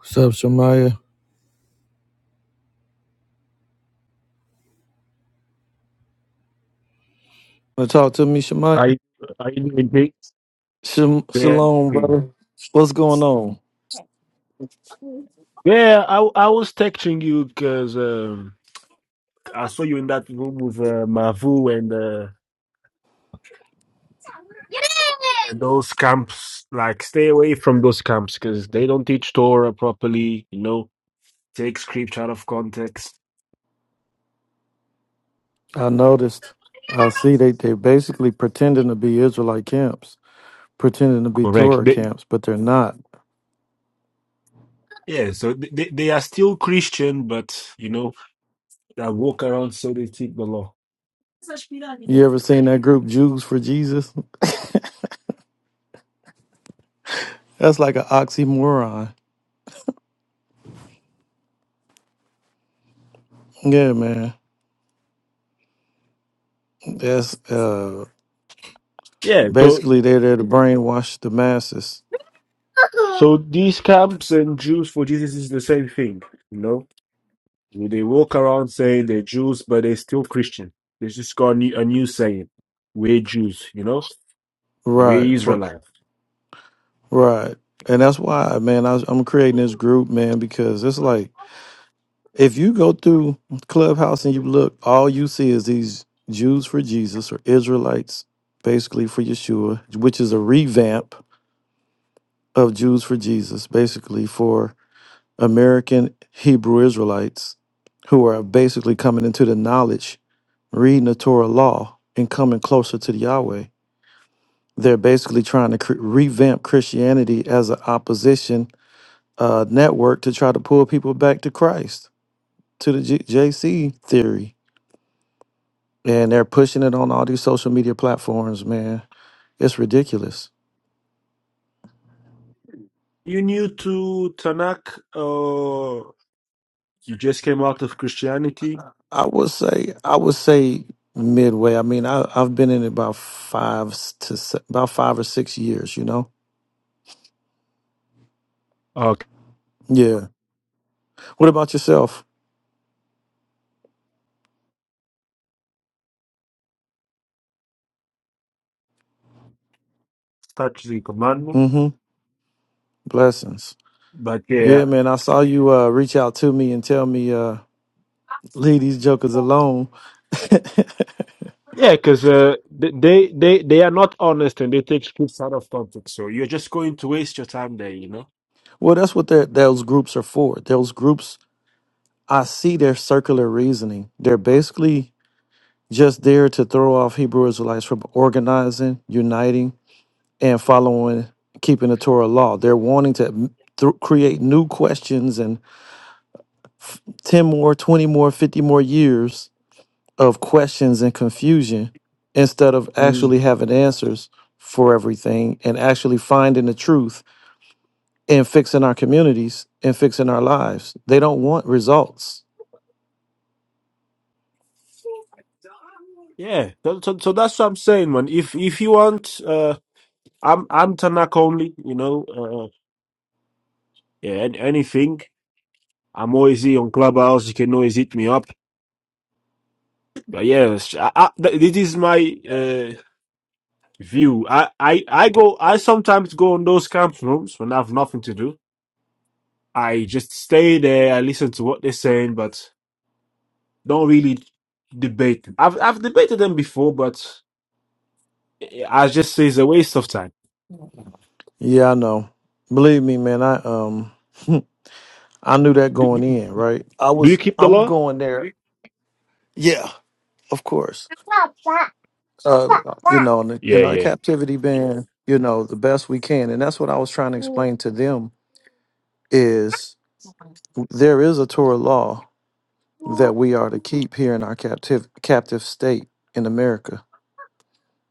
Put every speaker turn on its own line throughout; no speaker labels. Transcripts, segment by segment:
What's up, Shamaya? Wanna talk to me, Shamaya?
Are you are you doing big?
Shum-
Yeah.
shalom,
okay.
brother. What's going on?
Yeah, I I was texting you because um, I saw you in that room with uh, Mavu and uh, those camps. Like, stay away from those camps because they don't teach Torah properly. You know, take scripture out of context.
I noticed. I see they they basically pretending to be Israelite camps, pretending to be
Correct.
Torah
They,
camps, but they're not.
yeah, so th- they, they are still Christian, but you know, they walk around so they take the law.
You ever seen that group Jews for Jesus? That's like an oxymoron. Yeah, man. That's uh
Yeah, so
basically they're there to brainwash the masses.
so these camps and Jews for Jesus is the same thing. You know. They walk around saying they're Jews, but they're still Christian. They just got a new, a new saying. We're Jews, you know?
Right,
We're
r-
Israelites.
right. And that's why, man, I, I'm creating this group, man, because it's like If you go through Clubhouse and you look, all you see is these Jews for Jesus or Israelites, basically for Yeshua, which is a revamp of Jews for Jesus, basically for American Hebrew Israelites who are basically coming into the knowledge, reading the Torah law, and coming closer to the Yahweh. They're basically trying to cr- revamp Christianity as an opposition uh, network to try to pull people back to Christ, to the G- J- JC theory and they're pushing it on all these social media platforms man it's ridiculous
You new to Tanakh, uh, you just came out of Christianity.
i would say i would say midway i mean I, i've been in it about five s- to se- about five or six years you know
Okay.
yeah what about yourself
Start the commandment.
mm-hmm blessings
But yeah,
yeah man i saw you uh, reach out to me and tell me uh, leave these jokers alone
Yeah, because uh, th- they they they are not honest and they take scripts out of context. So you're just going to waste your time there, you know.
well that's what they're- those groups are for those groups i see their circular reasoning they're basically just there to throw off Hebrew Israelites from organizing, uniting, and following, keeping the Torah law. They're wanting to th- create new questions and 10 more, 20 more, 50 more years of questions and confusion instead of
Mm.
actually having answers for everything and actually finding the truth and fixing our communities and fixing our lives. They don't want results.
Yeah, so, so so that's what I'm saying, man. If if you want, uh, I'm I'm Tanakh only, you know. Uh, yeah, an- anything. I'm always on Clubhouse. You can always hit me up. But yes, I, I, th- this is my uh, view. I, I, I go. I sometimes go on those camp rooms when I have nothing to do. I just stay there. I listen to what they're saying, but don't really debate. them. I've I've debated them before, but I just say it's a waste of time.
Yeah, I know. Believe me, man, I um I knew that
Do,
going
do
in, right? I
do you
was
keep the
I'm
law?
going there. Yeah, of course. Uh, you know, in, the,
Yeah,
in our
yeah,
captivity band, you know, the best we can, and that's what I was trying to explain to them is there is a Torah law that we are to keep here in our captive captive state in America.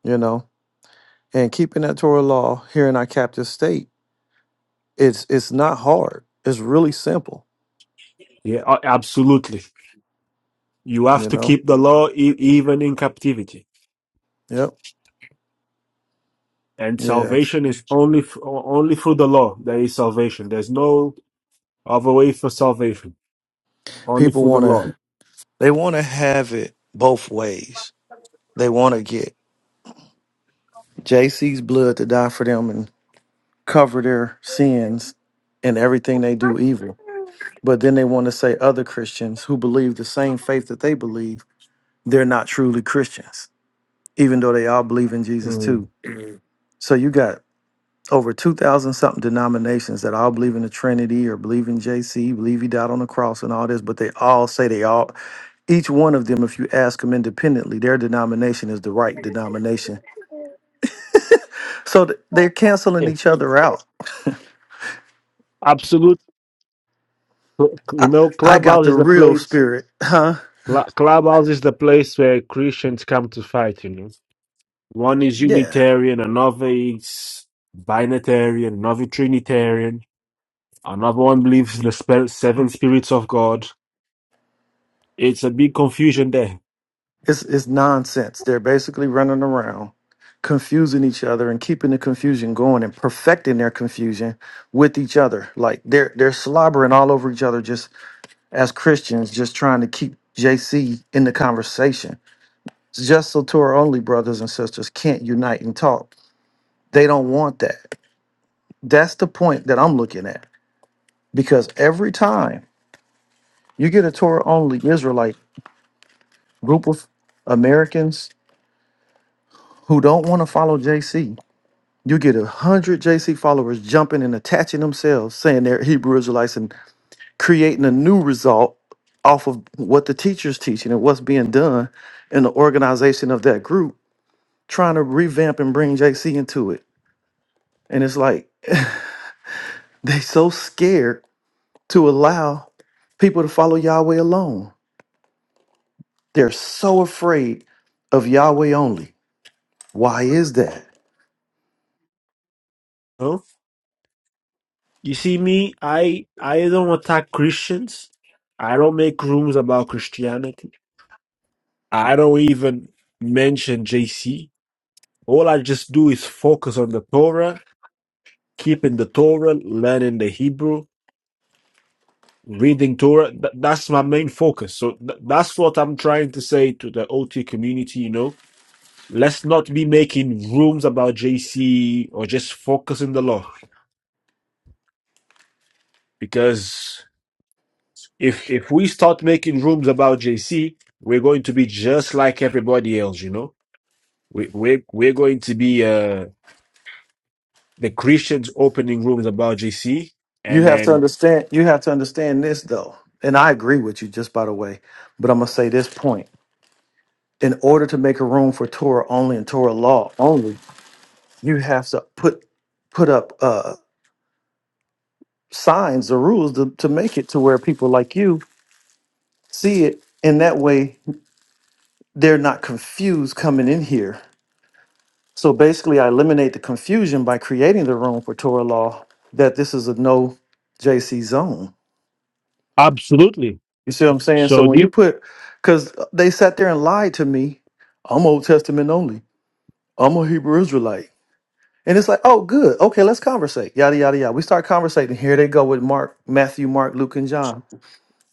You know, and keeping that Torah law here in our captive state, it's it's not hard. It's really simple.
yeah. a- Absolutely. You have
You
to
know.
keep the law e- even in captivity.
Yep.
and
Yeah.
salvation is only f- only through the law there is salvation there's no other way for salvation only
People
through the
want to
law
they want to have it both ways They want to get JC's blood to die for them and cover their sins and everything they do evil. But then they want to say other Christians who believe the same faith that they believe, they're not truly Christians, even though they all believe in Jesus
Mm.
too. So you got over 2,000 something denominations that all believe in the Trinity or believe in JC, believe he died on the cross and all this, but they all say they all each one of them, if you ask them independently, their denomination is the right denomination. So th- they're canceling
Yeah.
each other out.
absolute you
I,
know
I got
clubhouse
the
is the
real
place
spirit, huh?
cl- clubhouse is the place where christians come to fight you know one is
Yeah.
unitarian another is binitarian another trinitarian another one believes in the spe- seven spirits of god It's a big confusion there.
It's it's nonsense. They're basically running around, confusing each other and keeping the confusion going and perfecting their confusion with each other. Like they're they're slobbering all over each other just as Christians, just trying to keep JC in the conversation. It's just so Torah only brothers and sisters can't unite and talk. They don't want that. That's the point that I'm looking at. Because every time you get a Torah only Israelite group of Americans who don't want to follow JC. You get a hundred JC followers jumping and attaching themselves, saying they're Hebrew Israelites and creating a new result off of what the teacher's teaching and what's being done in the organization of that group, trying to revamp and bring JC into it. And it's like they so scared to allow people to follow Yahweh alone. They're so afraid of Yahweh only. Why is that?
Huh? You see me, I I don't attack Christians. I don't make rooms about Christianity. I don't even mention JC. All I just do is focus on the Torah, keeping the Torah, learning the Hebrew, reading Torah. Th- that's my main focus. So th- that's what I'm trying to say to the OT community, you know. Let's not be making rooms about JC or just focusing the law. Because if if we start making rooms about JC, we're going to be just like everybody else, you know. We we we're we're going to be Uh, the Christians opening rooms about GC,
You
and
have to
then
understand. You have to understand this though, and I agree with you. Just by the way, but I'm gonna say this point: in order to make a room for Torah only and Torah law only, you have to put put up uh, signs or rules to, to make it to where people like you see it, and that way they're not confused coming in here. So basically, I eliminate the confusion by creating the room for Torah law that this is a no JC zone
Absolutely.
You see what I'm saying? So
So
when you
the,
put, because they sat there and lied to me, I'm Old Testament only. I'm a Hebrew Israelite. And it's like, oh, good. Okay, let's conversate. Yada, yada, yada. We start conversating. Here they go with Mark, Matthew, Mark, Luke, and John.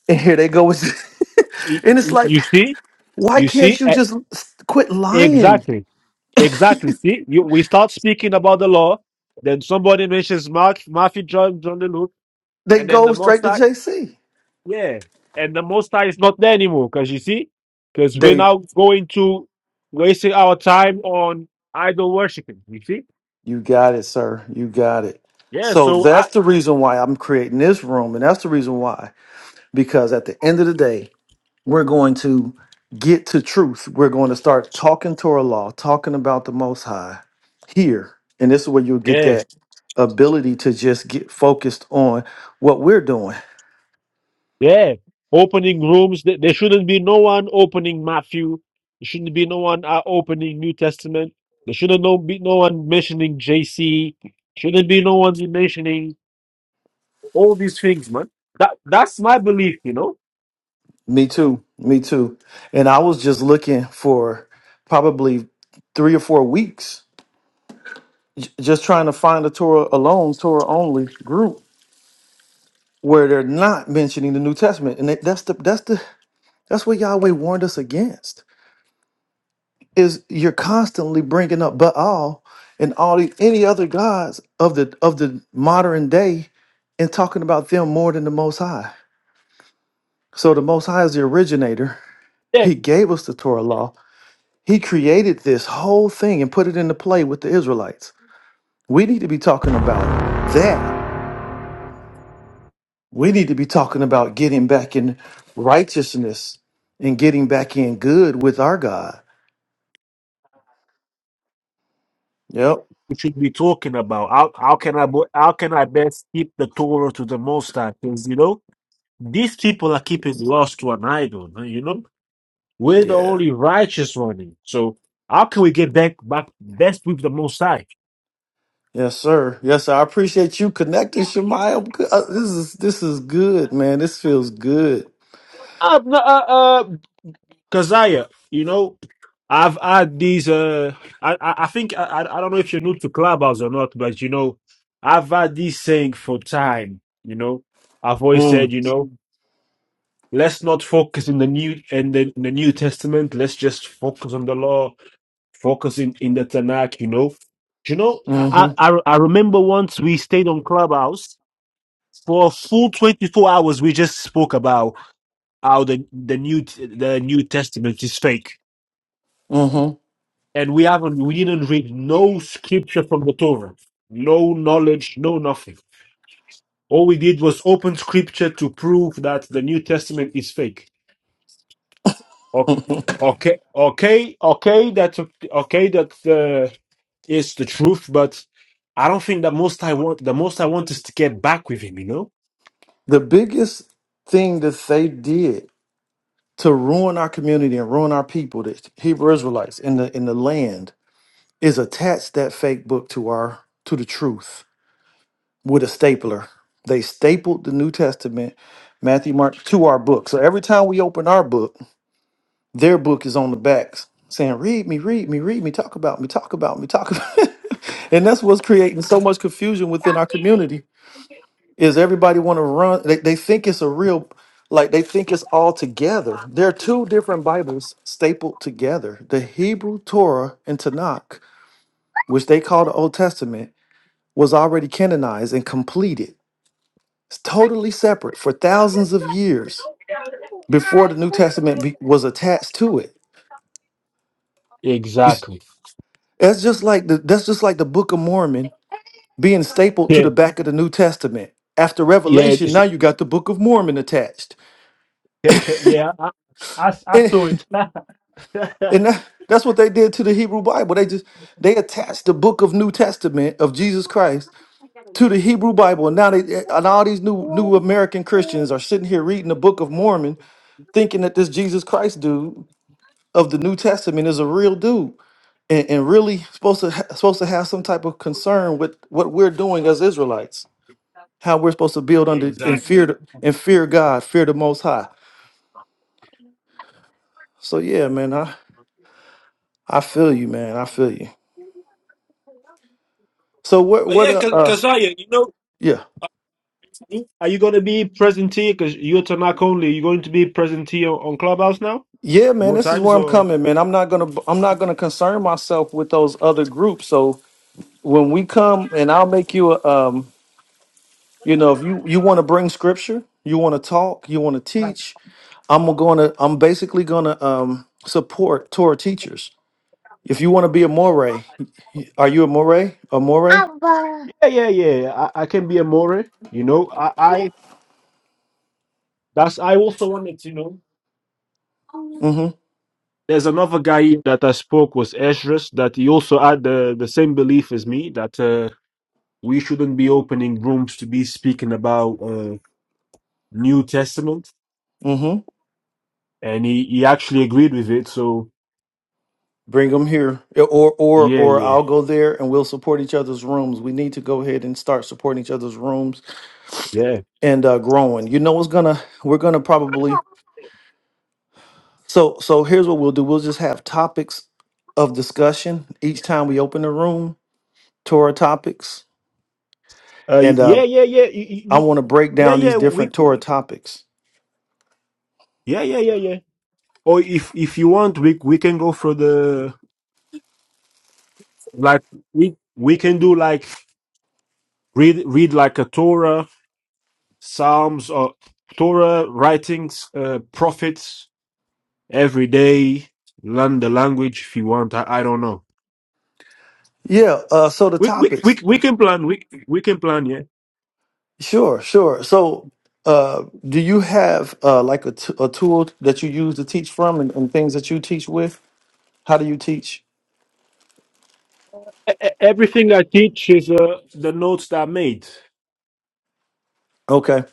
And here they go with, and
you,
it's like,
you see,
why
you
can't
see,
you
e-
just s- quit lying?
exactly, exactly. See, you, we start speaking about the law, then somebody mentions Mark, Matthew, John, John the Luke,
They
and then
go
the Most
straight to
High,
JC.
yeah, and the Most High is not there anymore because you see, because we're
They,
now going to wasting our time on idol worshiping. You see,
you got it, sir. You got it.
yeah.
So
So I,
that's the reason why I'm creating this room. And that's the reason why. Because at the end of the day, we're going to get to truth. We're going to start talking Torah law, talking about the Most High here. And this is where you'll get
yeah.
that ability to just get focused on what we're doing.
Yeah, opening rooms. Th- There shouldn't be no one opening Matthew. There shouldn't be no one uh, opening New Testament. There shouldn't no be no one mentioning JC. Shouldn't be no one mentioning all these things, man. That that's my belief, you know.
Me too. Me too. And I was just looking for probably three or four weeks, j- just trying to find a Torah alone, Torah only group where they're not mentioning the New Testament. And that- that's the that's the that's what Yahweh warned us against is you're constantly bringing up Baal and all the any other gods of the of the modern day and talking about them more than the Most High. So the Most High is the originator.
Yeah,
He gave us the Torah law. He created this whole thing and put it into play with the Israelites. We need to be talking about that. We need to be talking about getting back in righteousness and getting back in good with our God. Yep.
we should be talking about how how can I bo- how can I best keep the Torah to the Most High? Because you know these people are keeping lost to an idol. man, You know we're the
Yeah.
only righteous one, So how can we get back back best with the Most High?
Yes, sir. Yes, sir. I appreciate you connecting, Shemaya. I'm good. Uh, This is this is good, man. This feels good.
Uh, no, uh, uh, Kazaya, you know, I've had these. Uh, I, I I think I, I I don't know if you're new to Clubhouse or not, but you know, I've had this saying for time. You know, I've always
Mm,
said, you know, let's not focus in the new and the, in the New Testament. Let's just focus on the law, focus in, in the Tanakh. You know, you know, I,
mm-hmm.
I I I remember once we stayed on Clubhouse for a full twenty four hours. We just spoke about how the the new the New Testament is fake,
Mm-hmm.
and we haven't we didn't read no scripture from the Torah, no knowledge, no nothing. All we did was open scripture to prove that the New Testament is fake. O- Okay, okay, okay, that's okay. That uh, is the truth, but I don't think that most I want the most I want is to get back with him. You know,
The biggest thing that they did to ruin our community and ruin our people, the Hebrew Israelites in the in the land, is attach that fake book to our to the truth with a stapler. They stapled the New Testament, Matthew, Mark, to our book. So every time we open our book. Their book is on the backs saying, read me, read me, read me, talk about me, talk about me, talk about And that's what's creating so much confusion within our community is everybody want to run. They, they think it's a real, like they think it's all together. There are two different Bibles stapled together. The Hebrew Torah and Tanakh, which they call the Old Testament, was already canonized and completed. It's totally separate for thousands of years before the New Testament be, was attached to it.
Exactly.
That's just like the that's just like the Book of Mormon being stapled to
Yeah.
the back of the New Testament. After
Yeah.
Revelation, now you got the Book of Mormon attached,
yeah. I, I, I
and
saw it.
and that, that's what they did to the Hebrew Bible. They just they attached the Book of New Testament of Jesus Christ to the Hebrew Bible, and now they and all these new new American Christians are sitting here reading the Book of Mormon, thinking that this Jesus Christ dude of the New Testament is a real dude. And, and really supposed to ha- supposed to have some type of concern with what we're doing as Israelites. how we're supposed to build under and
exactly.
fear the- and fear God, fear the Most High. So yeah, man, I I feel you, man. I feel you. So what
Oh,
what
yeah,
uh, uh
Kazaya, you know,
yeah
are you going to be present here? Because you're Tanakh only. Are you going to be present here on Clubhouse now?
yeah man,
More
this is
times
where I'm
or?
coming, man. I'm not gonna I'm not gonna concern myself with those other groups. So when we come, and I'll make you a um you know if you you want to bring scripture, you want to talk, you want to teach, I'm gonna I'm basically gonna um support Torah teachers. If you want to be a moray, are you a moray? A moray?
Yeah, yeah, yeah. I, I can be a more. You know, I, I that's I also wanted to know.
Mm-hmm.
There's another guy that I spoke was Esdras that he also had the, the same belief as me that uh, we shouldn't be opening rooms to be speaking about uh, New Testament,
mm-hmm.
and he, he actually agreed with it. So
Bring them here, or or
yeah,
or
yeah,
I'll go there, and we'll support each other's rooms. We need to go ahead and start supporting each other's rooms
yeah,
and uh, growing. You know what's gonna we're gonna probably so so here's what we'll do. We'll just have topics of discussion each time we open the room. Torah topics,
uh,
and uh,
yeah, yeah, yeah, you, you,
I want to
you-
break
yeah,
down these
yeah. We
different
c-
Torah topics.
yeah, yeah, yeah, yeah. Or if if you want, we we can go for the like we we can do like read read like a Torah, Psalms, or Torah writings, uh, prophets. every day learn the language if you want i, I don't know
Yeah. Uh, so the
we, we,
topics.
we, we can plan we, we can plan yeah
Sure. Sure. So. Uh, do you have uh like a, t- a tool that you use to teach from and, and things that you teach with? How do you teach?
E- e- everything i teach is uh, the notes that i made
Okay.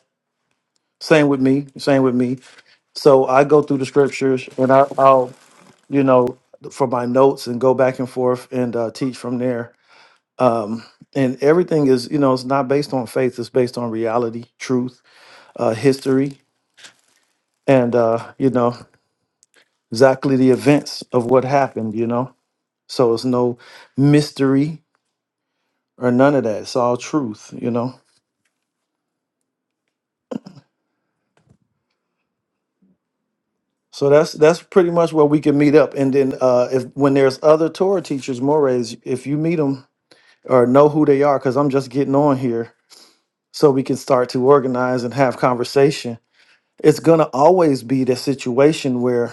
Same with me. Same with me. So I go through the scriptures and I, I'll, you know, for my notes and go back and forth and uh, teach from there. Um, and everything is, you know, it's not based on faith. It's based on reality, truth, uh, history, and, uh, you know, exactly the events of what happened, you know. So it's no mystery or none of that. It's all truth, you know. So that's that's pretty much where we can meet up. And then uh, if when there's other Torah teachers, mores, if you meet them or know who they are, because I'm just getting on here, so we can start to organize and have conversation. It's gonna always be the situation where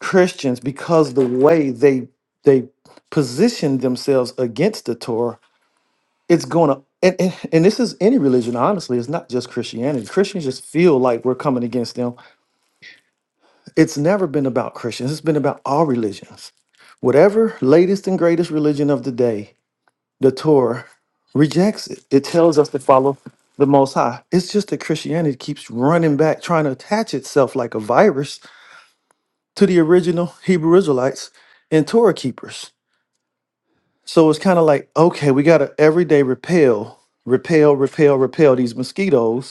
Christians, because the way they they position themselves against the Torah, it's gonna and, and, and this is any religion, honestly, it's not just Christianity. Christians just feel like we're coming against them It's never been about Christians, it's been about all religions. Whatever latest and greatest religion of the day, the Torah rejects it. It tells us to follow the Most High. It's just that Christianity keeps running back, trying to attach itself like a virus to the original Hebrew Israelites and Torah keepers. So it's kind of like, okay, we got to every day repel, repel, repel, repel these mosquitoes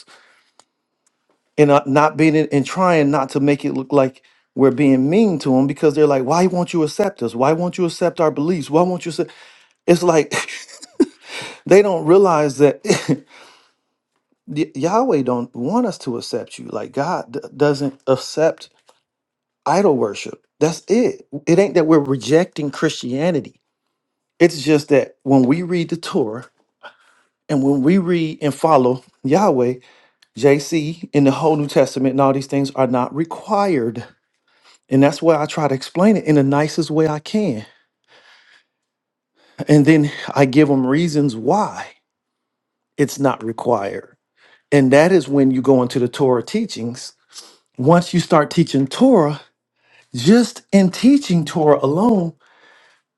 and uh, not being in, and trying not to make it look like we're being mean to them because they're like, why won't you accept us? Why won't you accept our beliefs? Why won't you? Accept? It's like they don't realize that Y- Yahweh don't want us to accept you. Like God d- doesn't accept idol worship. That's it. It ain't that we're rejecting Christianity. It's just that when we read the Torah and when we read and follow Yahweh, JC in the whole New Testament and all these things are not required And that's why I try to explain it in the nicest way I can. And then I give them reasons why it's not required. And that is when you go into the Torah teachings. Once you start teaching Torah, just in teaching Torah alone,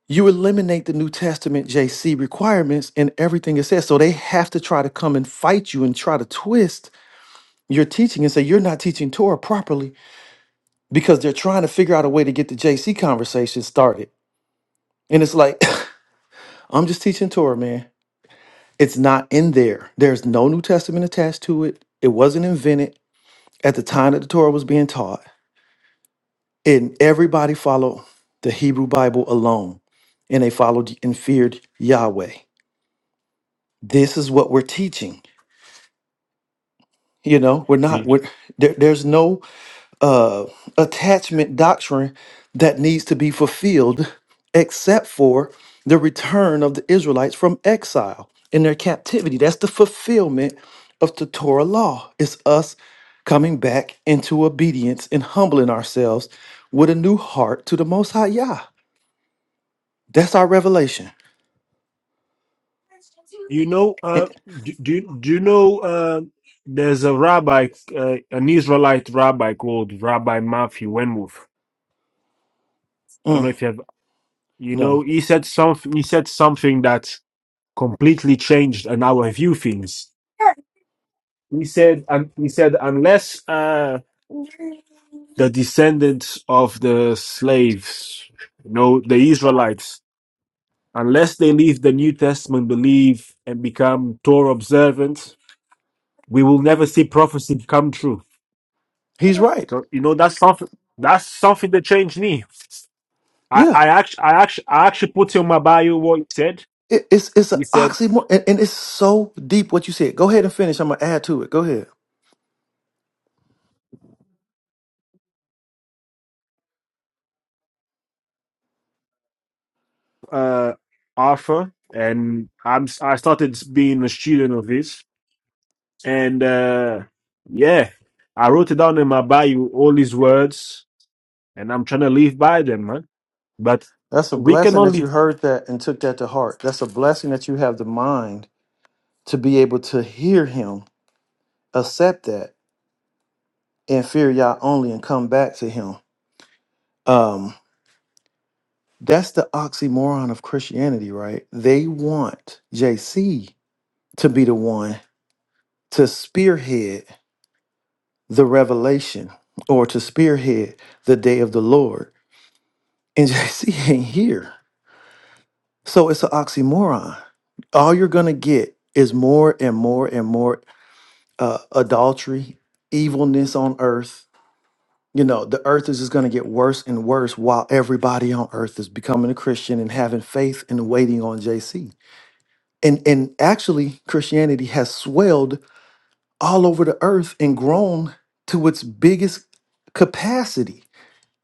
you eliminate the New Testament JC requirements and everything it says. So they have to try to come and fight you and try to twist your teaching and say you're not teaching Torah properly because they're trying to figure out a way to get the JC conversation started. And it's like, I'm just teaching Torah, man. It's not in there. There's no New Testament attached to it. It wasn't invented at the time that the Torah was being taught. And everybody followed the Hebrew Bible alone. And they followed and feared Yahweh. This is what we're teaching. You know, we're
Yeah.
not, we're, there, there's no uh, attachment doctrine that needs to be fulfilled, except for the return of the Israelites from exile in their captivity. That's the fulfillment of the Torah law. It's us coming back into obedience and humbling ourselves with a new heart to the Most High Yah. That's our revelation.
you know uh,
And-
do, do, do you know uh, there's a rabbi uh, an israelite rabbi called rabbi matthew wenwolf i don't
mm,
know if you have you know
no,
he said something he said something that completely changed and our view things he said and he said unless uh the descendants of the slaves, you know, the Israelites, unless they leave the New Testament belief and become Torah observant, we will never see prophecy come true.
he's right.
So, you know, that's something. That's something that changed me. I,
Yeah.
I actually, I actually, I actually put in my bio what he said.
It, it's it's an
He said,
oxymoron, and, and it's so deep what you said. Go ahead and finish. I'm gonna add to it. Go ahead.
uh, Arthur, and I'm, I started being a student of his. And, uh, yeah, I wrote it down in my bio, all his words and I'm trying to live by them, man. But
That's a
we can
blessing that
only.
you heard that and took that to heart. That's a blessing that you have the mind to be able to hear him, accept that, and fear Yah only and come back to him. Um, that's the oxymoron of Christianity, right? They want JC to be the one to spearhead the revelation or to spearhead the day of the Lord. And JC ain't here. So it's an oxymoron all you're going to get is more and more and more uh, adultery, evilness on earth. You know, the earth is just going to get worse and worse while everybody on earth is becoming a Christian and having faith and waiting on JC. And and actually, Christianity has swelled all over the earth and grown to its biggest capacity.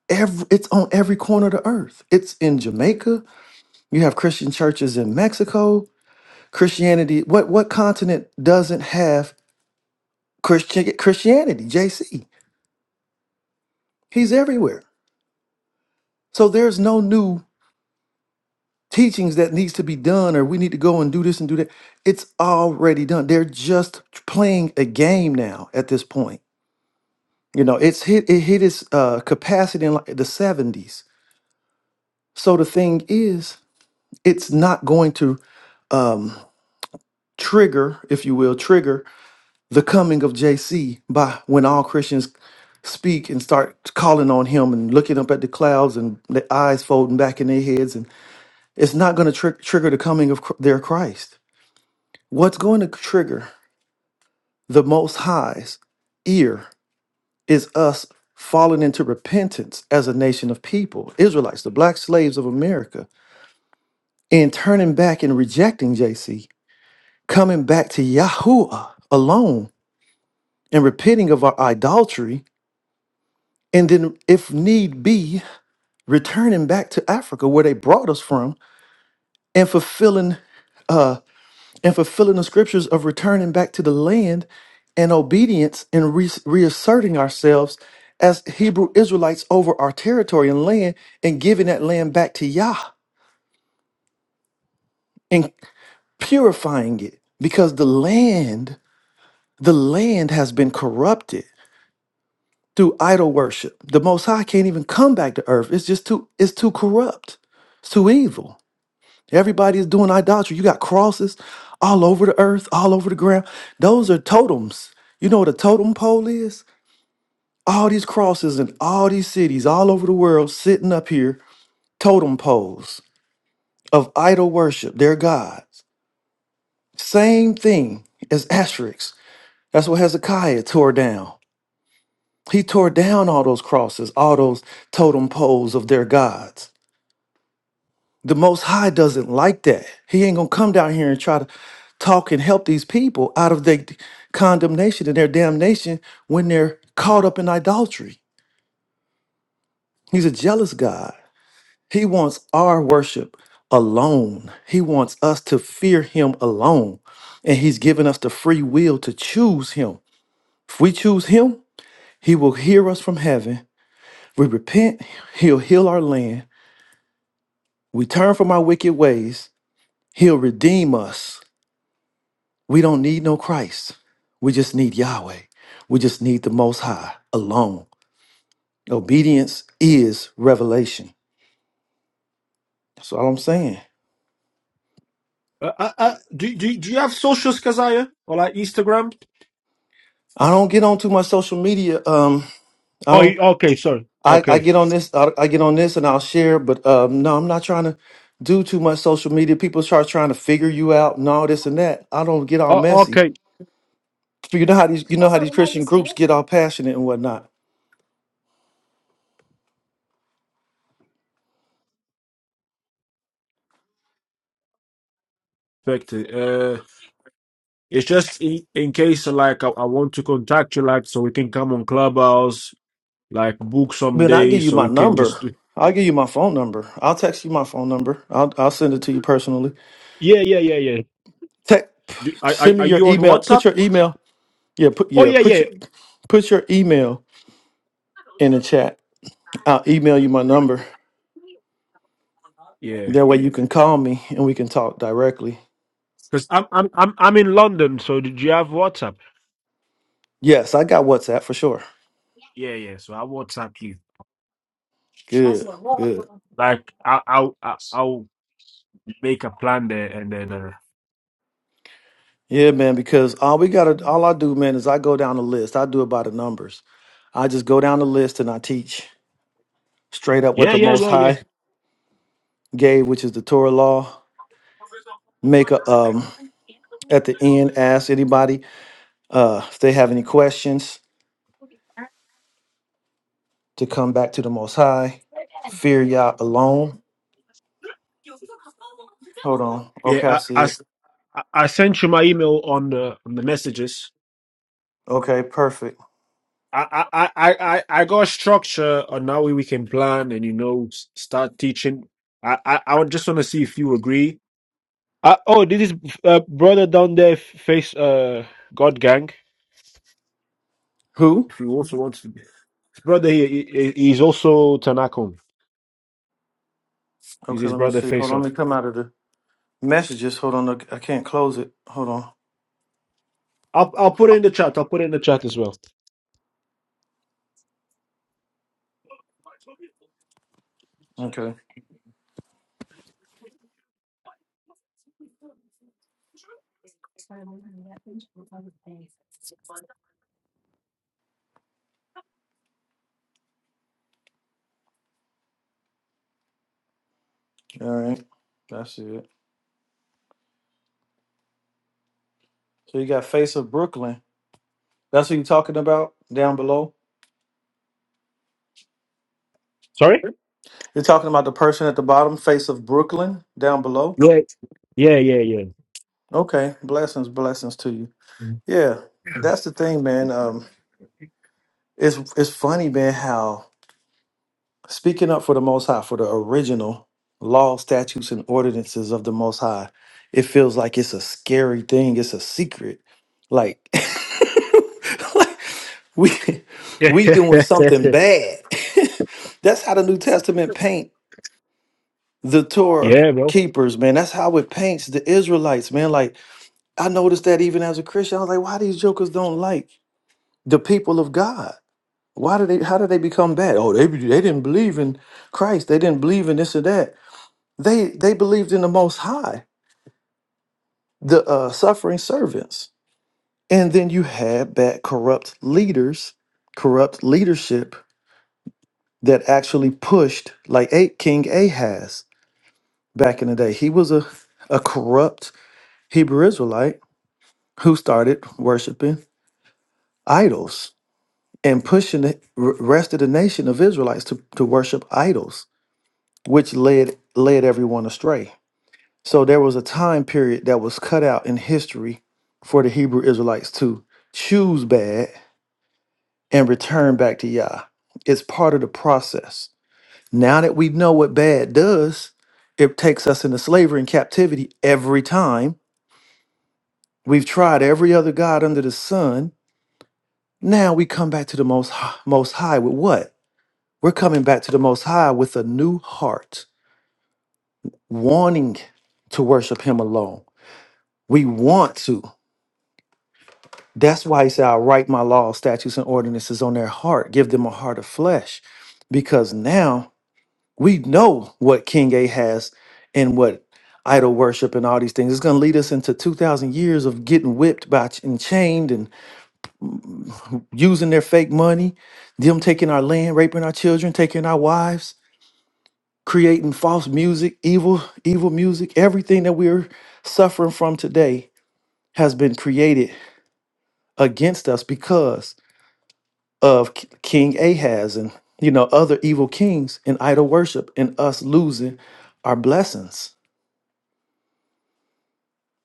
Every, it's on every corner of the earth. It's in Jamaica. You have Christian churches in Mexico. Christianity. What what continent doesn't have Christian Christianity? JC. He's everywhere So there's no new teachings that needs to be done or we need to go and do this and do that. It's already done. They're just playing a game now at this point. You know, it's hit it hit its uh, capacity in like the 70s. So the thing is, it's not going to um, trigger, if you will, trigger the coming of JC by when all Christians speak and start calling on him and looking up at the clouds and their eyes folding back in their heads and it's not going to tr- trigger the coming of Chr- their Christ What's going to trigger the Most High's ear is us falling into repentance as a nation of people, Israelites, the black slaves of America, and turning back and rejecting JC, coming back to Yahuwah alone and repenting of our idolatry. And then, if need be, returning back to Africa where they brought us from and fulfilling uh, and fulfilling the scriptures of returning back to the land and obedience and re- reasserting ourselves as Hebrew Israelites over our territory and land and giving that land back to Yah and purifying it because the land, the land has been corrupted through idol worship. The Most High can't even come back to earth. It's just too, it's too corrupt. It's too evil. Everybody is doing idolatry. You got crosses all over the earth, all over the ground. Those are totems. You know what a totem pole is? All these crosses in all these cities, all over the world, sitting up here, totem poles of idol worship, their gods. Same thing as asterisks. That's what Hezekiah tore down. He tore down all those crosses, all those totem poles of their gods. The Most High doesn't like that. He ain't gonna come down here and try to talk and help these people out of their condemnation and their damnation when they're caught up in idolatry. He's a jealous God. He wants our worship alone. He wants us to fear Him alone. And He's given us the free will to choose Him. If we choose Him, He will hear us from heaven. We repent, He'll heal our land. We turn from our wicked ways, He'll redeem us We don't need no Christ. We just need Yahweh. We just need the Most High alone. Obedience is revelation. That's all I'm saying.
Uh, uh, uh, do, do, do you have socials, Kazaya? Or like Instagram?
I don't get on to my social media. Um, I
Oh,
don't.
you- okay, sorry.
I, I
Okay.
get on this. I, I get on this, and I'll share. But um, no, I'm not trying to do too much social media. People start trying to figure you out and all this and that. I don't get all
Oh,
messy.
okay.
You know how these. You know how these Christian groups get all passionate and whatnot.
Perfect. Uh, it's just in, in case, like, I, I want to contact you, like, so we can come on Clubhouse, like, book some
Ben, I'll give
days,
you
so
my
we can
number.
just do.
I'll give you my phone number. I'll text you my phone number. I'll I'll send it to you personally.
Yeah, yeah, yeah, yeah.
Tech,
do are, are,
send me
are
your
you on
email. Put
WhatsApp?
your email. Yeah, put
Oh,
yeah,
yeah,
put
yeah.
your put your email in the chat. I'll email you my number.
Yeah.
That way you can call me and we can talk directly.
Because I'm, I'm, I'm, I'm in London. So did you have WhatsApp?
Yes, I got WhatsApp for sure.
Yeah, yeah. So I WhatsApp you.
Good, good.
Like I, I, I, I, make a plan there and then uh,
Yeah, man, because all we gotta all I do, man, is I go down the list. I do it by the numbers. I just go down the list and I teach straight up what
yeah
the
yeah
most
yeah yeah
high gave, which is the Torah law, make a um at the end ask anybody uh if they have any questions to come back to the most high fear Yah alone hold on
yeah
okay i
I,
see
I s-
it
I- I sent you my email on the on the messages
okay perfect
I, I i i i got a structure on how we can plan and you know s- start teaching i i, I would just want to see if you agree Uh, oh, this is uh, brother down there, face uh, God Gang.
who
if you also want to his brother here he, he- he's also tanakon he's
okay
his
let me
brother
see
face
hold on
off
let me come out of the messages hold on look, i can't close it hold on
i'll i'll put it in the chat i'll put it in the chat as well
okay all right that's it so you got face of brooklyn that's what you're talking about down below
Sorry?
you're talking about the person at the bottom face of brooklyn down below
yeah yeah yeah yeah
okay blessings blessings to you Yeah, that's the thing, man. Um, it's it's funny, man, how speaking up for the Most High, for the original law, statutes, and ordinances of the Most High, it feels like it's a scary thing. It's a secret. Like, like we
yeah,
we doing something bad. that's how the New Testament paint the Torah
yeah, bro.
keepers, man. That's how it paints the Israelites, man. Like I noticed that even as a Christian, I was like, why these jokers don't like the people of God? Why did they? How did they become bad? Oh, they they didn't believe in Christ. They didn't believe in this or that. They they believed in the Most High, the uh, suffering servants. And then you had bad, corrupt leaders, corrupt leadership that actually pushed like A- King Ahaz back in the day. He was a a corrupt Hebrew Israelite who started worshiping idols and pushing the r- rest of the nation of Israelites to, to worship idols, which led led everyone astray So there was a time period that was cut out in history for the Hebrew Israelites to choose bad and return back to Yah. It's part of the process. Now that we know what bad does, it takes us into slavery and captivity every time. We've tried every other god under the sun. Now we come back to the most Hi- most high with what? We're coming back to the most high with a new heart, wanting to worship him alone. We want to. That's why he said, I write my laws, statutes, and ordinances on their heart, give them a heart of flesh. Because now we know what King A has and what idol worship and all these things. is going to lead us into 2,000 years of getting whipped by ch- and chained and using their fake money, them taking our land, raping our children, taking our wives, creating false music, evil, evil music. Everything that we're suffering from today has been created against us of K- King Ahaz and you know other evil kings and idol worship and us losing our blessings.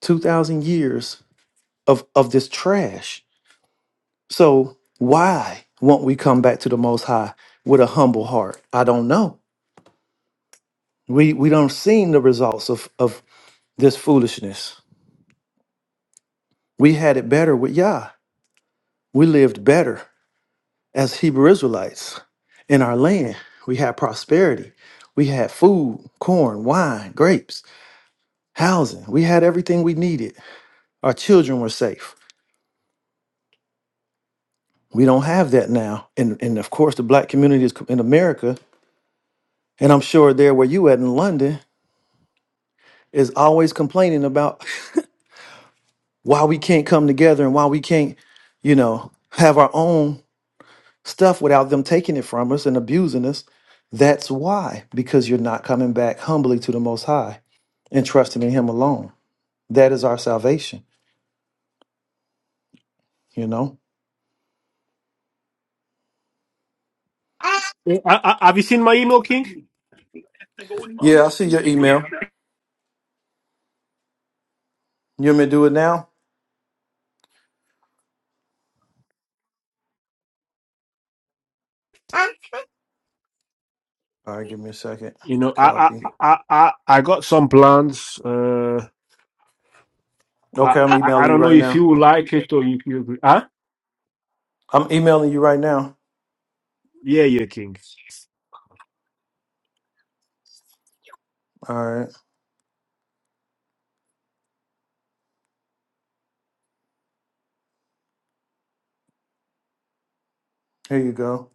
Two thousand years of of this trash. So why won't we come back to the Most High with a humble heart? I don't know. We we don't seen the results of of this foolishness. We had it better with Yah. We lived better as Hebrew Israelites in our land. We had prosperity. We had food, corn, wine, grapes housing. We had everything we needed. Our children were safe. We don't have that now. And and of course, the black community is co- in America, and I'm sure there where you at in London is always complaining about why we can't come together and why we can't, you know, have our own stuff without them taking it from us and abusing us. That's why, because you're not coming back humbly to the Most High and trusting in Him alone. That is our salvation, you know?
I, I, have you seen my email, King?
Yeah, I see your email. You want me to do it now? All right, give me a second.
You know, I,
Copy.
I, I, I, I got some plans. Uh, I,
Okay, I'm
I, I
emailing you
don't know
right
if
now.
you like it or you, you agree. Huh?
I'm emailing you right now.
Yeah, yeah, King.
All right, here you go.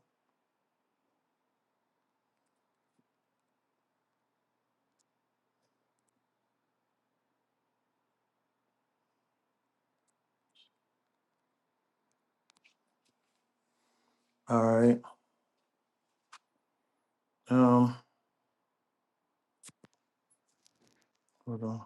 All right. Um, hold on.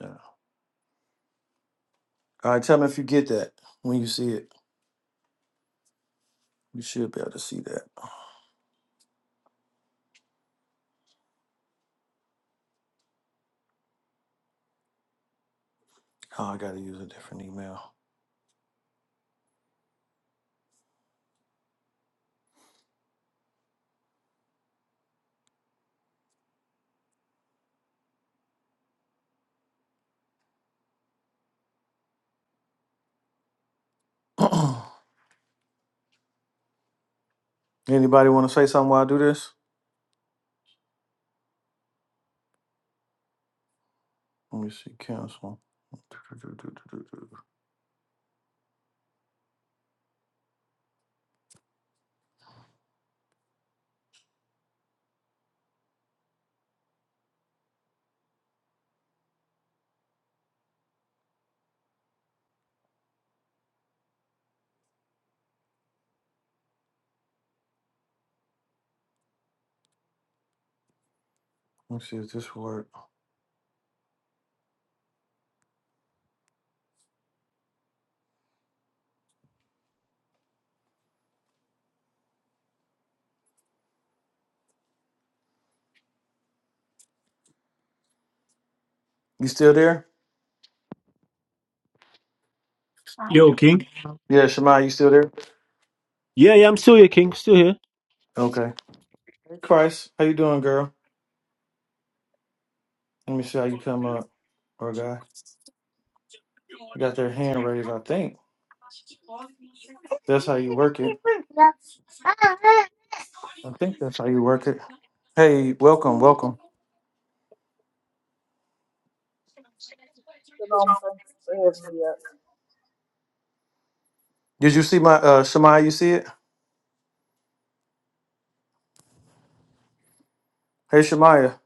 No. All right, tell me if you get that when you see it. You should be able to see that. Oh, I gotta use a different email. Anybody want to say something while I do this? Let me see. Cancel. Let's see if this work. You still there?
Yo, King.
Yeah, Shemai, you still there?
Yeah, yeah, I'm still here, King. Still here.
Okay. Hey, Christ, how you doing, girl? Let me see how you come up, or guy. They got their hand raised, I think. That's how you work it. I think that's how you work it. Hey, welcome, welcome.
Shalom. Thanks for having me.
Did you see my uh Shemaya, you see it? Hey Shemaya.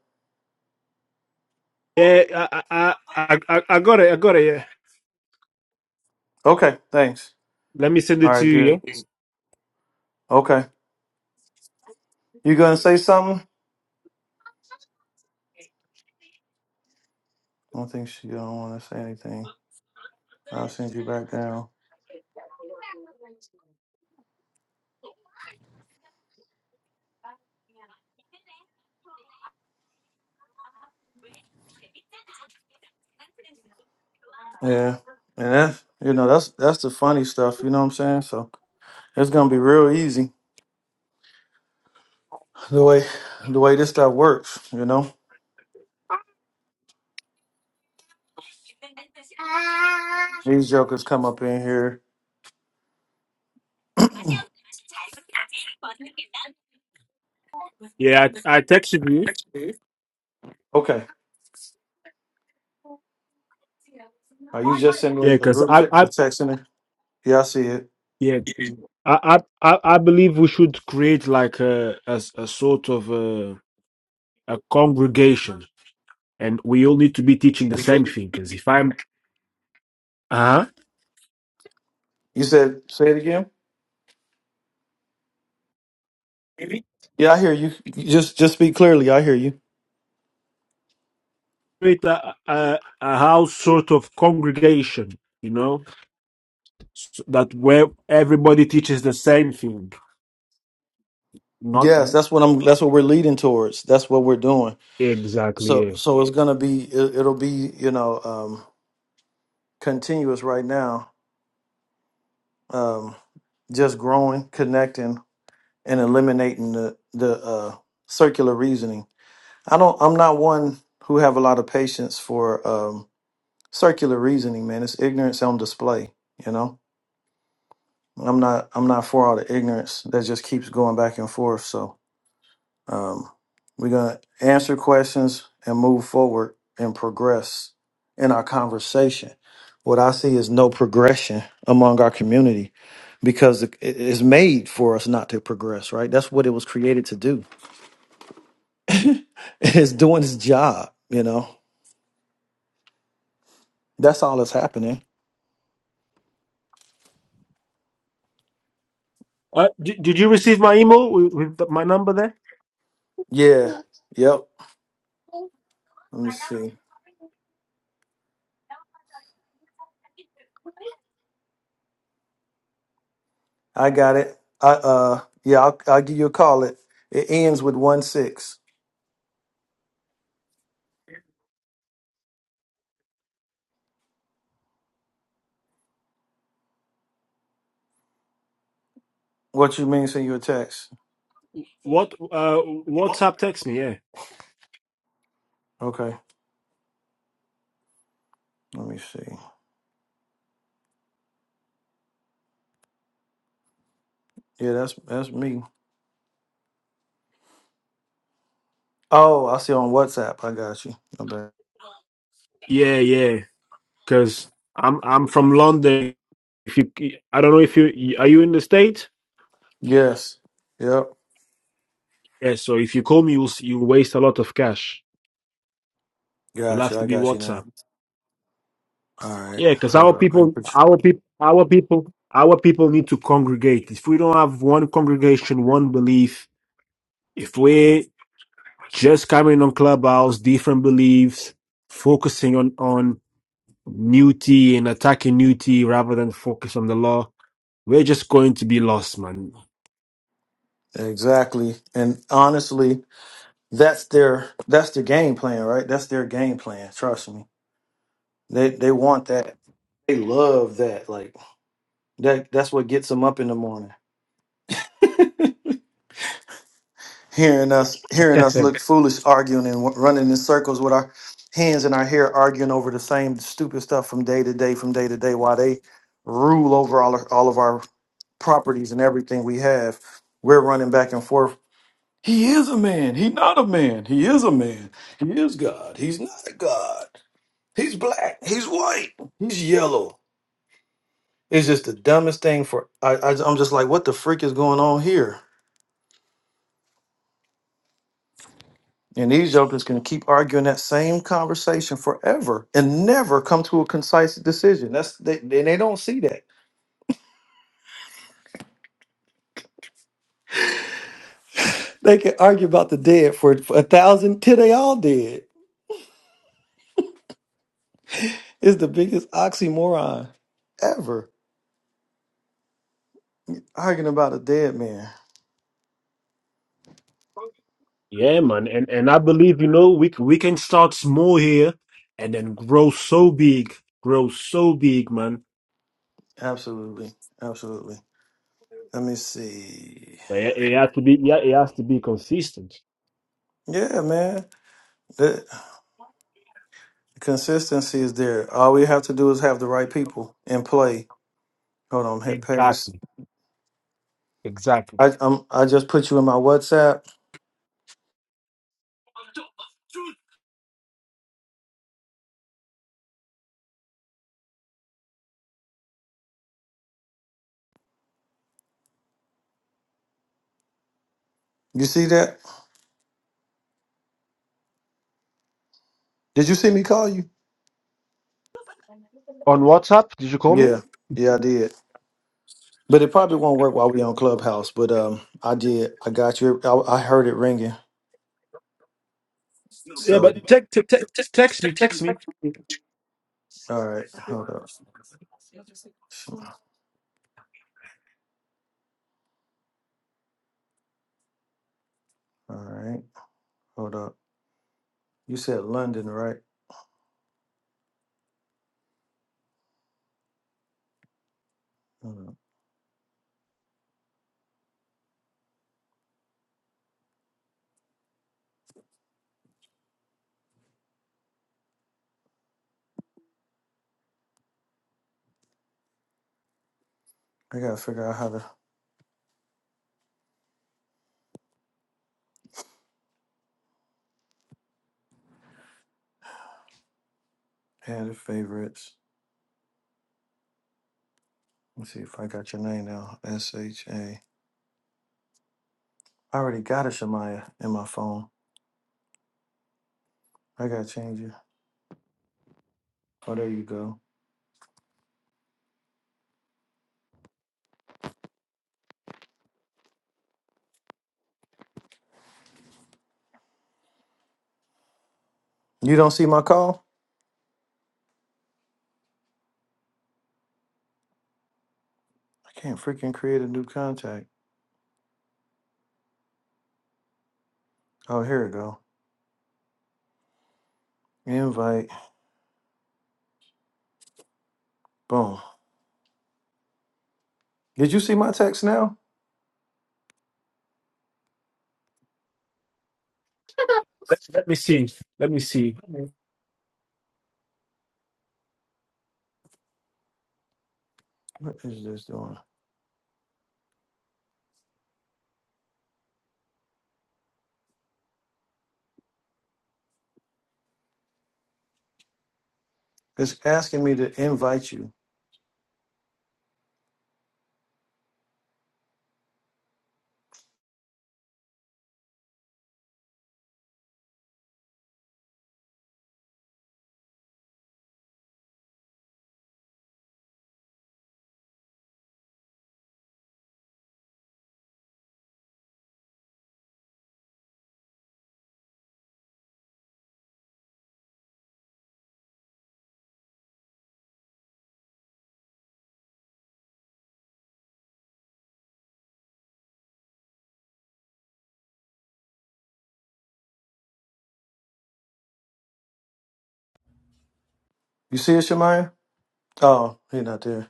Yeah, I, I, I, I, I got it. I got it. Yeah.
Okay, thanks.
Let me send
All
it to
right, good.
you. Yeah,
Okay. You gonna say something? I don't think she don't wanna say anything. I'll send you back down. Yeah. And that's you know, that's that's the funny stuff, you know what I'm saying? So it's gonna be real easy the way the way this stuff works, you know. These jokers come up in here.
yeah. I, I texted you.
Okay. Are you just sending me
Yeah,
a
cause
group
I,
text a
I,
text in there? Yeah, I see it.
yeah, I, I, I I believe we should create like a, a, a sort of a, a congregation and we all need to be teaching the same thing. Because if I'm Uh huh.
You said, say it again. Mhm. Yeah, I hear you. You Just, just speak clearly. I hear you.
create a, a, a house sort of congregation, you know, so that where everybody teaches the same thing, not
Yes, that's what I'm. That's what we're leading towards. That's what we're doing.
exactly.
So,
Yeah.
so it's gonna be. It, it'll be, you know, um, continuous right now. Um, just growing, connecting, and eliminating the the uh, circular reasoning. I don't. I'm not one who have a lot of patience for um, circular reasoning. Man, it's ignorance on display. You know. I'm not I'm not for all the ignorance that just keeps going back and forth. So um, we're gonna answer questions and move forward and progress in our conversation. What I see is no progression among our community because it it is made for us not to progress. Right? That's what it was created to do. it's doing its job. You know. That's all that's happening.
Uh, did, did you receive my email with, with the- my number there?
Yeah. Yep. Let me see. I got it. I uh yeah, I'll, I'll give you a call. It it ends with one six. What you mean? Send you a text.
What uh
What?
WhatsApp text me? Yeah.
Okay, let me see. Yeah, that's that's me. Oh, I see on WhatsApp. I got you. I bet.
Yeah, yeah. Because I'm I'm from London. If you, I don't know if you are you in the state.
Yes. Yep.
Yeah. So if you call me, you'll s- you'll waste a lot of cash. You'll
Got
have
you. I
to be
got you
WhatsApp.
now. All right.
Yeah, because
Hold
our
up. I ain't
people,
put you
our people, our people, our people need to congregate. If we don't have one congregation, one belief, if we're just coming on clubhouse, different beliefs, focusing on on newty and attacking newty rather than focus on the law, we're just going to be lost, man.
exactly. And honestly, that's their that's their game plan, right? That's their game plan. Trust me. They they want that. They love that. Like that. That's what gets them up in the morning. hearing us hearing us
Yeah,
look foolish arguing and w- running in circles with our hands in our hair arguing over the same stupid stuff from day to day from day to day while they rule over all of, all of our properties and everything we have we're running back and forth he is a man he not a man he is a man he is god he's not a god he's black he's white he's yellow it's just the dumbest thing for I, I i'm just like what the freak is going on here And these jokers can keep arguing that same conversation forever and never come to a concise decision. That's they, they, they don't see that. They can argue about the dead for, for a thousand till they all dead. It's the biggest oxymoron ever. Arguing about a dead man.
Yeah, man, and and I believe you know we c- we can start small here, and then grow so big, grow so big, man.
Absolutely. Absolutely. Let me see.
But it, it has to be yeah, it has to be consistent.
Yeah, man. The consistency is there. All we have to do is have the right people and play. Hold on, hit paste.
Exactly. Exactly.
I um I just put you in my WhatsApp. You see that? Did you see me call you?
On WhatsApp, did you call me?
Yeah, yeah, I did. But it probably won't work while we on Clubhouse. But um, I did. I got you. I, I heard it ringing.
Yeah,
So
but text te- te- text me, text me.
all right, hold up. All right, hold up. You said London, right? Hold up. I gotta figure out how to add the favorites. Let's see if I got your name now. S H A. I already got a Shamaya in my phone. I gotta change it. Oh, there you go. You don't see my call? I can't freaking create a new contact. Oh, here we go. Invite. Boom. Did you see my text now?
Let, let me see. Let me see.
What is this doing? It's asking me to invite you. You see it, Shemaya? Oh, he not there.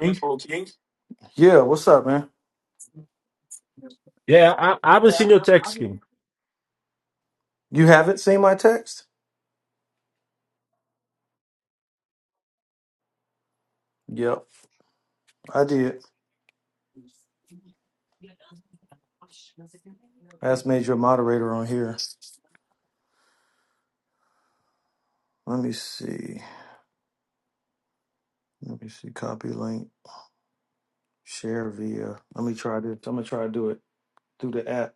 Think?
Yeah, what's up, man?
Yeah, I, I haven't seen your text, King.
You haven't seen my text? Yep, I did. I just made your moderator on here. Let me see. Let me see. Copy link. Share via. Let me try this. I'm gonna try to do it through the app.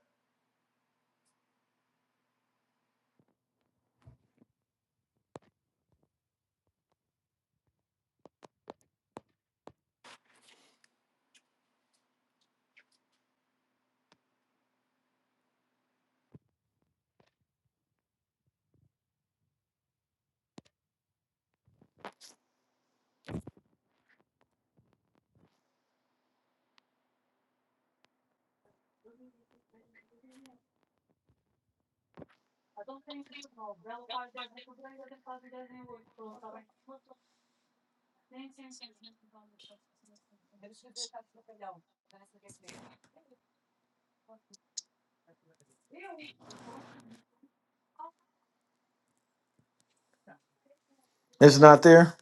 It's not there.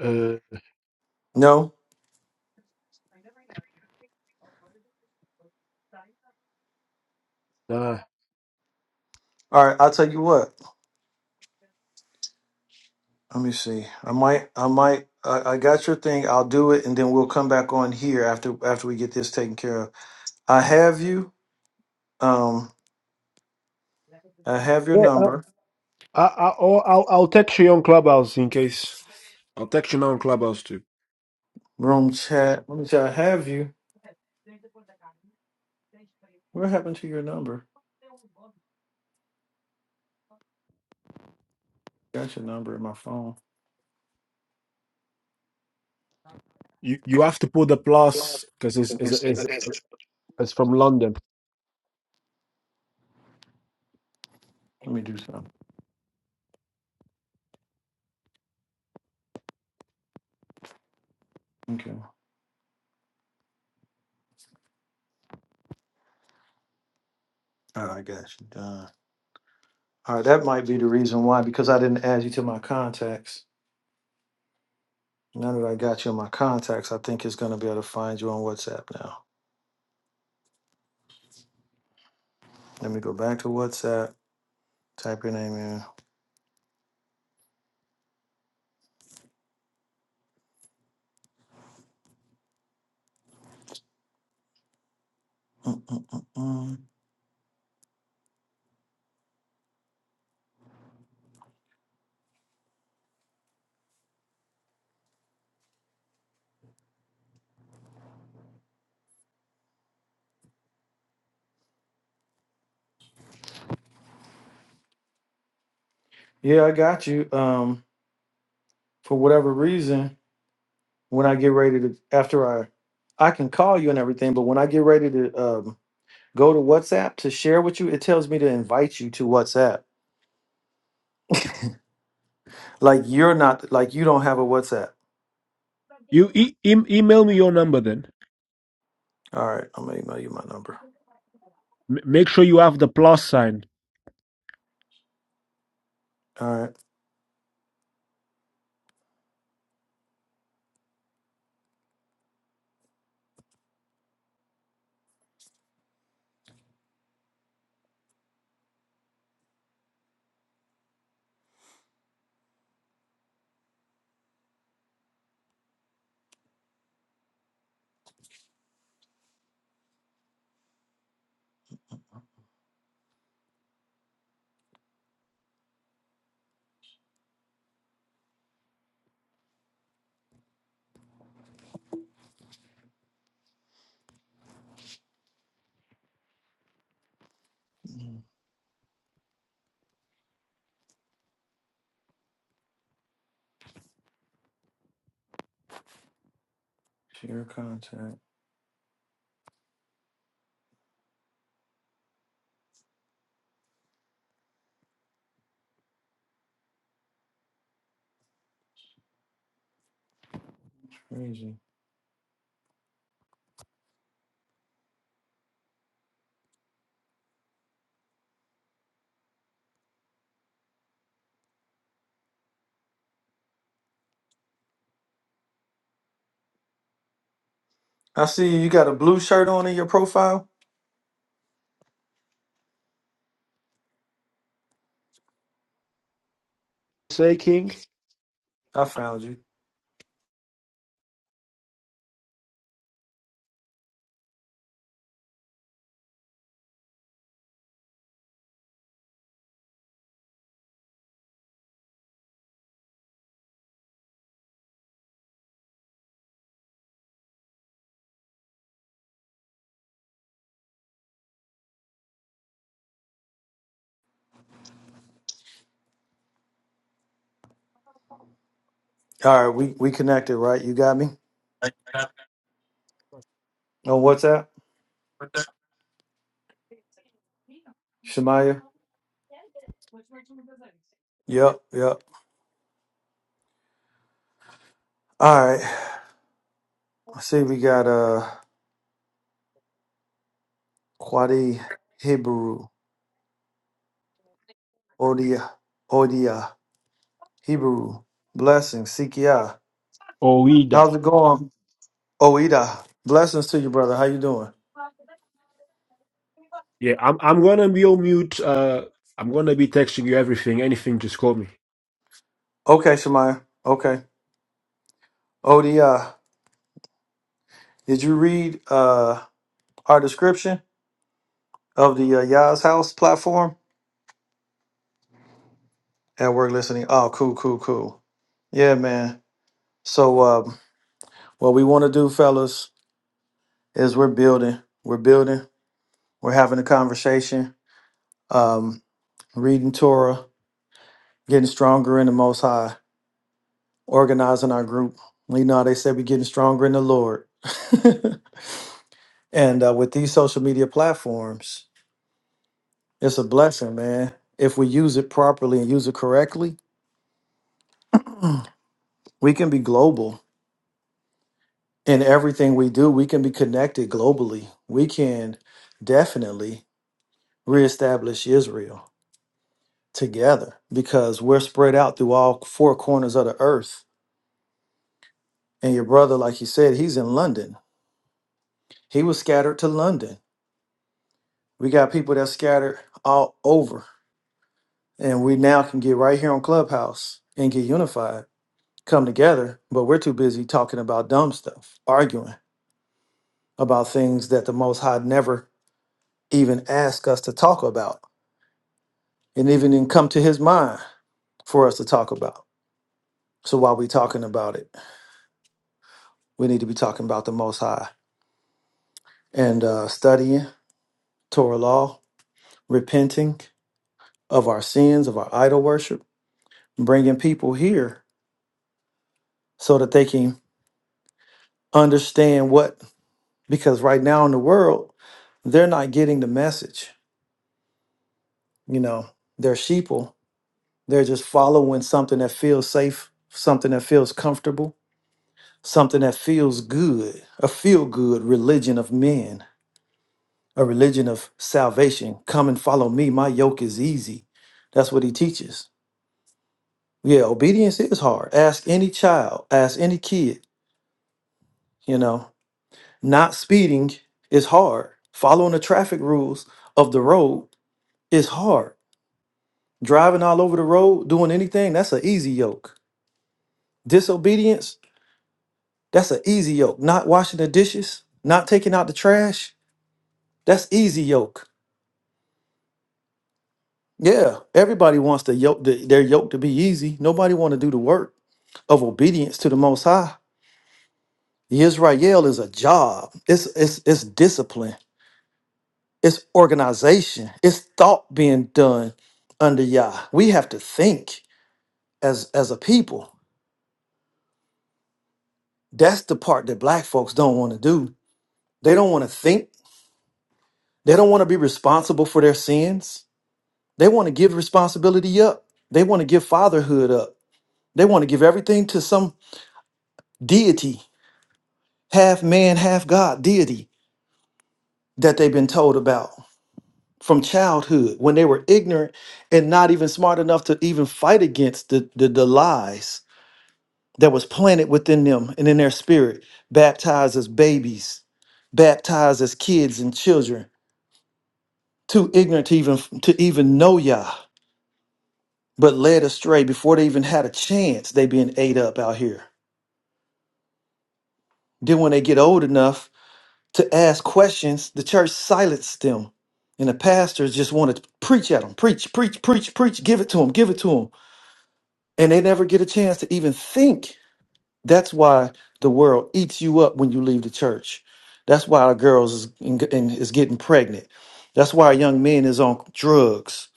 Uh,
No.
nah.
All right. I'll tell you what. Let me see. I might. I might. I, I got your thing. I'll do it, and then we'll come back on here after after we get this taken care of. I have you. Um, I have your number.
I, I, or I'll, I'll text you on Clubhouse in case. I'll text you now on Clubhouse too.
Room chat. Let me see. I have you. What happened to your number? Got your number in my phone.
You you have to put the plus because it's, it's, it's, it's from London.
Let me do something. Okay. All right, I got you. Done. All right, that might be the reason why because I didn't add you to my contacts. Now that I got you in my contacts, I think it's going to be able to find you on WhatsApp now. Let me go back to WhatsApp. Type your name in. Mm-mm-mm-mm. Yeah, I got you. Um, for whatever reason, when I get ready to after I I can call you and everything, but when I get ready to um, go to WhatsApp to share with you, it tells me to invite you to WhatsApp. Like you're not like you don't have a WhatsApp.
You e- em- email me your number then.
All right, I'm gonna email you my number.
M- Make sure you have the plus sign.
All right, Mm, share contact. Crazy. I see you. You got a blue shirt on in your profile.
Say King
I found you. All right, we we connected, right? You got me on WhatsApp, Shemaya. Yep, yep. All right. I see we got uh Quadi Hebrew. Odia, Odia, Hebrew, blessings, Sikia.
or
How's it going? Oida, blessings to you, brother. How you doing?
Yeah, I'm I'm gonna be on mute. Uh, I'm gonna be texting you everything, anything. Just call me.
Okay, Shemaya. Okay. Odia, did you read uh, our description of the uh, Yah's House platform? At work listening. Oh, cool, cool, cool. Yeah, man. So, um, what we want to do, fellas, is we're building. We're building. We're having a conversation, um, reading Torah, getting stronger in the Most High organizing our group. You know, how they said we're getting stronger in the Lord. and uh, with these social media platforms, it's a blessing, man. If we use it properly and use it correctly, we can be global in everything we do. We can be connected globally. We can definitely reestablish Israel together because we're spread out through all four corners of the earth. And your brother, like he said, he's in London. He was scattered to London. We got people that scattered all over and we now can get right here on Clubhouse and get unified, come together. But we're too busy talking about dumb stuff, arguing about things that the Most High never even asked us to talk about, and even didn't come to His mind for us to talk about. So while we are talking about it, we need to be talking about the Most High and uh, studying Torah law, repenting of our sins, of our idol worship, bringing people here so that they can understand what because right now in the world they're not getting the message you know they're sheeple they're just following something that feels safe something that feels comfortable something that feels good a feel good religion of men a religion of salvation come and follow me my yoke is easy that's what he teaches yeah obedience is hard ask any child ask any kid you know not speeding is hard following the traffic rules of the road is hard Driving all over the road, doing anything, that's an easy yoke. Disobedience, that's an easy yoke. Not washing the dishes, not taking out the trash, that's easy yoke. Yeah, everybody wants the yoke, the, their yoke to be easy. Nobody want to do the work of obedience to the Most High. Israel is a job. It's it's it's discipline. It's organization. It's thought being done under Yah. We have to think as as a people. That's the part that Black folks don't want to do They don't want to think. They don't want to be responsible for their sins. They want to give responsibility up. They want to give fatherhood up. They want to give everything to some deity, half man, half God deity that they've been told about from childhood when they were ignorant and not even smart enough to even fight against the, the, the lies that was planted within them and in their spirit, baptized as babies, baptized as kids and children, too ignorant to even to even know Yah but led astray before they even had a chance. They being ate up out here. Then when they get old enough to ask questions, the church silenced them, and the pastors just want to preach at them, preach, preach, preach, preach, give it to them, give it to them, and they never get a chance to even think. That's why the world eats you up when you leave the church. That's why our girls is, and is getting pregnant. That's why our young men is on drugs.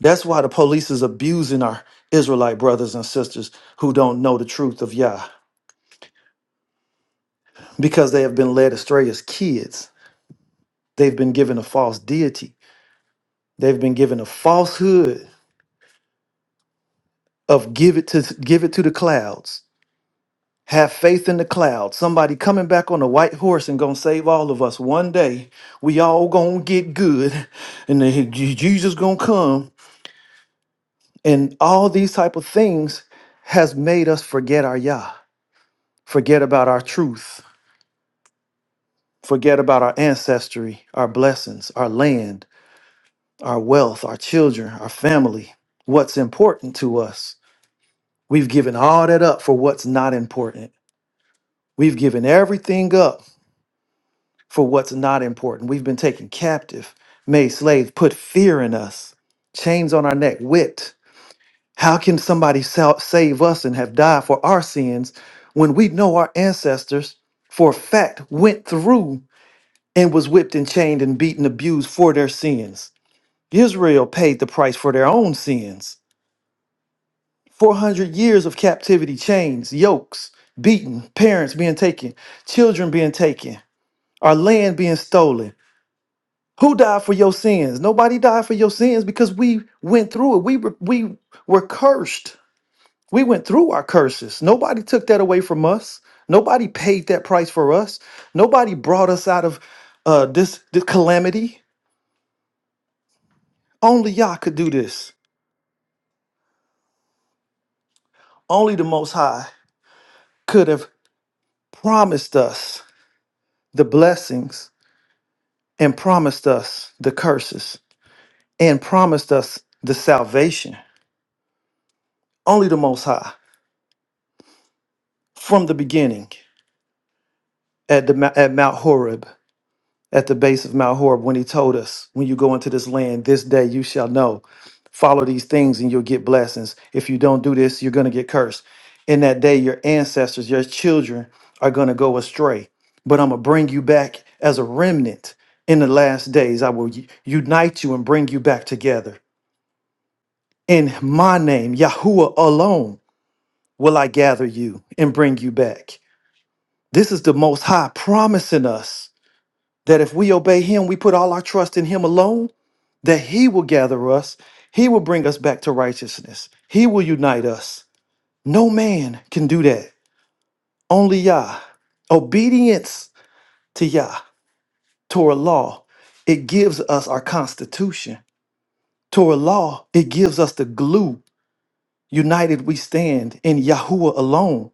That's why the police is abusing our Israelite brothers and sisters who don't know the truth of Yah. because they have been led astray as kids. They've been given a false deity. They've been given a falsehood of give it to give it to the clouds. Have faith in the clouds. Somebody coming back on a white horse and gonna save all of us one day. We all gonna get good, and then Je- Jesus gonna come. And all these type of things has made us forget our Yah, forget about our truth, forget about our ancestry, our blessings, our land our wealth, our children, our family, what's important to us. We've given all that up for what's not important. We've given everything up for what's not important. We've been taken captive, made slaves, put fear in us, chains on our neck, whipped. How can somebody sal- save us and have died for our sins when we know our ancestors for a fact went through and was whipped and chained and beaten, abused for their sins? Israel paid the price for their own sins. 400 years of captivity, chains, yokes, beaten, parents being taken, children being taken, our land being stolen. Who died for your sins? Nobody died for your sins because we went through it. We were, we were cursed. We went through our curses. Nobody took that away from us. Nobody paid that price for us. Nobody brought us out of uh, this, this calamity. Only Yah could do this. Only the Most High could have promised us the blessings and promised us the curses and promised us the salvation only the most high from the beginning at the Mo- at mount horeb at the base of mount horeb when he told us when you go into this land this day you shall know follow these things and you'll get blessings if you don't do this you're going to get cursed in that day your ancestors your children are going to go astray but i'm going to bring you back as a remnant in the last days i will u- unite you and bring you back together In my name, Yahuwah alone, will I gather you and bring you back. This is the Most High promising us that if we obey Him, we put all our trust in Him alone, that He will gather us, He will bring us back to righteousness, He will unite us. No man can do that, only Yah. Obedience to Yah, Torah law, it gives us our constitution. Torah law, it gives us the glue. United we stand in Yahuwah alone.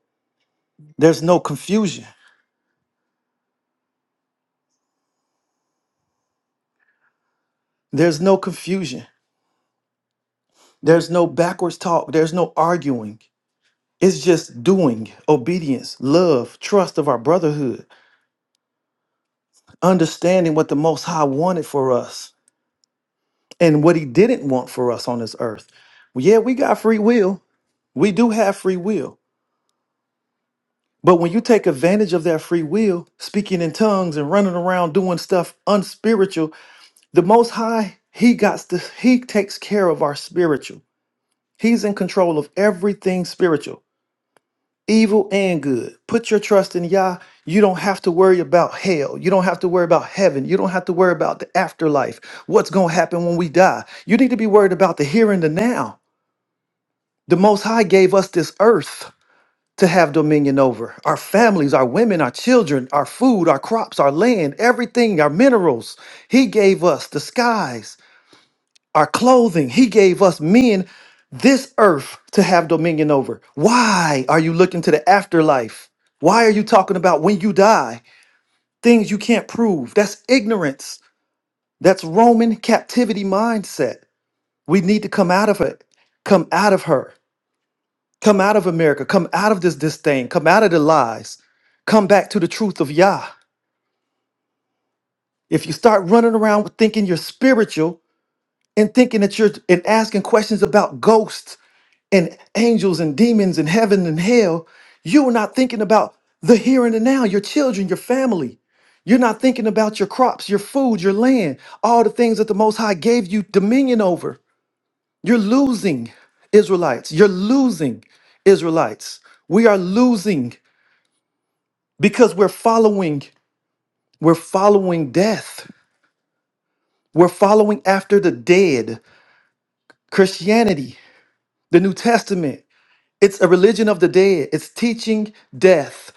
There's no confusion. There's no confusion. There's no backwards talk. There's no arguing. It's just doing, obedience, love, trust of our brotherhood, understanding what the Most High wanted for us and what He didn't want for us on this earth. Yeah, we got free will. We do have free will. But when you take advantage of that free will, speaking in tongues and running around doing stuff unspiritual, the Most High, He got to, He takes care of our spiritual. He's in control of everything spiritual, evil and good. Put your trust in Yah. You don't have to worry about hell. You don't have to worry about heaven. You don't have to worry about the afterlife. What's going to happen when we die? You need to be worried about the here and the now. The Most High gave us this earth to have dominion over our families, our women, our children, our food, our crops, our land, everything, our minerals. He gave us the skies. our clothing. He gave us men this earth to have dominion over. Why are you looking to the afterlife? Why are you talking about when you die? Things you can't prove. That's ignorance. That's Roman captivity mindset. We need to come out of it. Come out of her. Come out of America. Come out of this disdain. Come out of the lies. Come back to the truth of Yah. If you start running around thinking you're spiritual and thinking that you're and asking questions about ghosts and angels and demons and heaven and hell, you're not thinking about the here and the now, your children, your family. You're not thinking about your crops, your food, your land, all the things that the Most High gave you dominion over. You're losing Israelites. You're losing Israelites. We are losing because we're following, we're following death. We're following after the dead. Christianity, the New Testament. It's a religion of the dead. It's teaching death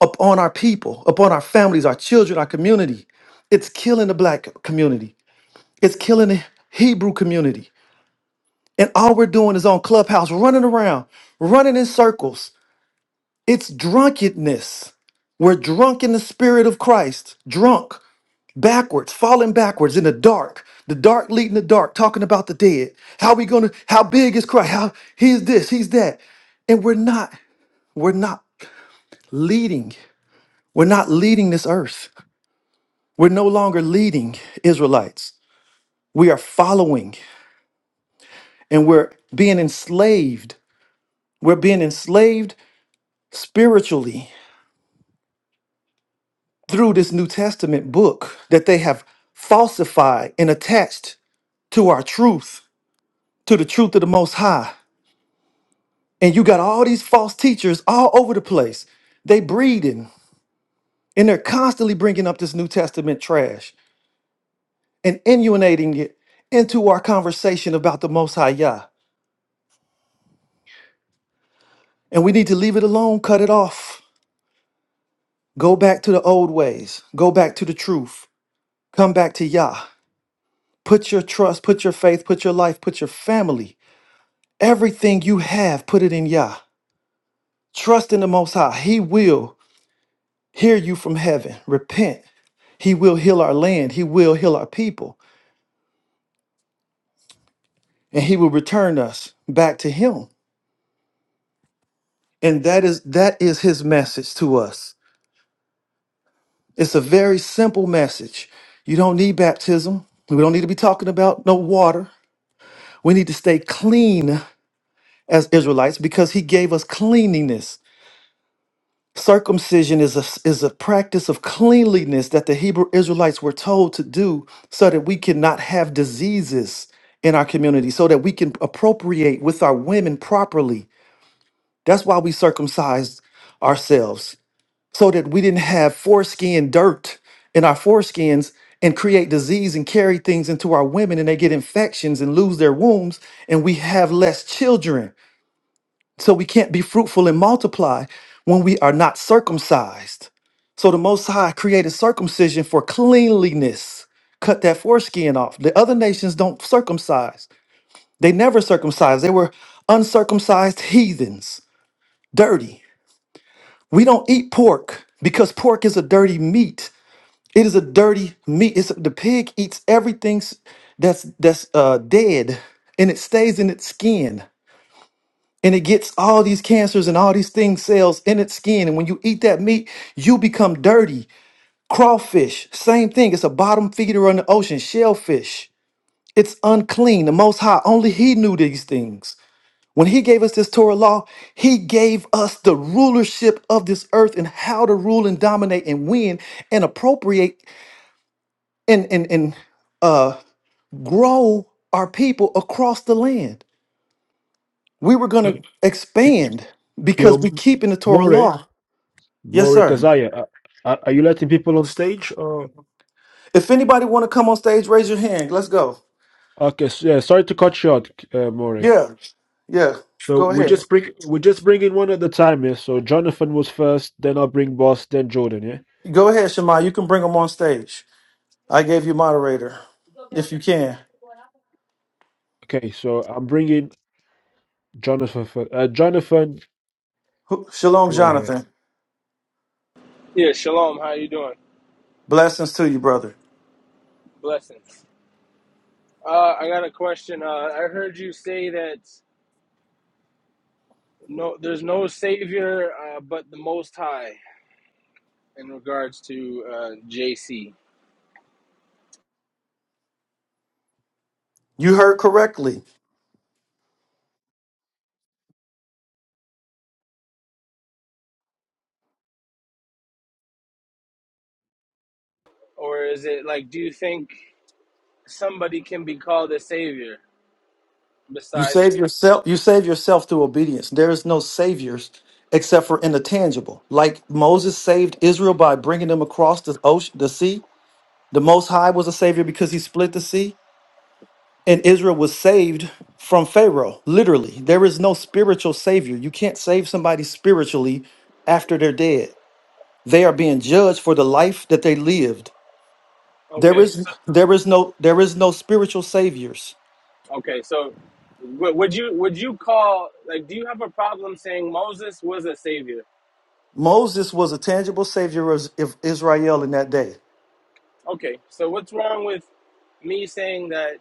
upon our people, upon our families, our children, our community. It's killing the black community. It's killing the Hebrew community. And all we're doing is on Clubhouse, running around, running in circles. It's drunkenness. We're drunk in the spirit of Christ, drunk, backwards, falling backwards in the dark. The dark leading the dark, talking about the dead. How we gonna? How big is Christ? How he's this, he's that, and we're not. We're not. leading. We're not leading this earth. We're no longer leading Israelites. We are following and we're being enslaved. We're being enslaved spiritually through this New Testament book that they have falsified and attached to our truth, to the truth of the Most High. And you got all these false teachers all over the place. They breeding and they're constantly bringing up this New Testament trash and inundating it into our conversation about the Most High Yah. And we need to leave it alone, cut it off. Go back to the old ways, go back to the truth, come back to Yah. Put your trust, put your faith, put your life, put your family, everything you have, put it in Yah. Trust in the Most High. He will hear you from heaven. Repent. He will heal our land. He will heal our people. And he will return us back to him. And that is that is his message to us. It's a very simple message. You don't need baptism. We don't need to be talking about no water. We need to stay clean as Israelites because he gave us cleanliness. Circumcision is a, is a practice of cleanliness that the Hebrew Israelites were told to do so that we cannot have diseases in our community, so that we can appropriate with our women properly. That's why we circumcised ourselves, so that we didn't have foreskin dirt in our foreskins and create disease and carry things into our women and they get infections and lose their wombs and we have less children So we can't be fruitful and multiply when we are not circumcised. So the Most High created circumcision for cleanliness. Cut that foreskin off. The other nations don't circumcise. They never circumcised. They were uncircumcised heathens, dirty. We don't eat pork because pork is a dirty meat. It is a dirty meat. It's the pig eats everything s- that's that's uh, dead, and it stays in its skin. and it gets all these cancers and all these things cells in its skin and when you eat that meat you become dirty crawfish same thing it's a bottom feeder on the ocean shellfish it's unclean the most high only he knew these things when he gave us this torah law he gave us the rulership of this earth and how to rule and dominate and win and appropriate and and, and uh grow our people across the land we were going
Uh,
to
you-
expand
Yo,
because we keep in the torah
More,
law Yes,
More
sir.
Kazaya. Uh, are are you letting people on stage? Or
If anybody want to come on stage, raise your hand. Let's go.
okay, so, yeah. Sorry to cut you out, uh, More.
Yeah, yeah.
So
Go
we
ahead.
just bring we just bring in one at a time, yeah. So Jonathan was first, then I'll bring Boss, then Jordan, yeah.
Go ahead, Shema. You can bring them on stage. I gave you moderator, if you can.
Okay, so I'm bringing Jonathan. For, uh, Jonathan,
Who- Shalom,
go ahead.
Jonathan.
Yeah, shalom. How you doing?
Blessings to you, brother.
Blessings. Uh, I got a question. Uh, I heard you say that no, there's no savior uh, but the Most High in regards to uh, JC,
You heard correctly.
or is it like? Do you think somebody can be called a savior
You
besides?
save yourself. You save yourself through obedience. There is no saviors except for in the tangible. Like Moses saved Israel by bringing them across the ocean, the sea. The Most High was a savior because he split the sea. And Israel was saved from Pharaoh, literally. There is no spiritual savior. You can't save somebody spiritually after they're dead. They are being judged for the life that they lived. There
Okay,
is
so
there is no there is no spiritual saviors.
okay, so w- would you would you call like? Do you have a problem saying Moses was a savior?
Moses was a tangible savior of of Israel in that day.
Okay, so what's wrong with me saying that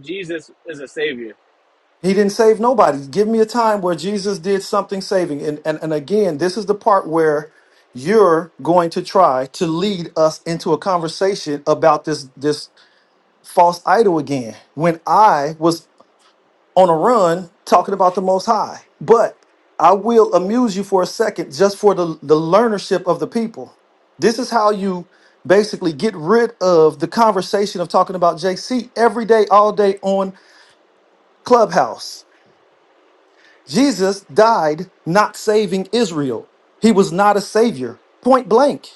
Jesus is a savior?
He didn't save nobody. Give me a time where Jesus did something saving. And and, and again, this is the part where you're going to try to lead us into a conversation about this this false idol again when I was on a run talking about the Most High. But I will amuse you for a second just for the, the learnership of the people. This is how you basically get rid of the conversation of talking about JC every day, all day on Clubhouse. Jesus died not saving Israel, he was not a savior, point blank.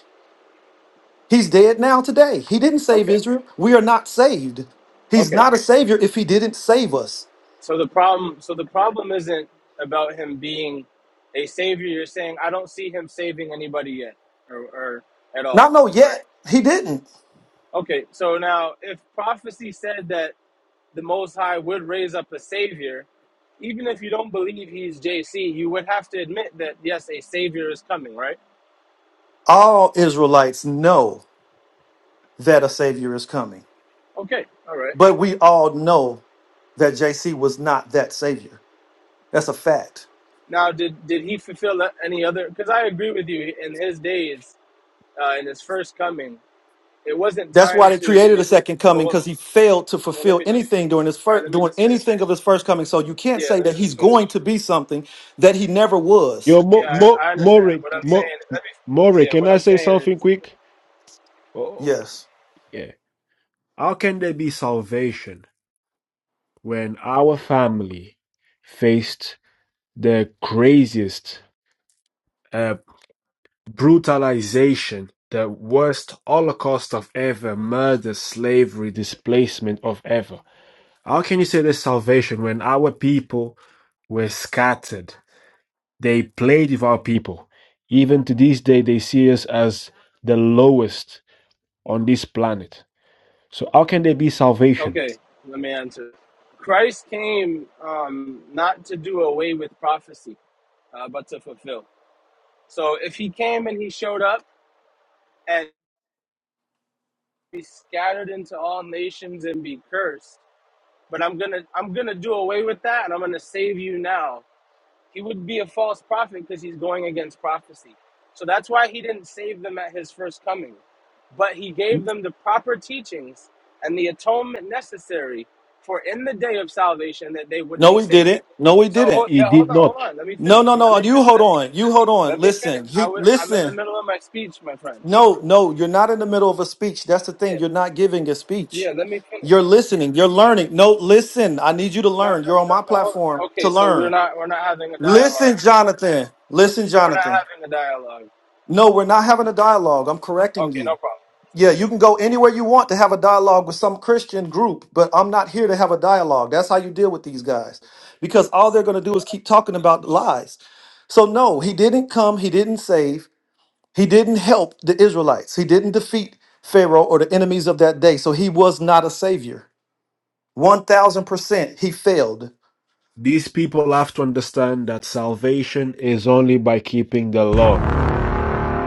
He's dead now today. He didn't save
Okay.
Israel. We are not saved. He's
Okay.
not a savior if he didn't save us.
So the problem so the problem isn't about him being a savior. You're saying I don't see him saving anybody yet or, or at
Not
all.
know
Right.
yet. He didn't.
Okay, so now if prophecy said that the most high would raise up a savior, even if you don't believe he's JC, you would have to admit that yes, a savior is coming, right?
All Israelites know that a Savior is coming.
Okay. All right.
But we all know that JC was not that Savior. That's a fact.
Now did did he fulfill any other cuz I agree with you in his days uh, in his first coming, it wasn't
That's why
time
they
to
created a
visit
second coming
well
because he failed to
well let
fulfill
me finish
anything during his
All right,
first,
let me
doing
just finish.
anything of his first coming. So you can't
Yeah,
say
let
that
me
he's
just finish.
going to be something that he never was.
Yo,
Yeah,
Mo,
I,
Mo,
I understand.
Morik,
What I'm
Mo,
saying, let me,
Morik,
yeah,
can
what
I
I'm
say
saying is,
something quick? Oh,
Yes.
yeah. How can there be salvation when our family faced the craziest uh, brutalization, the worst Holocaust of ever, murder, slavery, displacement of ever? How can you say there's salvation when our people were scattered? They played with our people. Even to this day, they see us as the lowest on this planet. So, how can there be salvation?
okay, let me answer. Christ came um, not to do away with prophecy, uh, but to fulfill. So if he came and he showed up and be scattered into all nations and be cursed, but I'm gonna, I'm gonna do away with that, and I'm gonna save you now. He would be a false prophet because he's going against prophecy. So that's why he didn't save them at his first coming. But he gave them the proper teachings and the atonement necessary for in the day of salvation that they would
No,
be
he
saved.
didn't. No, he
So
didn't.
hold, yeah,
It
hold
did
on,
not.
hold on. Let me
No,
finish.
no,
Let
no.
me fin-
You hold
let me
on. You hold on.
let me finish.
Listen.
I
He
would I'm in the
listen.
middle of my speech, my friend.
No, no, you're not in the middle of a speech. That's the thing.
Yeah.
You're not giving a speech.
Yeah, let me finish.
You're listening. You're learning. No, listen. I need you to
No, no,
learn. You're on
no,
my
no. Hold on.
platform to
Okay, so we're
learn.
not we're not having a dialogue.
Listen, Jonathan. Listen,
So we're not
Jonathan.
having a dialogue.
No, we're not having a dialogue. I'm correcting
Okay, no
you.
problem. It's
Yeah,
okay.
you can go anywhere you want to have a dialogue with some Christian group, but I'm not here to have a dialogue. That's how you deal with these guys because all they're going to do is keep talking about lies. So, no, he didn't come. He didn't save. He didn't help the Israelites. He didn't defeat Pharaoh or the enemies of that day. So he was not a savior. 1000% he failed
These people have to understand that salvation is only by keeping the law.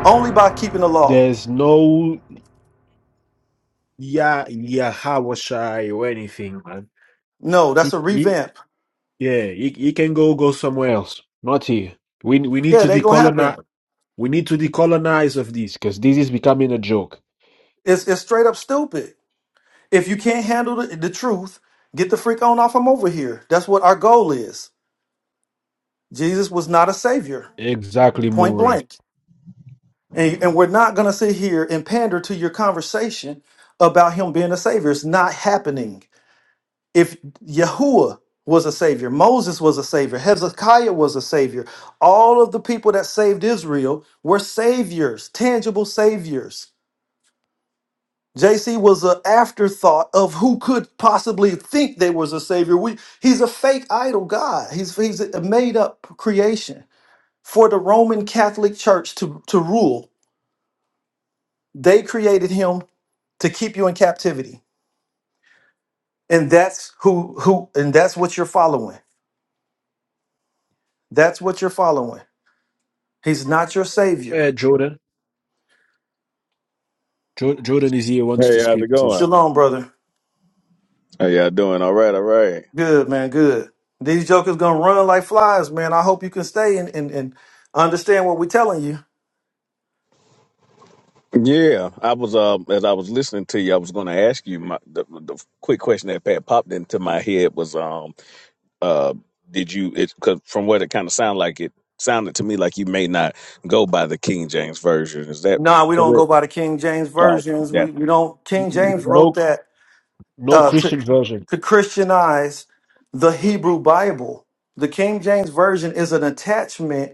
only by keeping the law.
There's no Yah, Yahawashai or anything, man.
No,
You-
that's a
you-
revamp.
yeah, you, you can go go somewhere else. Not here. We, we need
Yeah,
to
it ain't gonna happen.
decolonize. We need to decolonize of this because this is becoming a joke.
It's, it's straight up stupid. If you can't handle the, the truth, get the freak on off from over here. That's what our goal is. Jesus was not a savior,
Exactly,
point
Murray.
blank. And, and we're not gonna sit here and pander to your conversation about him being a savior. It's not happening. if Yahuwah was a savior, Moses was a savior, Hezekiah was a savior, all of the people that saved Israel were saviors, tangible saviors. JC was an afterthought of who could possibly think there was a savior. We, he's a fake idol god. He's, he's a made up creation. For the Roman Catholic Church to, to rule, they created him to keep you in captivity. And that's who who and that's what you're following. That's what you're following. He's not your
Go
savior.
ahead, Jordan. Jo- Jordan is here, wants to
Hey, how's
speak
it
too.
going?
Shalom, brother.
How y'all doing? All right, all right.
Good, man. Good. These jokers gonna run like flies, man. I hope you can stay and, and, and understand what we're telling you.
Yeah, I was uh as I was listening to you, I was going to ask you my the, the quick question that Pat popped into my head was um uh did you it cause from what it kind of sounded like it sounded to me like you may not go by the King James version. Is that
Nah, we don't
correct?
go by the King James
Oh,
versions. We
that's
we don't King
Yeah.
James wrote
No,
that
no
uh, to
Christian version.
to Christianize the Hebrew Bible. The King James version is an attachment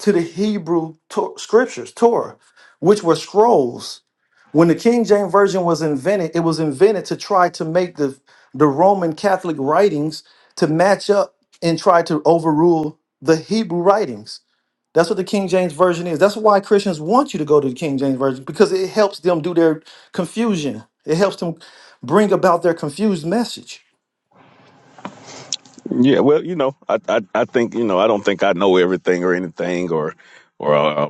to the Hebrew to- scriptures, Torah, which were scrolls. When the King James version was invented, it was invented to try to make the the Roman Catholic writings to match up and try to overrule the Hebrew writings. That's what the King James Version is. That's why Christians want you to go to the King James Version because it helps them do their confusion. It helps them bring about their confused message.
Yeah, Well, you know, I I, I think you know I don't think I know everything or anything or or uh,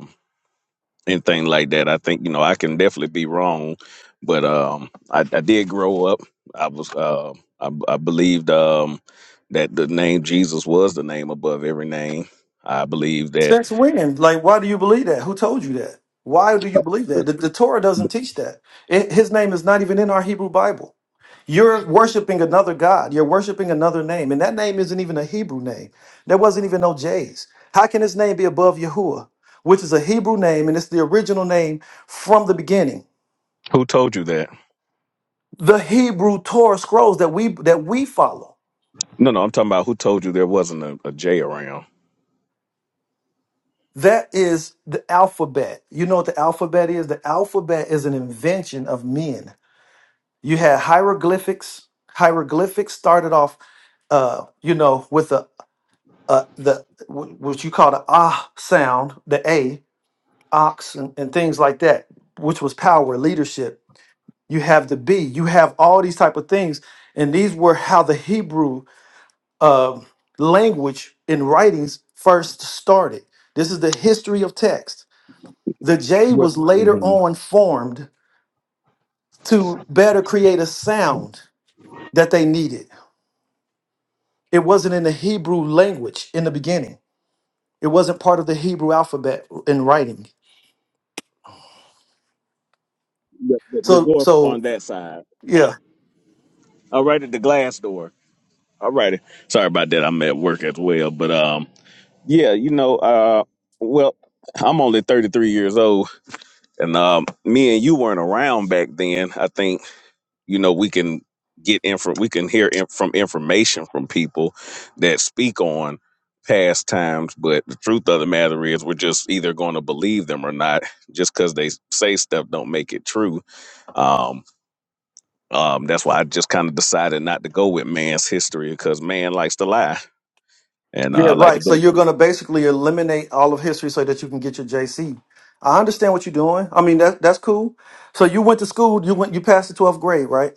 anything like that. I think you know I can definitely be wrong, but um, I, I did grow up. I was uh, I, I believed um, that the name Jesus was the name above every name. I believe that.
Since when? Like, why do you believe that? Who told you that? Why do you believe that? The, the Torah doesn't teach that. It- his name is not even in our Hebrew Bible. You're worshiping another God. You're worshiping another name. And that name isn't even a Hebrew name. There wasn't even no J's. How can his name be above Yahuwah, which is a Hebrew name and it's the original name from the beginning?
Who told you that?
the Hebrew Torah scrolls that we that we follow.
No, no, I'm talking about who told you there wasn't a, a J around.
That is the alphabet. You know what the alphabet is? The alphabet is an invention of men. You had hieroglyphics. Hieroglyphics started off, uh, you know, with a, a the wh- what you call the ah sound, the a ox and, and things like that, which was power, leadership. You have the b. You have all these type of things, and these were how the Hebrews. uh, language in writings first started. This is the history of text. The J
What?
was later
mhm.
on formed to better create a sound that they needed. It wasn't in the Hebrew language in the beginning. It wasn't part of the Hebrew alphabet in writing.
The, the, the
So,
door on
so
that side.
yeah,
All right, at the glass door. All righty. Sorry about that. I'm at work as well, but um, yeah, you know, uh, well, I'm only 33 years old, And um, me and you weren't around back then. I think you know we can get info. We can hear in- from information from people that speak on past times. But the truth of the matter is, we're just either going to believe them or not. Just because they say stuff don't make it true. Um, um, that's why I just kind of decided not to go with man's history because man likes to lie, and uh,
Yeah,
I like to
right. So
go.
you're going to basically eliminate all of history so that you can get your JC. I understand what you're doing. I mean, that that's cool. So you went to school, you went you passed the 12th grade, right?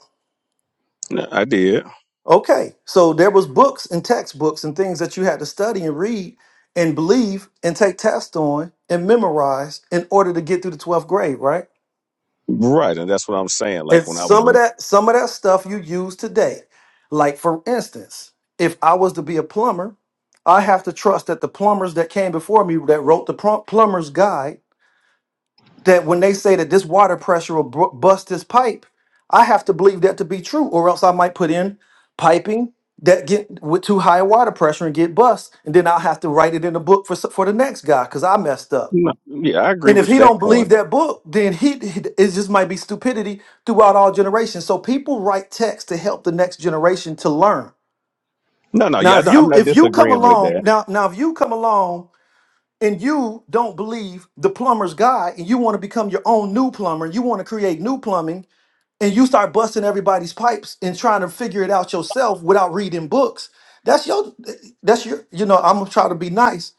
yeah, I did
Okay. So there was books and textbooks and things that you had to study and read and believe and take tests on and memorize in order to get through the 12th grade, right?
right, and that's what I'm saying. Like
And
when I was
some of
in,
that, some of that stuff you use today. Like for instance, if I was to be a plumber, I have to trust that the plumbers that came before me that wrote the plum- plumber's guide, that when they say that this water pressure will bu- bust this pipe, I have to believe that to be true, or else I might put in piping that get with too high a water pressure and get bust, and then I'll have to write it in the book for s- for the next guy because I messed up.
no, yeah, I agree
And if
with
he
that
don't
point.
believe that book, then he it just might be stupidity throughout all generations. So people write texts to help the next generation to learn.
No, no,
Now,
yeah, I
if
don't, I'm
you
not
if you come
disagreeing with
along
that.
now now if you come along and you don't believe the plumber's guy and you want to become your own new plumber, you want to create new plumbing, and you start busting everybody's pipes and trying to figure it out yourself without reading books, that's your that's your you know I'm gonna try to be nice,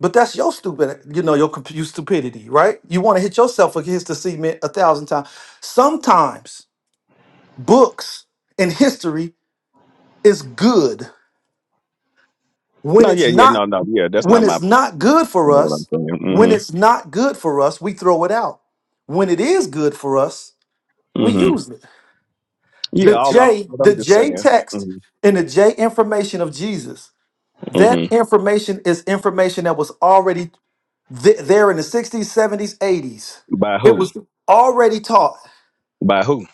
but that's your stupid, you know, your, comp- your stupidity, right? You want to hit yourself against the cement a thousand times. Sometimes books and history is good when
No,
it's
yeah, yeah,
not
no, no, yeah, that's
when
not
it's
my
not good for
what I'm
us. When
saying.
it's not good for us, we throw it out. When it is good for us, we
hmm hmm
use it.
Yeah,
The
all I'm
J,
what
the
I'm just
J
saying.
text
hmm
and the J information of Jesus. That
hmm
information is information that was already Th- there in the 60s, 70s, 80s.
By
It
who?
was already taught.
By who?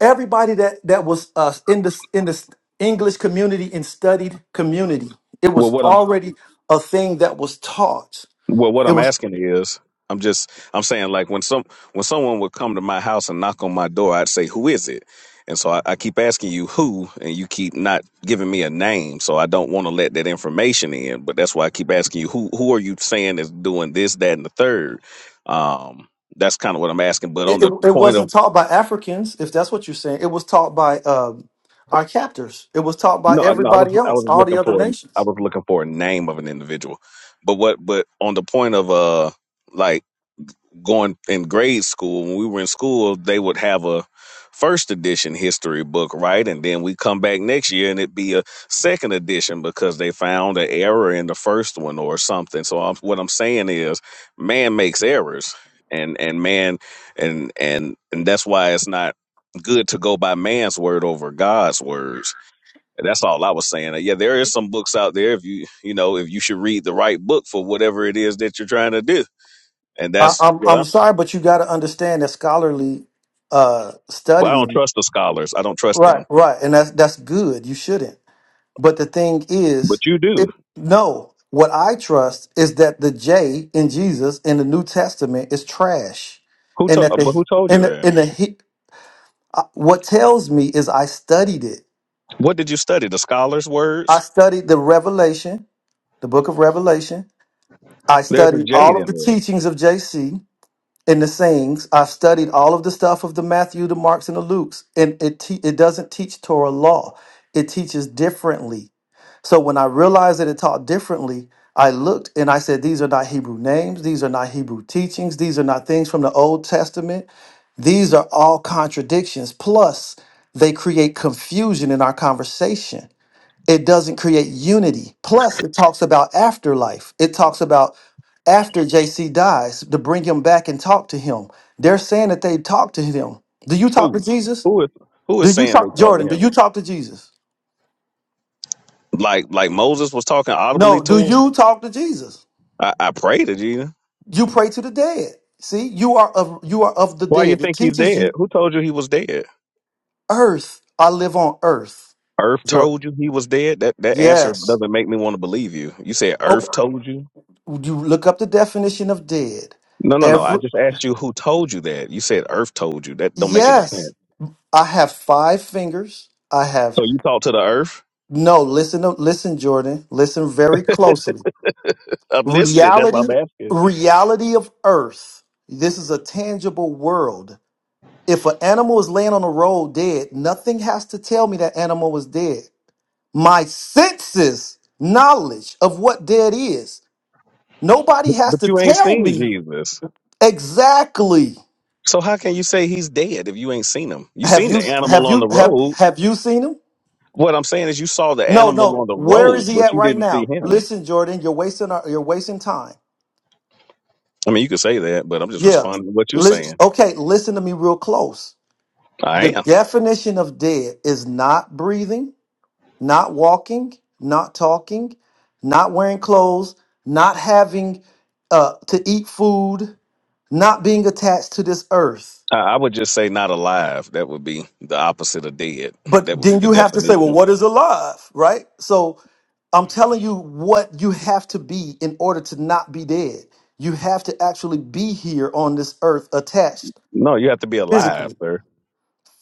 Everybody that that was uh, in the in the English community and studied community, it
Well,
was
what I'm
already a thing that was taught.
Well, what
It
I'm
was
asking is, I'm just, I'm saying like when some, when someone would come to my house and knock on my door, I'd say, who is it? And so I, I keep asking you who, and you keep not giving me a name. So I don't want to let that information in, but that's why I keep asking you who, who are you saying is doing this, that, and the third? Um, that's kind of what I'm asking. But on
it, it,
the
it
point of,
wasn't taught by Africans, if that's what you're saying. It was taught by um, our captors. It was taught by
no, no, I was,
everybody
I
else,
was
all the
looking
other
for, I
nations.
was looking for a name of an individual, but what, but on the point of, uh, like going in grade school when we were in school they would have a first edition history book right and then we come back next year and it'd be a second edition because they found an error in the first one or something so I'm, what i'm saying is man makes errors and and man and and and that's why it's not good to go by man's word over god's words and that's all i was saying Uh, yeah there is some books out there if you you know if you should read the right book for whatever it is that you're trying to do and
I,
that's
I'm
what I'm
I'm sorry, but you got to understand that scholarly uh,
Well, I don't
studying,
trust the scholars. I don't trust
right,
them.
right, and that's that's good. You shouldn't. But the thing
But
is,
you do.
it, no, what I trust is that the J in Jesus in the New Testament is trash,
Who
and
to-
that
but
the
who told you
and the,
that?
and the he- uh, what tells me is I studied it.
What did you study? The scholars'
I
words?
studied the Revelation, the Book of Revelation. I
There's a
studied
J in
all of the
there.
teachings of JC and the sayings. I've studied all of the stuff of the Matthew, the Marks, and the Lukes, and it te- it doesn't teach Torah law. It teaches differently. So when I realized that it taught differently, I looked and I said, These are not Hebrew names. These are not Hebrew teachings. These are not things from the Old Testament. These are all contradictions. Plus, they create confusion in our conversation. It doesn't create unity. Plus, it talks about afterlife. It talks about after JC dies to bring him back and talk to him. They're saying that they talked to him. Do you talk to
Who?
Jesus?
Who is who
Do
is
you
saying they
talk,
talked to
Jordan? Do
him?
you talk to Jesus?
Like like Moses was talking audibly
No. Do
to him?
you talk to Jesus?
I, I pray to you.
You pray to the dead. See, you are of you are of the
Why you
dead. It
think he's
teaches
dead?
you
Who told you he was dead?
earth. I live on earth.
Earth
Joy.
told you he was dead? That that answer
Yes.
doesn't make me want to believe you. You said
Okay.
Earth told you?
You look up the definition of dead.
No, no, no. I
Every
just asked you who told you that. You said Earth told you. That don't make any
yes.
sense.
I have five fingers. I have
So you talked to the Earth?
no. Listen, listen, Jordan. Listen very closely.
I'm listening. That's why
Reality,
I'm asking.
reality of earth. This is a tangible world. If an animal is laying on the road dead, nothing has to tell me that animal was dead. my senses knowledge of what dead is. Nobody
But
has
but
to
you ain't
tell
seen
me
Jesus.
exactly.
So how can you say he's dead if you ain't seen him? You
Have
seen
you
the animal
have
on
you
the
have
road.
have you seen him?
What I'm saying is you saw the
No,
animal on
no.
the
Where
road,
is he
but
at
you
right
didn't see
now?
him.
Listen, Jordan, you're wasting our, you're wasting time.
I mean, you could say that, but I'm just
Yeah.
responding to what you're
Listen,
saying.
okay, listen to me real close.
I
The
am.
definition of dead is not breathing, not walking, not talking, not wearing clothes, not having uh, to eat food, not being attached to this earth.
I I would just say not alive. That would be the opposite of dead. That
But
would be
then
the
you have to say, well,
definition.
what is alive, right? So I'm telling you what you have to be in order to not be dead. You have to actually be here on this earth attached
No, you have to be alive,
physically.
sir.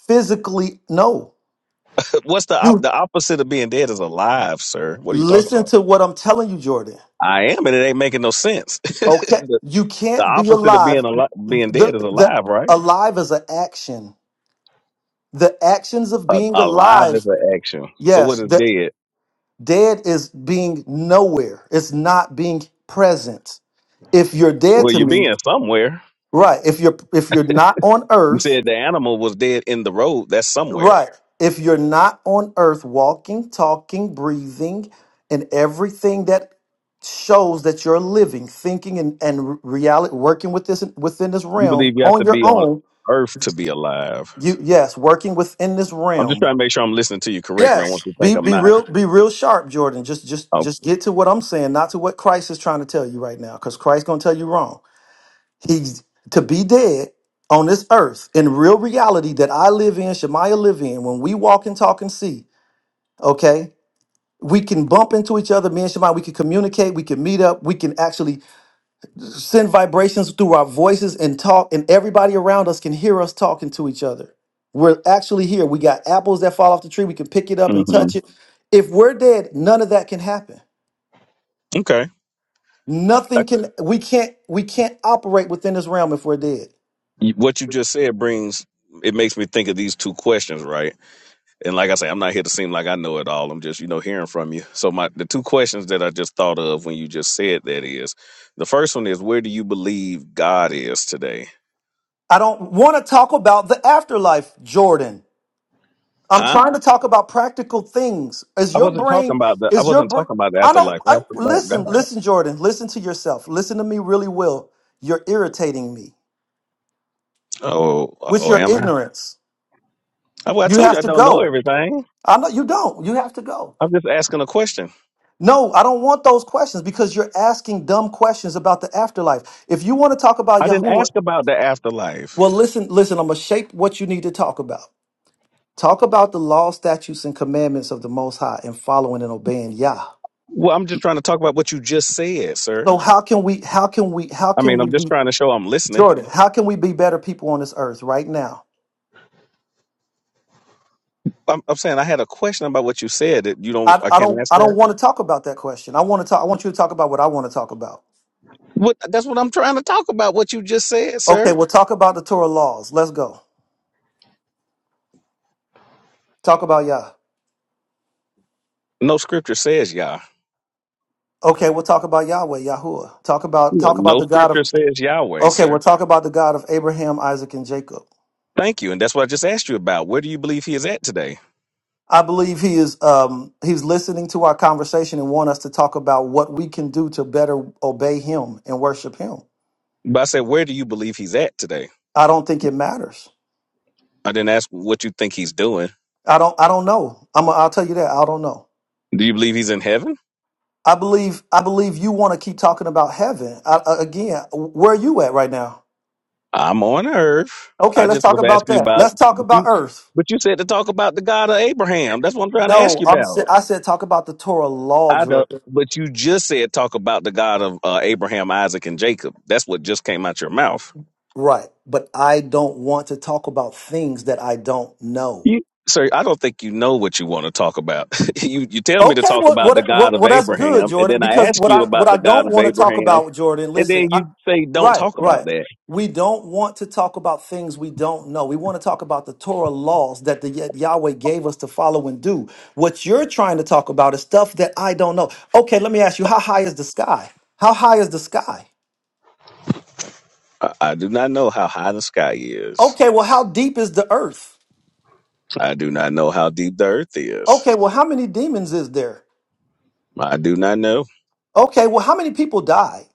Physically, no.
What's the op-
You
the opposite of being dead is alive, sir? What are you talking
listen
about?
to what I'm telling you, Jordan.
I am, and it ain't making no sense.
Okay.
the,
You
the
can't be
opposite of
alive.
being alive, being
The,
dead is
the
alive, right?
alive is an action. The actions of
A,
being
alive is
alive,
an action. So
yes.
what is
The.
dead?
Dead is being nowhere. It's not being present. If you're dead
Well,
to
you're
me,
being somewhere.
right? If you're if you're not on
You
earth,
said the animal was dead in the road. That's somewhere.
right? If you're not on earth walking, talking, breathing, and everything that shows that you're living, thinking and, and reality working with this within this
You
realm
believe you have
on
to
your
be on
own,
earth to be alive.
you yes, working within this
I'm just
realm
trying to make sure I'm listening to you correctly. I want
Yes.
you to
Be
think I'm
be
not.
real be real sharp, Jordan. Just just
Oh,
just get to what I'm saying, not to what Christ is trying to tell you right now, because Christ's gonna tell you wrong. He's to be dead on this earth in real reality that I live in, Shemaiah live in, when we walk and talk and see, okay? We can bump into each other, me and Shemaiah, we can communicate, we can meet up, we can actually send vibrations through our voices and talk, and everybody around us can hear us talking to each other. We're actually here. We got apples that fall off the tree. We can pick it up
hmm
and touch it. If we're dead, none of that can happen.
okay. I-
Nothing can. We can't. We can't operate within this realm if we're dead.
you- What you just said brings it makes me think of these two questions, right? And like I say, I'm not here to seem like I know it all. I'm just you know hearing from you. So my the two questions that I just thought of when you just said that is, the first one is where do you believe God is today?
I don't want to talk about the afterlife, Jordan. I'm
Huh?
trying to talk about practical things. Is
I
your
wasn't talking
brain?
about the. I
Is your
wasn't
brain?
talking about the
I don't.
afterlife. I
I,
asked about
listen,
God.
listen, Jordan. Listen to yourself. Listen to me really well. You're irritating me.
Oh,
with
oh,
your
am I?
ignorance.
I- Well, I
You
told
have
you I
to
don't know
go.
everything.
I know you don't. You have to go.
I'm just asking a question.
No, I don't want those questions because you're asking dumb questions about the afterlife. If you want to talk about
I didn't
Yahuwah,
ask about the afterlife.
well, listen, listen, I'm going to shape what you need to talk about. Talk about the law, statutes, and commandments of the Most High and following and obeying Yah.
Well, I'm just trying to talk about what you just said, sir.
So how can we, how can we, how
I
can
mean,
we
I'm just
be,
trying to show I'm listening.
Jordan, how can we be better people on this earth right now?
I'm, I'm saying I had a question about what you said that you don't.
I,
I
I
can't
don't,
ask
I don't
that.
want to talk about that question. I want to talk, I want you to talk about what I want to talk about.
What? That's what I'm trying to talk about. What you just said,
Okay,
sir.
we'll talk about the Torah laws. Let's go. Talk about Yah.
No scripture says Yah.
Okay, we'll talk about Yahweh, Yahuwah. Talk about
No,
talk about
no
the God of
scripture says Yahweh,
Okay, we'll
sir.
talk about the God of Abraham, Isaac, and Jacob.
Thank you, and that's what I just asked you about. Where do you believe he is at today?
I believe he is um he's listening to our conversation and want us to talk about what we can do to better obey him and worship him.
But I said, where do you believe he's at today?
I don't think it matters.
I didn't ask what you think he's doing.
I don't I don't know. I'm a, I'll tell you that. I don't know.
Do you believe he's in heaven?
I believe I believe you want to keep talking about heaven. I, I- again, where are you at right now?
I'm on earth.
Okay,
I
let's
just
talk
was
about
asking you
that.
about,
Let's talk
but
about
you,
earth.
but you said to talk about the God of Abraham. That's what I'm trying to ask
No,
you
I'm. sa-
about.
I said talk about the Torah law,
I don't,
Jordan.
but you just said talk about the God of uh, Abraham, Isaac, and Jacob. That's what just came out your mouth.
Right, but I don't want to talk about things that I don't know.
You, sir, I don't think you know what you want to talk about. you, you tell me to
Okay,
talk
well,
about the
what,
God
what,
of
well, that's good,
Abraham, and
Jordan.
then I
Because
ask
what
you
I, what
about
I
the God
don't
of
want to talk
Abraham,
about, Jordan.
and
Listen,
then
I,
you say don't
right,
talk about
right.
that.
We don't want to talk about things we don't know. We want to talk about the Torah laws that the Yah- Yahweh gave us to follow and do. What you're trying to talk about is stuff that I don't know. Okay, let me ask you: How high is the sky? How high is the sky?
I, I do not know how high the sky is.
Okay, well, how deep is the earth?
I do not know how deep the earth is.
Okay, well, how many demons is there?
I do not know.
Okay, well, how many people die?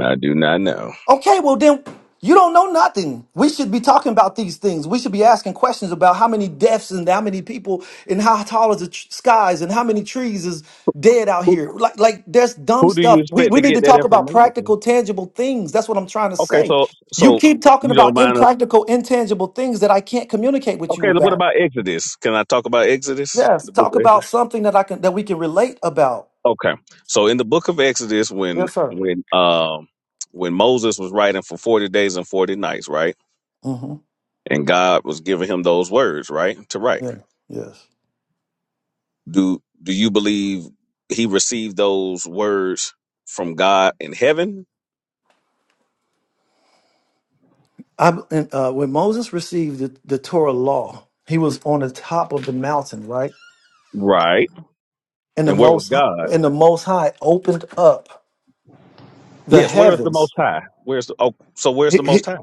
I do not know.
Okay, well, then you don't know nothing. We should be talking about these things. We should be asking questions about how many deaths and how many people and how tall is the tr- skies and how many trees is dead out
Who,
here. Like, like there's dumb
who do you
stuff. We,
expect
we
to
need
get
to
that
talk about
information from?
practical, tangible things. That's what I'm trying to
Okay,
say.
so
You
so
keep talking
you don't
about
mind. A,
impractical, intangible things that I can't communicate with
okay,
you
so what
about.
about Exodus? Can I talk about Exodus?
Yes,
The book
talk
of
about
Exodus.
something that I can that we can relate about.
Okay, so in the book of Exodus, when
Yes, sir.
when um when Moses was writing for forty days and forty nights, right,
Mm-hmm.
and God was giving him those words, right, to write.
Yeah. Yes.
Do do you believe he received those words from God in heaven?
I and, uh, when Moses received the, the Torah law, he was on the top of the mountain, right?
Right.
And the
And where was
most Hi-
God?
and the Most High opened up the
Yes, where is the
heavens.
most high? Where's the oh so where's
He,
the
he,
most high?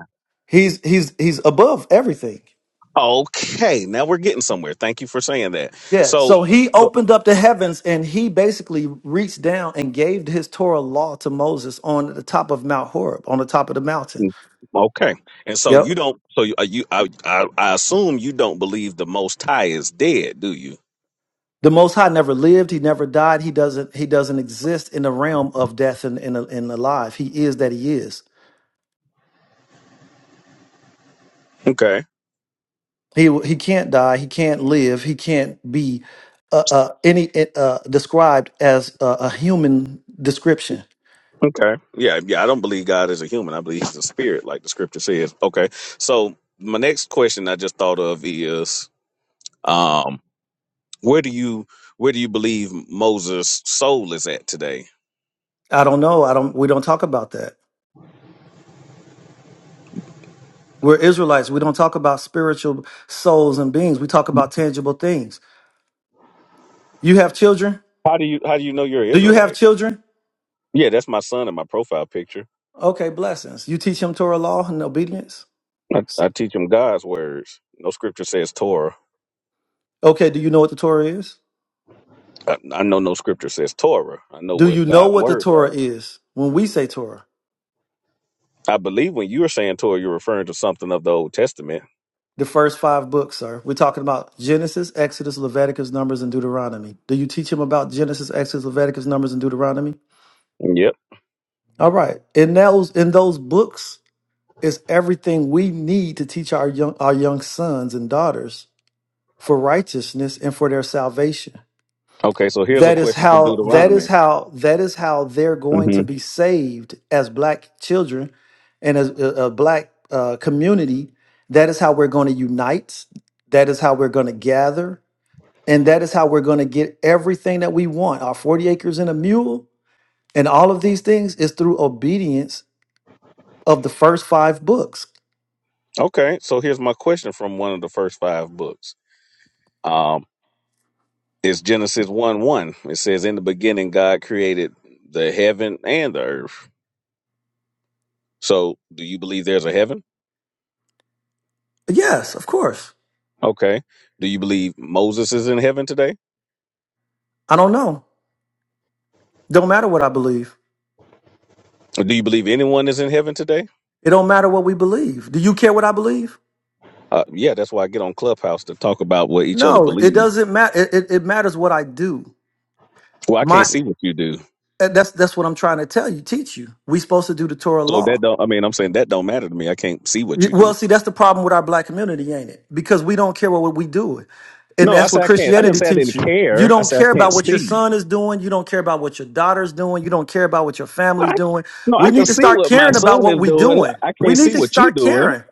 he's he's he's above everything.
Okay, now we're getting somewhere. Thank you for saying that.
Yeah.
So
So he
so-
opened up the heavens and he basically reached down and gave his Torah law to Moses on the top of Mount Horeb, on the top of the mountain.
mm, okay. And so
Yep.
you don't so you, uh, you I, I I assume you don't believe the most high is dead, do you?
The Most High never lived. He never died. He doesn't. He doesn't exist in the realm of death and and, and alive. He is that He is.
Okay.
He he can't die. He can't live. He can't be uh, uh, any uh, uh, described as a, a human description.
Okay. Yeah, yeah, I don't believe God is a human. I believe he's a spirit like the scripture says. Okay. So my next question I just thought of is Um, where do you where do you believe Moses' soul is at today?
I don't know. I don't. We don't talk about that. We're Israelites. We don't talk about spiritual souls and beings. We talk about tangible things. You have children.
How do you how do you know you're an
Do you have
Israelite?
children?
Yeah, that's my son in my profile picture.
Okay, blessings. You teach them Torah law and obedience.
I, I teach him God's words. No scripture says Torah.
Okay, do you know what the Torah is?
I, I know no scripture says Torah. I know
Do you
what
know
God's
what the
words
Torah
are.
is? When we say Torah,
I believe when you were saying Torah, you're referring to something of the Old Testament.
the first five books, sir. We're talking about Genesis, Exodus, Leviticus, Numbers, and Deuteronomy. Do you teach him about Genesis, Exodus, Leviticus, Numbers, and Deuteronomy?
Yep.
All right. In those in those books is everything we need to teach our young our young sons and daughters for righteousness and for their salvation.
Okay, so here's a
That is
question from
how that is
Deuteronomy.
how that is how they're going
hmm
to be saved as black children and as a, a black uh, community. That is how we're going to unite. That is how we're going to gather, and that is how we're going to get everything that we want. Our forty acres and a mule, and all of these things is through obedience of the first five books.
Okay, so here's my question from one of the first five books. Um. It's Genesis 1 1. It says, In the beginning, God created the heaven and the earth. So, do you believe there's a heaven?
Yes, of course.
Okay. Do you believe Moses is in heaven today?
I don't know. Don't matter what I believe.
Or do you believe anyone is in heaven today?
It don't matter what we believe. Do you care what I believe?
Uh, yeah, that's why I get on Clubhouse to talk about what each other
No, it
believe.
doesn't matter. It, it, it matters what I do.
Well, I can't
My
see what you do.
and that's that's what I'm trying to tell you, teach you. We supposed to do the Torah
So that
law.
don't, I mean, I'm saying that don't matter to me. I can't see what
Y-
you
Well,
do.
see, that's the problem with our black community, ain't it? Because we don't care what we do, and
No, I
that's what
said I can't. I didn't
Christianity
say I
teach
didn't
you. You
care. I
don't
said I
care
can't
about what your
see.
son is doing. You don't care about what your daughter's doing. You don't care about what your
I,
family's doing.
no, I
We
can
need to
see
start
what my
caring about
son
what
is
we
doing.
doing.
I
We
can't
need
see
to
what you
start
doing.
caring.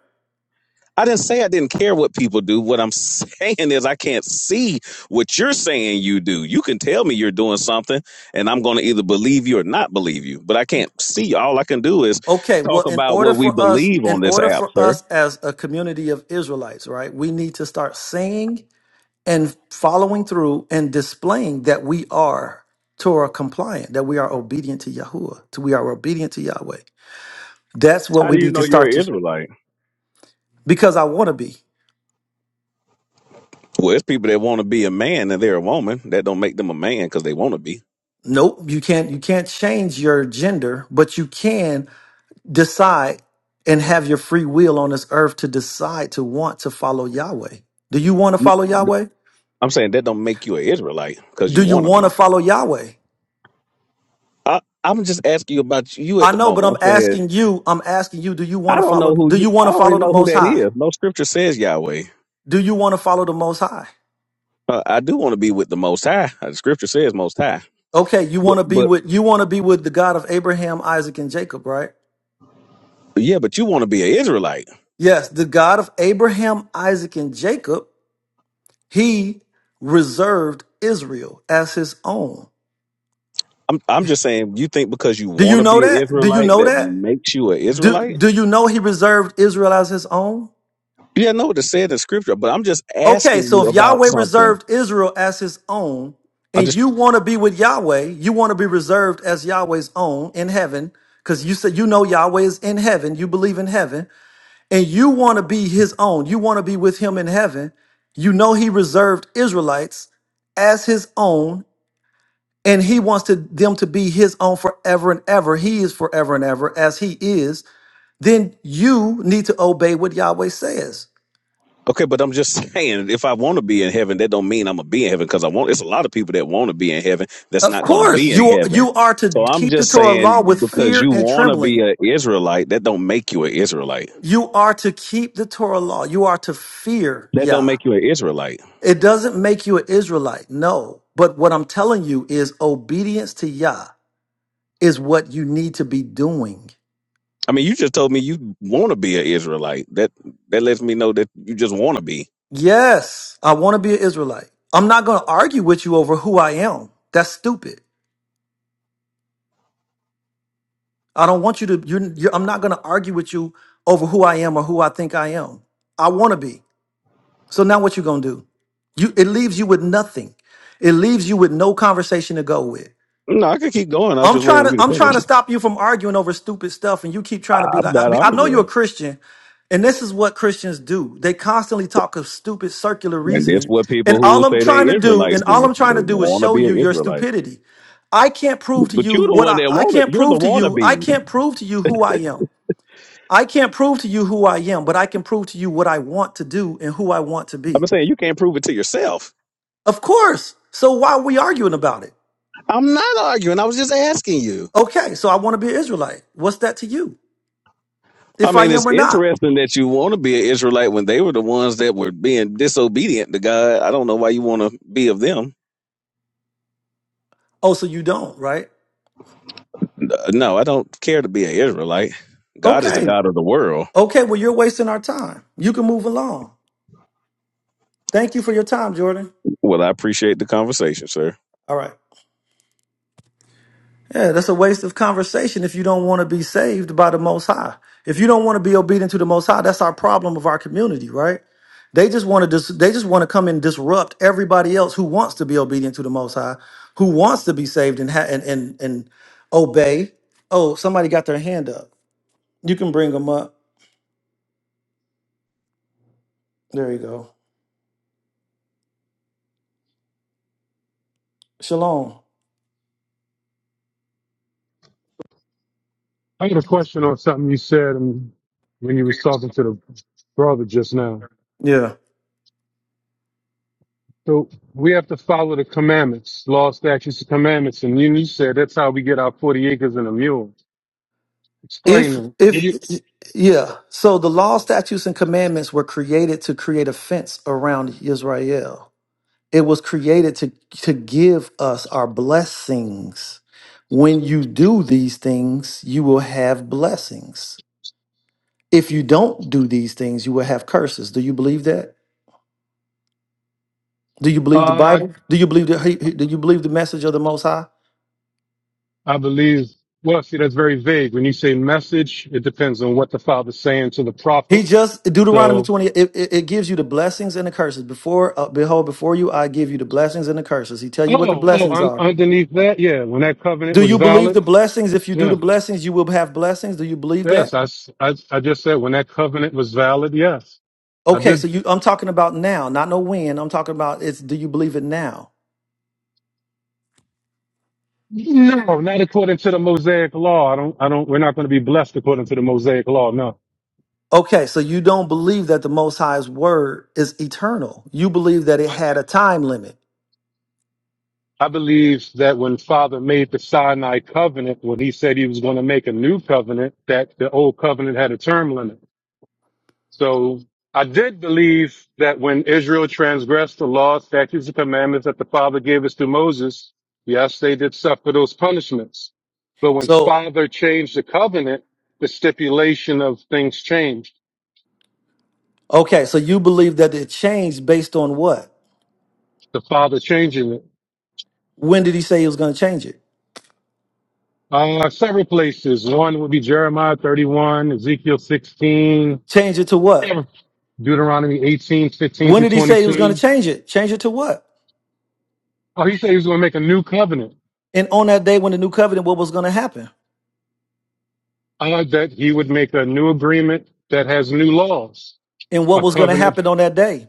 I didn't say I didn't care what people do. What I'm saying is I can't see what you're saying you do. You can tell me you're doing something and I'm going to either believe you or not believe you, but I can't see. All I can do is
Okay, well,
talk
in
about
order
what we
for us,
believe on
in
this
order
app,
for
sir.
us as a community of Israelites, right, we need to start singing and following through and displaying that we are Torah compliant, that we are obedient to Yahuwah, to we are obedient to Yahweh. That's what
How
we
do you
need to
know you're
start
an
to
Israelite?
because I want to be.
Well, it's people that want to be a man and they're a woman. That don't make them a man because they want to be.
Nope, you can't you can't change your gender, but you can decide and have your free will on this earth to decide to want to follow Yahweh. Do you want to
You-
follow Yahweh?
I'm saying that don't make you an Israelite because
Do
you
you
want to
want to
be.
follow Yahweh?
I, I'm just asking you about you
I
at the
know, but
moment.
I'm
I'm saying.
asking you, I'm asking you, do you want
I
to
don't
follow
know who
do
you.
you want
I
to
don't
follow
even
the
know who
most
that
high?
is. No scripture says Yahweh.
Do you want to follow the most high?
Uh, I do want to be with the Most High. Uh, The scripture says Most High.
Okay, you
But
want to be
but
with you want to be with the God of Abraham, Isaac, and Jacob, right?
yeah, but you want to be an Israelite.
Yes, the God of Abraham, Isaac, and Jacob, he reserved Israel as his own.
I'm I'm just saying. You think because you
Do you
want to
know
be an
that? Do you
Israelite
know
that
that?
makes you an
Do,
Israelite?
do you know he reserved Israel as his own?
Yeah, I know what it said in scripture, but I'm just
Okay,
asking
so
you
if
about
Yahweh
something.
reserved Israel as his own,
I'm
and
just
you want to be with Yahweh, you want to be reserved as Yahweh's own in heaven, because you said you know Yahweh is in heaven, you believe in heaven. and you want to be his own, you want to be with him in heaven, you know he reserved Israelites as his own, and he wants to, them to be his own forever and ever. He is forever and ever as he is. Then you need to obey what Yahweh says.
Okay, but I'm just saying, if I want to be in heaven, that don't mean I'm gonna be in heaven because I want. It's a lot of people that want to be in heaven that's
Of
not going to
course,
be in
you are,
heaven.
you are to
So I'm
keep the
just
Torah law
saying,
with
because
fear
you
and
want to be
trembling.
an Israelite, that don't make you an Israelite.
You are to keep the Torah law. You are to fear
That don't
Yah.
make you an Israelite.
It doesn't make you an Israelite, no. But what I'm telling you is obedience to Yah is what you need to be doing.
I mean, you just told me you want to be an Israelite. That that lets me know that you just want to be.
Yes, I want to be an Israelite. I'm not going to argue with you over who I am. That's stupid. I don't want you to. You're, you're, I'm not going to argue with you over who I am or who I think I am. I want to be. So now what you going to do? You it leaves you with nothing. It leaves you with no conversation to go with.
No, I could keep going. I'll
I'm
just wait
trying
on
to
you to
I'm trying
finish.
to stop you from arguing over stupid stuff, and you keep trying to be
I'm
like I,
not
be- I know you're a
arguing,
Christian, and this is what Christians do. They constantly talk of stupid circular
and that's
reasoning,
what
and
people who
all I'm
say
trying
they
to do,
Israelites
and all
do.
I'm trying
They
to do is
want to
show
be
you
an
your
Israelite,
stupidity. I can't prove to
but
you
you're the
what
one
I,
that
I
want to.
can't
You're
prove
the
to you. I
wannabe.
can't prove to you who I am. I can't prove to you who I am, but I can prove to you what I want to do and who I want to be.
I'm saying you can't prove it to yourself.
Of course. So why are we arguing about it?
I'm not arguing. I was just asking you.
Okay, so I want to be an Israelite. What's that to you?
I
If I
mean, it's
am or not?
interesting that you want to be an Israelite when they were the ones that were being disobedient to God. I don't know why you want to be of them.
Oh, so you don't, right?
No, I don't care to be an Israelite. God is the
Okay.
God of the world.
Okay. Well, you're wasting our time. You can move along. Thank you for your time, Jordan.
Well, I appreciate the conversation, sir.
All right. Yeah, that's a waste of conversation if you don't want to be saved by the Most High. If you don't want to be obedient to the Most High, that's our problem of our community, right? They just want to dis- they just want to come and disrupt everybody else who wants to be obedient to the Most High, who wants to be saved and ha- and and and obey. Oh, somebody got their hand up. You can bring them up. There you go. Shalom.
I got a question on something you said um, when you was talking to the brother just now. So we have to follow the commandments, law, statutes, and commandments, and you, you said that's how we get our forty acres and a mule. Explain
If
that. Will
if
you-
yeah, so the law, statutes, and commandments were created to create a fence around Israel. It was created to to give us our blessings. When you do these things, you will have blessings. If you don't do these things, you will have curses. Do you believe that? Do you believe the
Uh,
Bible? Do you believe the Do you believe the message of the Most High?
I believe. Well, see, that's very vague. When you say message, it depends on what the father's saying to the
He
prophet.
just Deuteronomy
So,
twenty. It, it, it gives you the blessings and the curses. Before uh, behold, before you, I give you the blessings and the curses. He tell you what the
oh, oh,
blessings
un-
are.
underneath that, yeah, when that covenant
Do
was
you believe
valid,
the blessings? If you do the
yeah,
blessings, you will have blessings. Do you believe that?
yes, I, s- I, I just said when that covenant was valid, yes, I
Okay,
did
so you. I'm talking about now, not no when. I'm talking about it's. Do you believe it now?
No, not according to the Mosaic law. I don't. I don't. We're not going to be blessed according to the Mosaic law. No.
Okay, so you don't believe that the Most High's word is eternal. You believe that it had a time limit.
I believe that when Father made the Sinai covenant, when he said he was going to make a new covenant, that the old covenant had a term limit. So I did believe that when Israel transgressed the law, statutes, and commandments that the Father gave us through Moses, yes, they did suffer those punishments. But when
So
Father changed the covenant, the stipulation of things changed.
okay, so you believe that it changed based on what?
The Father changing it.
When did he say he was going to change it?
Uh, several places. One would be Jeremiah 31, Ezekiel 16,
Change it to what?
Deuteronomy 18, 15
When
through
did he say he was going to
22.
change it? Change it to what?
Oh, he said he was going to make a new covenant,
And on that day when the new covenant, what was going to happen?
uh, that he would make a new agreement that has new laws,
And what
a
was going to
covenant.
happen on that day?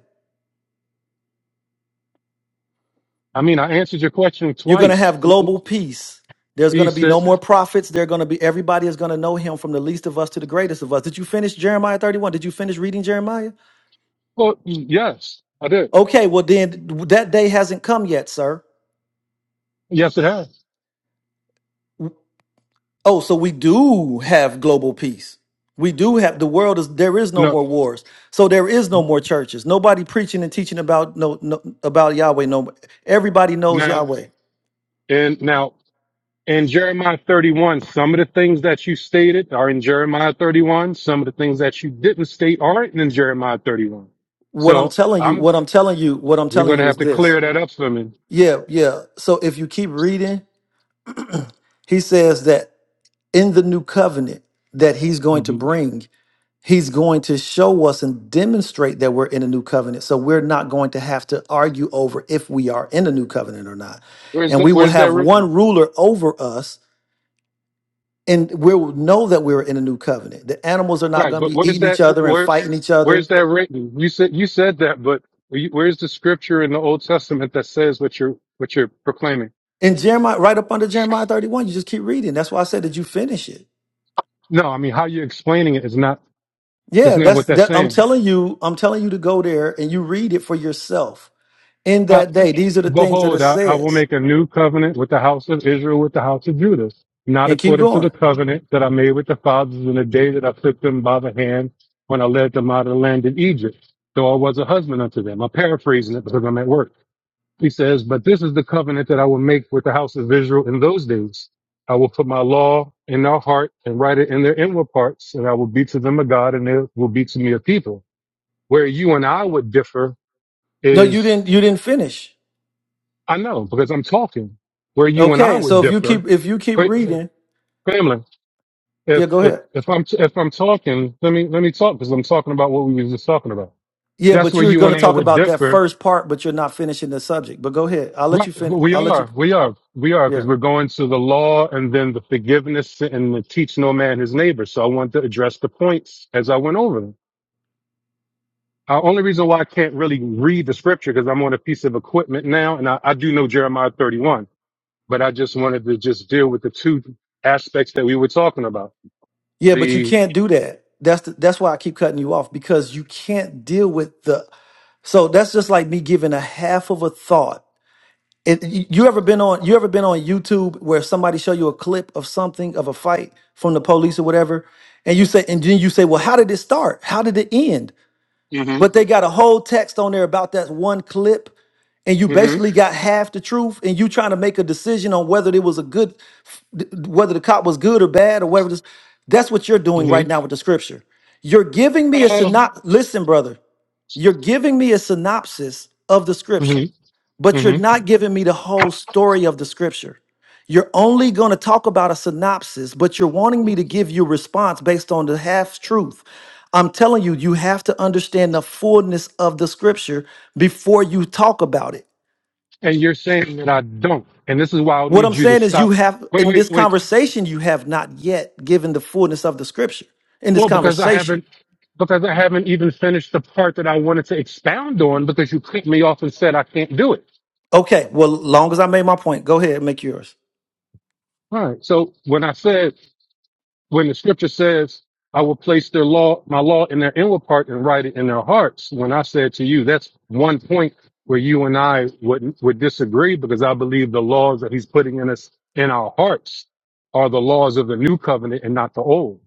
I mean, I answered your question
You're going to
twice.
have
He
global peace. There's going
he
to be
said,
no more prophets. They're going to be, everybody is going to know him from the least of us to the greatest of us. Did you finish Jeremiah 31? Did you finish reading Jeremiah?
well, yes, I did.
Okay, well, then that day hasn't come yet, sir.
Yes, it has.
Oh, so we do have global peace. We do have the world is there is no
No,
more wars. So there is no more churches. Nobody preaching and teaching about no, no about Yahweh. No everybody knows
now,
Yahweh.
and now in Jeremiah 31, some of the things that you stated are in Jeremiah 31. Some of the things that you didn't state aren't in Jeremiah 31.
What I'm
So
telling you,
I'm,
what I'm telling you, what I'm
we're
telling
going to
you
have
is
to
this.
clear that up for me.
Yeah, yeah. So if you keep reading, he says that in the new covenant that he's going to
Mhm.
bring He's going to show us and demonstrate that we're in a new covenant. So we're not going to have to argue over if we are in a new covenant or not.
Where's
And
that,
we will
where's that
have
written?
one ruler over us, and we'll know that we're in a new covenant. The animals are not
Right.
going to
But
be
where's
eating each
that,
other and
where's,
fighting each other.
where's that written? You said, you said that, but where's the scripture in the Old Testament that says what you're, what you're proclaiming?
And Jeremiah, right up under Jeremiah 31, you just keep reading. That's why I said, that you finish it?
No, I mean, how you're explaining it is not, is
Yeah,
not
that's
what that's
that. I'm
saying.
telling you, I'm telling you to go there and you read it for yourself. In
I,
that day, these are the things that it
Behold, I, I will
says.
make a new covenant with the house of Israel, with the house of Judah, not
And keep
according to
going.
the covenant that I made with the fathers in the day that I took them by the hand when I led them out of the land of Egypt, though I was a husband unto them. I'm paraphrasing it because I'm at work. He says, But this is the covenant that I will make with the house of Israel in those days. I will put my law in their heart and write it in their inward parts, and I will be to them a God, and they will be to me a people. Where you and I would differ
No, you
is
didn't. You didn't finish.
I know because I'm talking. Where you and I
Okay, so
would
if you
differ,
keep if you keep
Fa-
reading,
family. If
yeah, go
if
ahead.
if I'm if I'm talking, let me let me talk because I'm talking about what we was just talking about.
Yeah,
That's
but
where
you're
you
going to
and I
talk
would
about that
differ.
first part, but you're not finishing the subject. But go ahead. I'll let
Right?
you finish. I'll
We
let you.
are, we are, we are
Yeah,
because we're going to the law and then the forgiveness and the teach no man his neighbor. So I want to address the points as I went over them. The only reason why I can't really read the scripture because I'm on a piece of equipment now, and I, I do know Jeremiah 31. but I just wanted to just deal with the two aspects that we were talking about.
yeah, but you
The
can't do that. That's the, that's why I keep cutting you off because you can't deal with the. So that's just like me giving a half of a thought. It, you you ever been on you ever been on YouTube where somebody show you a clip of something of a fight from the police or whatever, and you say and then you say, well, how did it start? How did it end?
hmm
but they got a whole text on there about that one clip and you
hmm
basically got half the truth and you trying to make a decision on whether it was a good whether the cop was good or bad or whatever this that's what you're doing
hmm
right now with the scripture you're giving me a
hmm
synop listen brother you're giving me a synopsis of the scripture, but you're
hmm
not giving me the whole story of the scripture. You're only going to talk about a synopsis, but you're wanting me to give you response based on the half truth. I'm telling you, you have to understand the fullness of the scripture before you talk about it.
and you're saying that I don't, and this is why I'll
What
need
I'm
you to
saying is, you
stop.
have
Wait,
in
wait,
this
wait.
conversation, you have not yet given the fullness of the scripture in this
Well, because I
conversation.
haven't because I haven't even finished the part that I wanted to expound on because you cut me off and said I can't do it.
Okay, well, long as I made my point, go ahead and make yours.
All right. So when I said when the scripture says, I will place their law, my law in their inward part and write it in their hearts. When I said to you, that's one point where you and I would, would disagree because I believe the laws that he's putting in us in our hearts are the laws of the new covenant and not the old.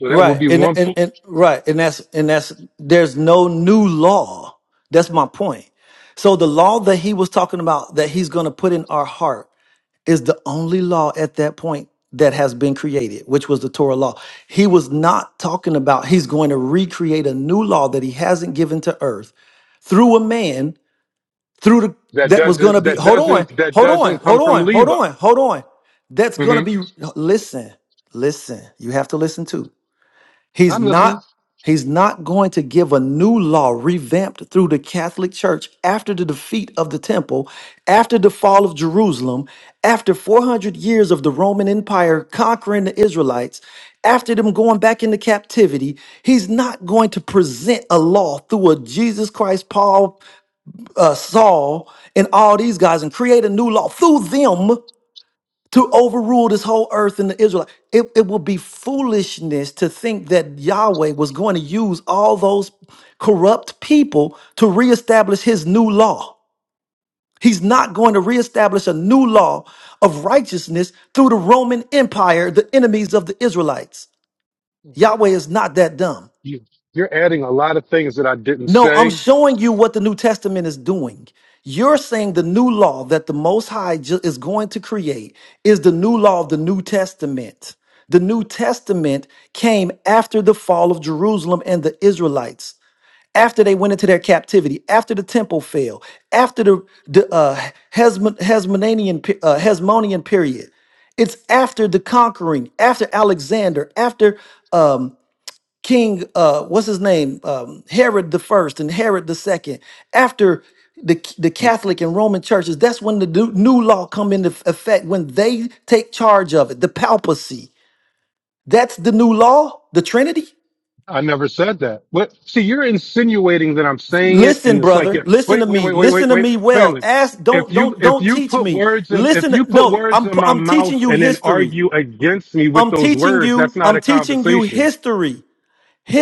So that would
Right.
be
And,
one
and
point
and right. And that's and that's there's no new law. That's my point. So the law that he was talking about that he's going to put in our heart is the only law at that point that has been created, which was the Torah law. He was not talking about he's going to recreate a new law that he hasn't given to earth through a man through the
that
that was going to
doesn't,
be
that
hold on.
doesn't, that
Hold on.
doesn't come
Hold
from
on. Hold
Levi.
on. Hold on. That's going to
hmm
be listen. Listen. You have to listen too He's
I'm listening.
not he's not going to give a new law revamped through the Catholic Church after the defeat of the temple, after the fall of Jerusalem, after 400 years of the Roman Empire conquering the Israelites, after them going back into captivity. He's not going to present a law through a Jesus Christ Paul uh, Saul and all these guys and create a new law through them to overrule this whole earth and the Israelites. It, it will be foolishness to think that Yahweh was going to use all those corrupt people to reestablish his new law. He's not going to reestablish a new law of righteousness through the Roman Empire, the enemies of the Israelites. Yahweh is not that dumb.
You, you're adding a lot of things that I didn't
No, I'm
say.
showing you what the New Testament is doing. You're saying the new law that the Most High ju- is going to create is the new law of the New Testament. The New Testament came after the fall of Jerusalem and the Israelites, after they went into their captivity, after the temple fell, after the, the uh, Hasmo- Hasmonean, pe- uh, Hasmonean period. It's after the conquering, after Alexander, after um, King, uh, what's his name? Um, Herod the first and Herod the second. After the the Catholic and Roman churches, that's when the new, new law come into f- effect when they take charge of it. The papacy. That's the new law. The Trinity.
I never said that. What? See, you're insinuating that I'm saying it,
Listen,
and it's like,
brother.
yeah,
Listen to
wait, wait,
me.
wait, wait,
Listen
wait,
to
wait,
me well.
family.
Ask. Don't
If you
don't
if
don't
you
teach
put
me.
words in if
Listen.
you
To,
put
no,
words
I'm
in my
I'm teaching
mouth
you
and then
history.
argue against me with
I'm
those
teaching
words,
you.
that's not
I'm
a
teaching you
conversation.
history.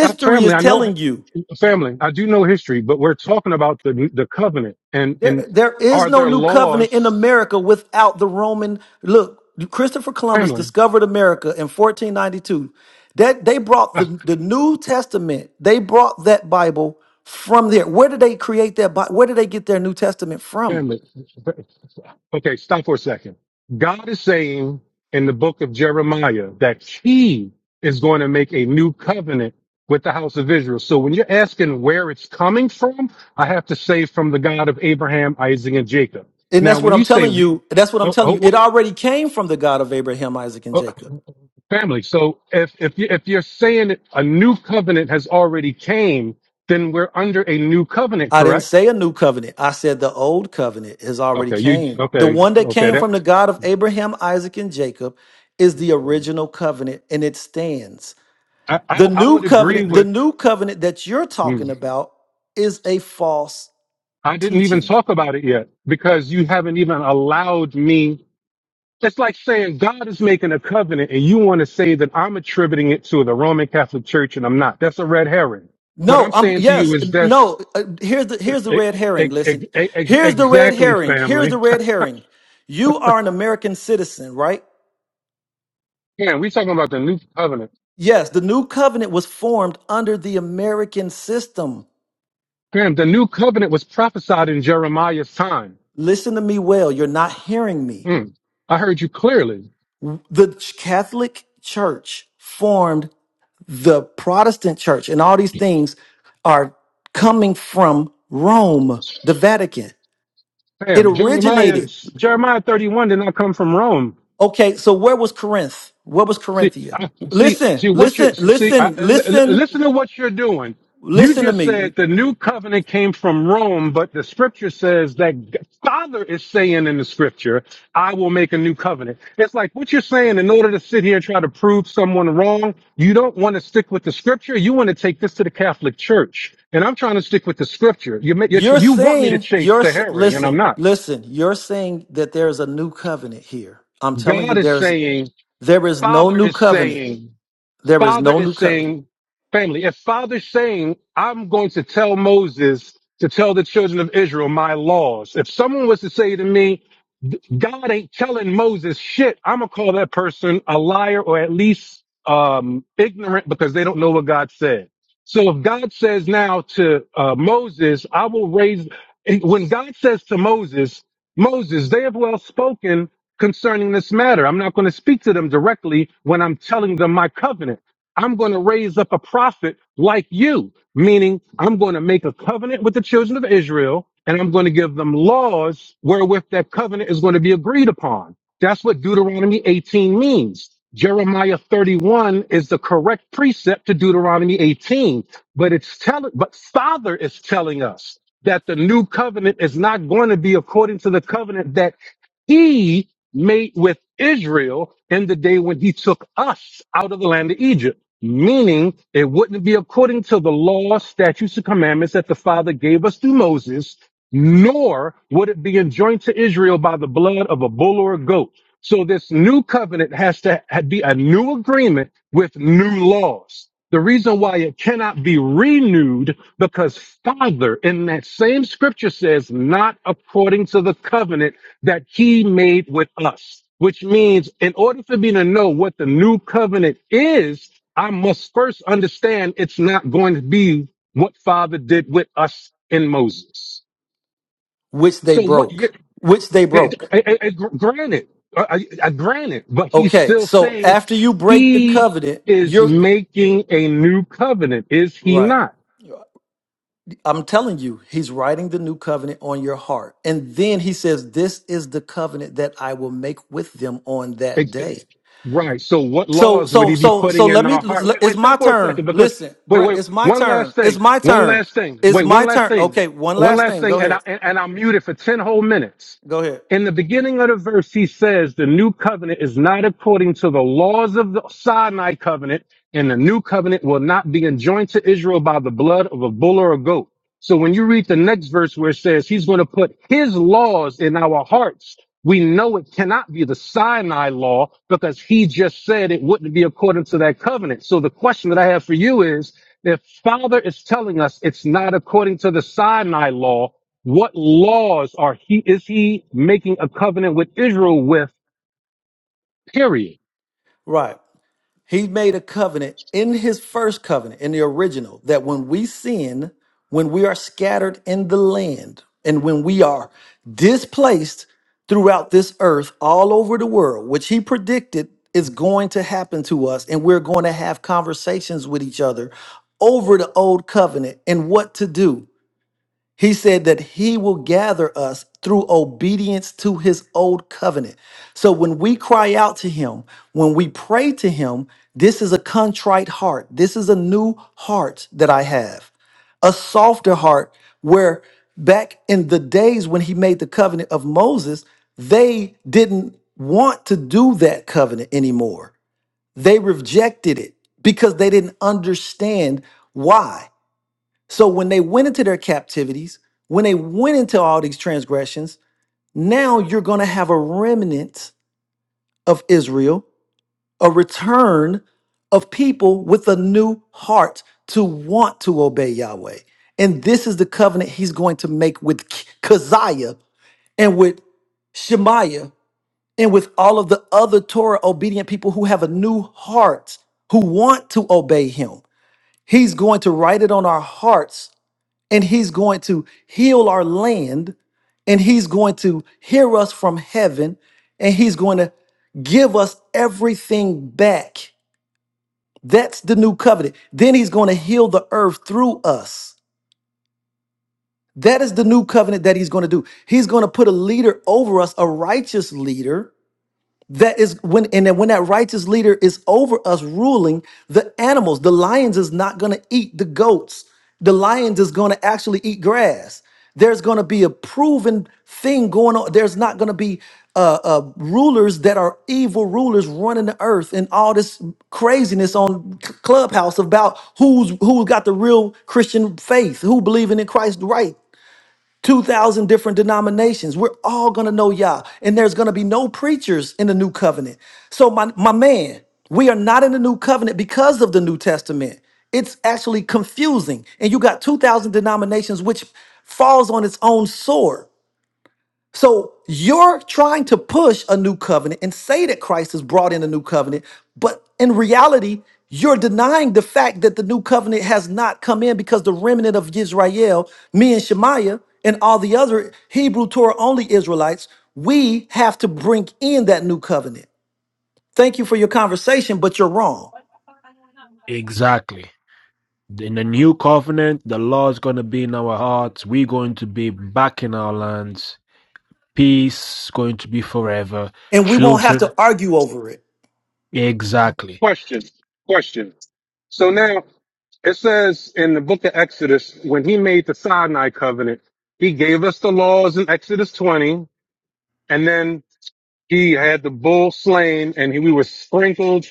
Uh, family,
is
I know
telling you.
family. I do know history, but we're talking about the the covenant and and
There, there is
are
no
there
new covenant in
laws,
America without the Roman. Look, Christopher Columbus
family,
discovered America in 1492. That they brought the, the New Testament. They brought that Bible from there. Where did they create that? Bi- Where did they get their New Testament from?
family. Okay, stop for a second. God is saying in the book of Jeremiah that he is going to make a new covenant with the house of Israel. So when you're asking where it's coming from, I have to say from the God of Abraham, Isaac, and Jacob.
And that's
Now,
what
when
I'm
you say,
telling you. That's what I'm
oh,
telling you.
oh, oh,
It already came from the God of Abraham, Isaac, and Jacob.
oh, family, so if, if, you, if you're saying a new covenant has already came, then we're under a new covenant,
I didn't
correct?
say a new covenant. I said the old covenant has already
Okay, you,
came. The
okay,
one that
okay,
came
that,
from the God of Abraham, Isaac, and Jacob is the original covenant and it stands.
I, I,
The
I
new
would agree
covenant, the
with.
new covenant that you're
hmm,
talking about is a false
I didn't even
teaching.
talk about it yet because you haven't even allowed me. It's like saying God is making a covenant and you want to say that I'm attributing it to the Roman Catholic Church and I'm not. That's a red herring. What
No,
I'm
I'm
saying to you
yes,
is that's
no. Uh, here's the here's the
e-
red
e-
herring.
e- e,
Listen,
ex-
here's the red
exactly
herring. Here's the
family.
red herring. You are an American citizen, right?
Man, we talking about the new covenant.
Yes, the new covenant was formed under the American system.
Man, the new covenant was prophesied in Jeremiah's time.
Listen to me well. You're not hearing me.
Mm. I heard you clearly.
The Ch- Catholic Church formed the Protestant Church, and all these things are coming from Rome, the Vatican. It
Damn, Jeremiah,
originated.
Jeremiah 31 did not come from Rome.
Okay, so where was Corinth? Where was
See,
Corinthia?
I- see,
Listen,
see what you
listen,
see. I,
listen,
l- l-
listen,
listen to what you're doing. You
listen to
just
me.
said the new covenant came from Rome, but the scripture says that G- Father is saying in the scripture, "I will make a new covenant." It's like what you're saying. In order to sit here and try to prove someone wrong, you don't want to stick with the scripture. You want to take this to the Catholic Church, and I'm trying to stick with the scripture. You make you
You're
you want me to
saying,
chase
you're
the
s-
hairy, and I'm
listen,
not.
listen. You're saying that there is a new covenant here. I'm telling you,
God is
there's
saying,
there is no
Father
new
is
covenant.
saying.
There is
Father
no
is
new covenant
saying, family, if Father's saying, I'm going to tell Moses to tell the children of Israel my laws, if someone was to say to me, God ain't telling Moses shit, I'm going to call that person a liar or at least um, ignorant because they don't know what God said. So if God says now to uh, Moses, I will raise, when God says to Moses, Moses, they have well spoken concerning this matter. I'm not going to speak to them directly when I'm telling them my covenant. I'm going to raise up a prophet like you, meaning I'm going to make a covenant with the children of Israel and I'm going to give them laws wherewith that covenant is going to be agreed upon. That's what Deuteronomy 18 means. Jeremiah 31 is the correct precept to Deuteronomy 18, but it's telling, but Father is telling us that the new covenant is not going to be according to the covenant that he made with Israel in the day when he took us out of the land of Egypt meaning it wouldn't be according to the law, statutes, and commandments that the Father gave us through Moses, nor would it be enjoined to Israel by the blood of a bull or a goat. So this new covenant has to be a new agreement with new laws. The reason why it cannot be renewed because Father in that same scripture says, not according to the covenant that he made with us, which means in order for me to know what the new covenant is, I must first understand it's not going to be what Father did with us in Moses.
which they
So what you,
broke, which they
eh,
broke.
eh, eh, eh, gr- granted, uh, uh, uh, granted, but he's
Okay,
still
so
saying
after you break the
he
covenant,
is
you're
making a new covenant, is he
right.
not?
I'm telling you, he's writing the new covenant on your heart. And then he says, This is the covenant that I will make with them on that day.
Right. So what
So,
laws would
so,
he be
so, so
putting
let
in
me,
our heart? Wait,
it's
wait, stay
my
for a second
turn.
because
Listen,
wait,
Brent,
wait,
it's my
one
turn.
last
It's
thing.
my
One
turn.
last thing.
It's
Wait,
my
one last
turn.
thing.
Okay, one
One
last
last
thing.
thing.
Go
And I
ahead.
and, and I'll mute it for 10 whole minutes.
Go ahead.
In the beginning of the verse, he says the new covenant is not according to the laws of the Sinai covenant, and the new covenant will not be enjoined to Israel by the blood of a bull or a goat. So when you read the next verse where it says he's going to put his laws in our hearts we know it cannot be the Sinai law because he just said it wouldn't be according to that covenant. So the question that I have for you is, if Father is telling us it's not according to the Sinai law, what laws are he, is he making a covenant with Israel with, period?
Right. He made a covenant in his first covenant, in the original, that when we sin, when we are scattered in the land, and when we are displaced throughout this earth, all over the world, which he predicted is going to happen to us, and we're going to have conversations with each other over the old covenant and what to do. He said that he will gather us through obedience to his old covenant. So when we cry out to him, when we pray to him, this is a contrite heart. This is a new heart that I have, a softer heart where back in the days when he made the covenant of Moses, they didn't want to do that covenant anymore. They rejected it because they didn't understand why. So when they went into their captivities, when they went into all these transgressions, now you're going to have a remnant of Israel, a return of people with a new heart to want to obey Yahweh. And this is the covenant he's going to make with K- Keziah and with Shemaiah and with all of the other Torah obedient people who have a new heart, who want to obey him. He's going to write it on our hearts and he's going to heal our land and he's going to hear us from heaven and he's going to give us everything back that's the new covenant then he's going to heal the earth through us that is the new covenant that he's going to do he's going to put a leader over us a righteous leader that is when and then when that righteous leader is over us ruling the animals the lions is not going to eat the goats the lions is going to actually eat grass there's going to be a proven thing going on there's not going to be uh, uh rulers that are evil rulers running the earth and all this craziness on C- clubhouse about who's who's got the real christian faith who believing in christ right 2,000 different denominations. We're all going to know Yah, and there's going to be no preachers in the new covenant. So, my, my man, we are not in the new covenant because of the New Testament. It's actually confusing. And you got 2,000 denominations, which falls on its own sword. So you're trying to push a new covenant and say that Christ has brought in a new covenant, but in reality, you're denying the fact that the new covenant has not come in because the remnant of Israel, me and Shemaiah, and all the other Hebrew Torah only Israelites, we have to bring in that new covenant. Thank you for your conversation, but you're wrong.
Exactly. In the new covenant, the law is going to be in our hearts. We're going to be back in our lands. Peace going to be forever.
And we won't have
Children,
to argue over it.
exactly.
Question, question. So now it says in the book of Exodus, when he made the Sinai covenant, he gave us the laws in Exodus 20. And then He had the bull slain and he, we were sprinkled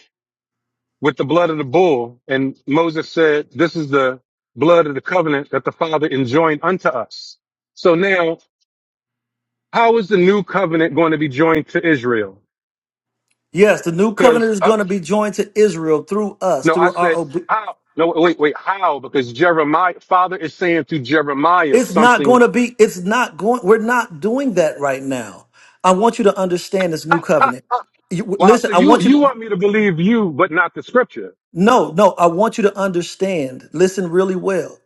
with the blood of the bull. And Moses said, this is the blood of the covenant that the father enjoined unto us. So now how is the new covenant going to be joined to Israel?
Yes, the new
Because
covenant is
uh,
going to be joined to Israel through us,
no, I
through our
said
obedience.
how? No, wait, wait, how? Because Jeremiah, father is saying to Jeremiah
It's not going
something.
to be, it's not going, we're not doing that right now. I want you to understand this new covenant. You-
Wow.
listen,
So
I
you,
want you
you
to,
want me to believe you, but not the scripture.
no, no, I want you to understand, listen really well.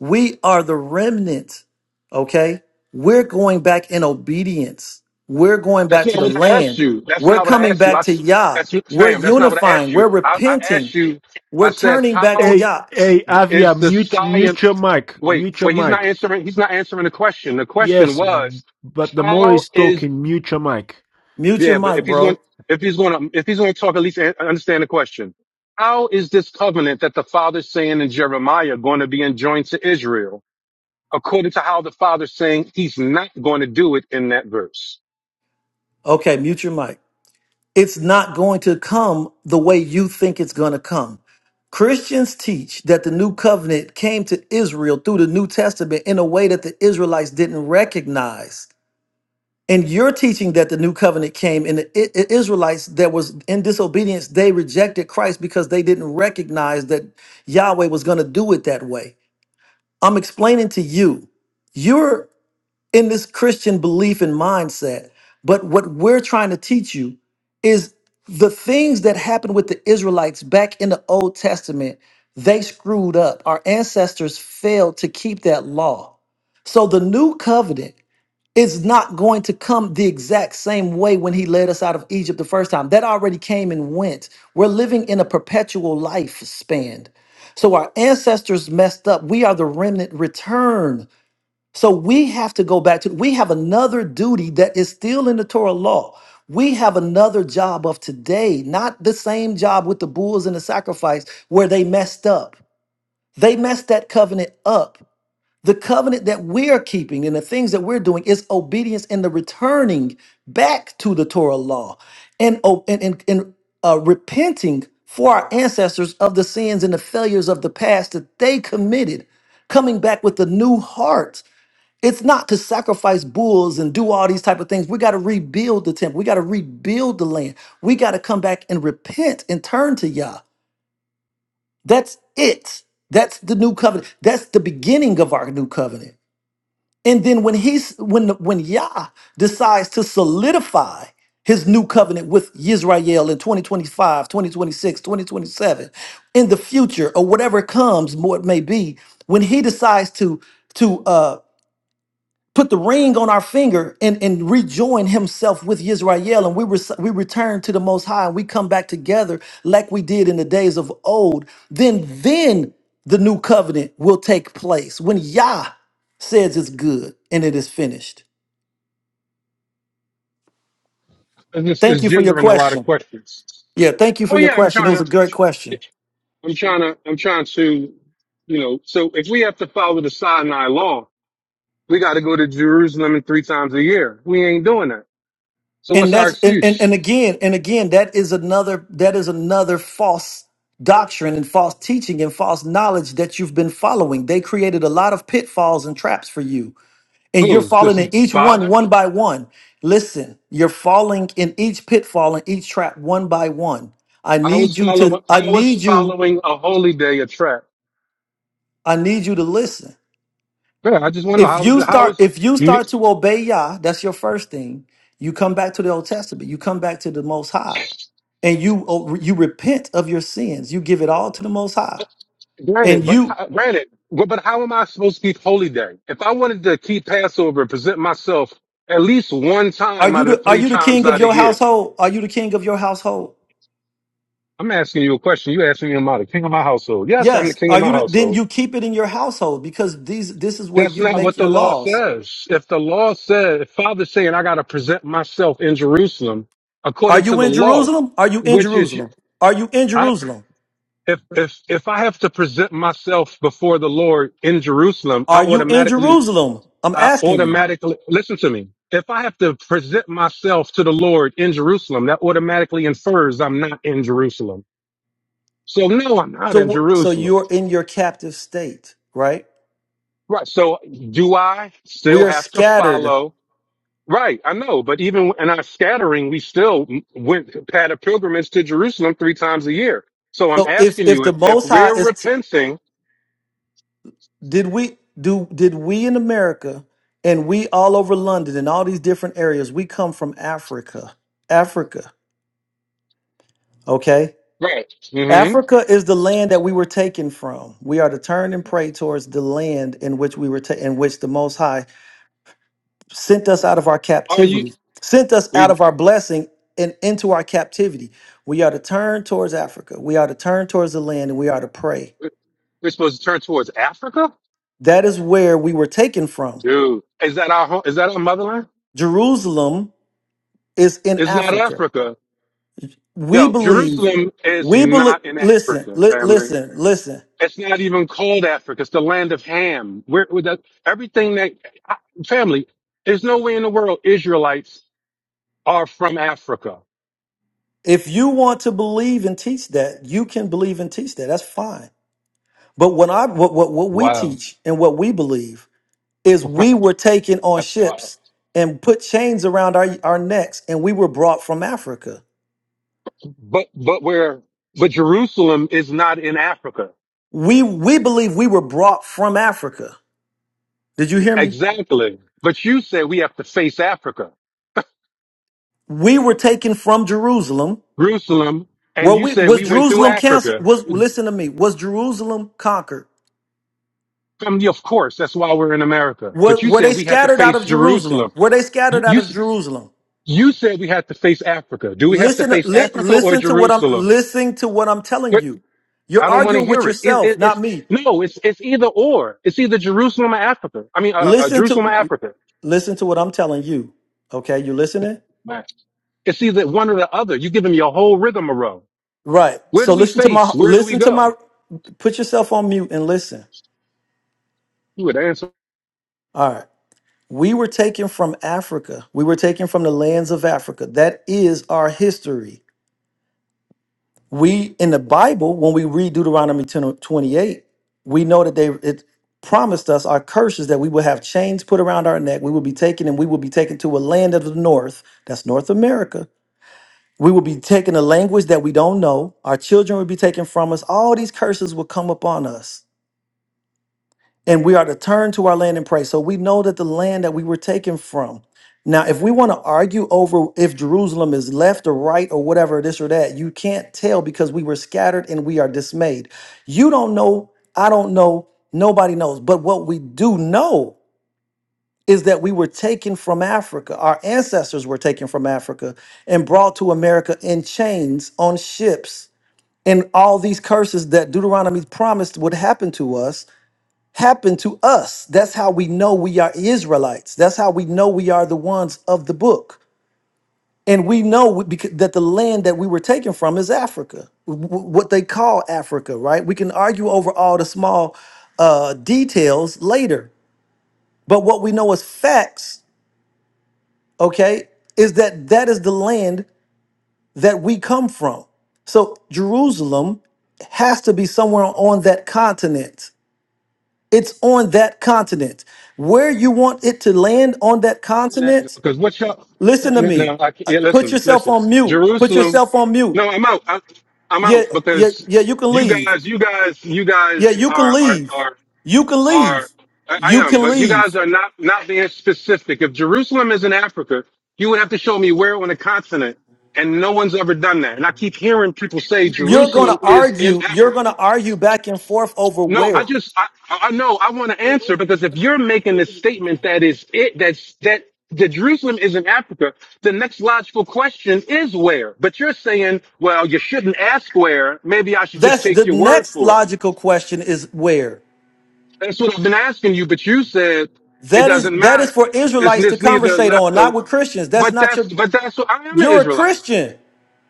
We are the remnant, okay? We're going back in obedience. We're going
That's
back
not
to the
what I asked
land.
you. That's
We're
not what I
coming
asked you. I
back to
s-
Yah.
that's
We're
fam. That's not what I asked
unifying.
you.
We're
I, I asked
repenting.
you. I
We're
said,
turning back to
how
Hey,
Yah.
hey,
Th-
Avia,
is the
mute,
science?
mute your mic,
Wait,
mute your
wait. He's not
mic.
answering. He's not answering the question. The question
Yes,
was,
but the more
how
he's
is?
talking, mute your mic.
Mute your
Yeah, but
mic,
if he's going,
bro.
if he's going to, if he's going to talk, at least an- understand the question. How is this covenant that the father's saying in Jeremiah going to be enjoined to Israel, according to how the father's saying he's not going to do it in that verse?
Okay, mute your mic. it's not going to come the way you think it's going to come. Christians teach that the new covenant came to Israel through the New Testament in a way that the Israelites didn't recognize. And you're teaching that the new covenant came and the I- I- Israelites that was in disobedience, they rejected Christ because they didn't recognize that Yahweh was going to do it that way. I'm explaining to you in this Christian belief and mindset. But what we're trying to teach you is the things that happened with the Israelites back in the Old Testament, they screwed up. Our ancestors failed to keep that law. So the new covenant is not going to come the exact same way when he led us out of Egypt the first time. That already came and went. We're living in a perpetual lifespan. So our ancestors messed up. We are the remnant return so we have to go back to, we have another duty that is still in the Torah law. We have another job of today, not the same job with the bulls and the sacrifice where they messed up. They messed that covenant up. The covenant that we're keeping and the things that we're doing is obedience and the returning back to the Torah law and, o- and, and, and uh, repenting for our ancestors of the sins and the failures of the past that they committed coming back with a new heart it's not to sacrifice bulls and do all these type of things. We got to rebuild the temple. We got to rebuild the land. We got to come back and repent and turn to Yah. That's it. That's the new covenant. That's the beginning of our new covenant. And then when he's when when Yah decides to solidify his new covenant with Israel in 2025, 2026, 2027, in the future or whatever comes, more it may be, when he decides to to uh, put the ring on our finger and, and rejoin himself with Yisrael. And we, res- we return to the Most High and we come back together like we did in the days of old. Then, then the new covenant will take place when Yah says it's good and it is finished.
And this
Thank
is
you for your
gendering a lot of
question.
questions.
Yeah, thank you for
Oh
your
yeah, I'm
question. It
trying
was
to.
a great question.
I'm trying to, I'm trying to, you know, so if we have to follow the Sinai law, we got to go to Jerusalem in three times a year. We ain't doing that. So
and
what's our
that's and, and
excuse?
and again and again that is another that is another false doctrine and false teaching and false knowledge that you've been following they created a lot of pitfalls and traps for you and you're
Who?
falling in
The
each one
Father?
one by one listen you're falling in each pitfall and each trap one by one i
I
need
was
you
following,
to i
I was
need you
following a holy day a trap.
i need you to listen
Yeah, I just want to know
If
how is
you
it, how
start
is,
if you
you-
start to obey Yah, that's your first thing. You come back to the Old Testament. You come back to the Most High, and you oh, you repent of your sins. You give it all to the Most High. And
granted, but
you
how- granted, but but how am I supposed to keep holy day? If I wanted to keep Passover and present myself at least one
are
time
you
out of
the
the
are
three
you the
times
king
out
of
of the
your
year,
household? Are you the king of your household?
I'm asking you a question. You asking me am I the king of my household? Yes, I'm the
Yes.
king of
Are
my
you the, then
household.
you keep it in your household because these this is where
That's
you
not
make
what the
your
law
laws.
says. If the law says, if Father's saying I got to present myself in Jerusalem
Are
according to
you
the
in
law,
Jerusalem? Are you in
which is,
Jerusalem? Are you in
I,
Jerusalem?
if if if I have to present myself before the Lord in Jerusalem, I
Are you in
automatically,
Jerusalem? I'm
I
asking you.
automatically listen to me. If I have to present myself to the Lord in Jerusalem, that automatically infers I'm not in Jerusalem. So no, I'm not in
So, so
Jerusalem.
you're in your captive state, right?
Right. So do I
We
still
are
have to
scattered.
follow? Right. I know. But even in our scattering, we still went had a pilgrimage to Jerusalem three times a year. So I'm
So, if
asking
if
you
the
if, if
Most High
we're
is, t-
repenting,
did we do? Did we in America and we all over London and all these different areas? We come from Africa. Africa, okay.
right? hmm
Africa is the land that we were taken from. We are to turn and pray towards the land in which we were, ta- in which the Most High sent us out of our
Are you,
captivity, sent us out
we,
of our blessing and into our captivity. We are to turn towards Africa. We are to turn towards the land and we are to pray.
we're supposed to turn towards Africa?
That is where we were taken from.
Dude, is that our home? Is that our motherland?
Jerusalem is in
It's not
Africa.
Africa.
We
Yo,
believe,
Jerusalem is
we believe,
not in
listen,
Africa,
li-
family.
listen, listen.
It's not even called Africa. It's the land of Ham. Where with that everything that I- family. There's no way in the world Israelites are from Africa.
If you want to believe and teach that, you can believe and teach that. That's fine. But when I what, what what we
Wow,
teach and what we believe is we
wow,
were taken on
that's wild.
ships and put chains around our, our necks and we were brought from Africa.
But but where but Jerusalem is not in Africa
We we believe we were brought from Africa. Did you hear me?
exactly. But you said we have to face Africa,
We were taken from Jerusalem.
Jerusalem, and
Were
you
we
said
was
we went through
Jerusalem canceled?
Africa.
Was listen to me. Was Jerusalem conquered?
From the, of course, that's why we're in America.
Were,
But you
were
said
they
we had to
scattered out
face
of Jerusalem?
Jerusalem.
Were they
You,
scattered out
you
of Jerusalem?
You said we have to face Africa. Do we have to
Listen
face
li,
Africa or
listen to what I'm
Jerusalem?
listening to what I'm telling
But
you. You're
I don't want to
arguing with
hear it. It,
yourself,
it.
not
It's
me.
no, it's it's either or. It's either Jerusalem or Africa. I mean, uh, uh,
Listen
Jerusalem or
to
Africa.
Listen to what I'm telling you. Okay, you listening?
Right. It's either one or the other. You give them your whole rhythm a row.
Right.
Where
So
do we
listen to my
face? Where do we
listen to my
go?
put yourself on mute and listen.
You would answer
All right. We were taken from Africa. We were taken from the lands of Africa. That is our history. We in the Bible, when we read Deuteronomy 10:28, we know that they it promised us our curses that we would have chains put around our neck. We would be taken and we would be taken to a land of the north. That's North America We will be taking a language that we don't know. Our children will be taken from us. All these curses will come upon us. And we are to turn to our land and pray. So we know that the land that we were taken from. Now, if we want to argue over if Jerusalem is left or right or whatever, this or that, you can't tell because we were scattered and we are dismayed. You don't know. I don't know. Nobody knows. But what we do know is that we were taken from Africa. Our ancestors were taken from Africa and brought to America in chains on ships. And all these curses that Deuteronomy promised would happen to us happened to us. That's how we know we are Israelites. That's how we know we are the ones of the book. And we know we- becau- that the land that we were taken from is Africa, w- w- what they call Africa, right? We can argue over all the small uh, details later. But what we know as facts okay, is that that is the land that we come from. So Jerusalem has to be somewhere on that continent. It's on that continent. Where you want it to land on that
that
continent,
because what y'all? No,
listen to me.
no, I can't.
Uh,
Yeah,
Put
listen,
yourself
listen.
on mute. Put
Jerusalem.
yourself on mute.
No, I'm out. I, I'm I'm
Yeah,
out
yeah,
because
yeah, you can
you
leave.
guys, you guys, you
Yeah,
guys
you can
are are
leave.
are
You can
are
leave.
I I
You
am,
can
but you
leave.
guys are not not being specific. If Jerusalem is in Africa, you would have to show me where on a continent, and no one's ever done that. And I keep hearing people say
You're going to
Jerusalem is in
argue. You're
Africa.
going to argue back and forth over
No, I
where.
just I I know I want to answer because if you're making this statement that is it that's that that Jerusalem is in Africa, the next logical question is where. But you're saying, well, you shouldn't ask where. Maybe I should just
That's
take
the
your word
next
for it.
logical question is where.
That's what I've been asking you, but you said it
That is
doesn't
that is
matter.
for
It's,
Israelites to
it's neither
conversate on,
left
not
or
with Christians. That's
but
not
that's
your
but that's what I am an
you're a
Israelite.
Christian.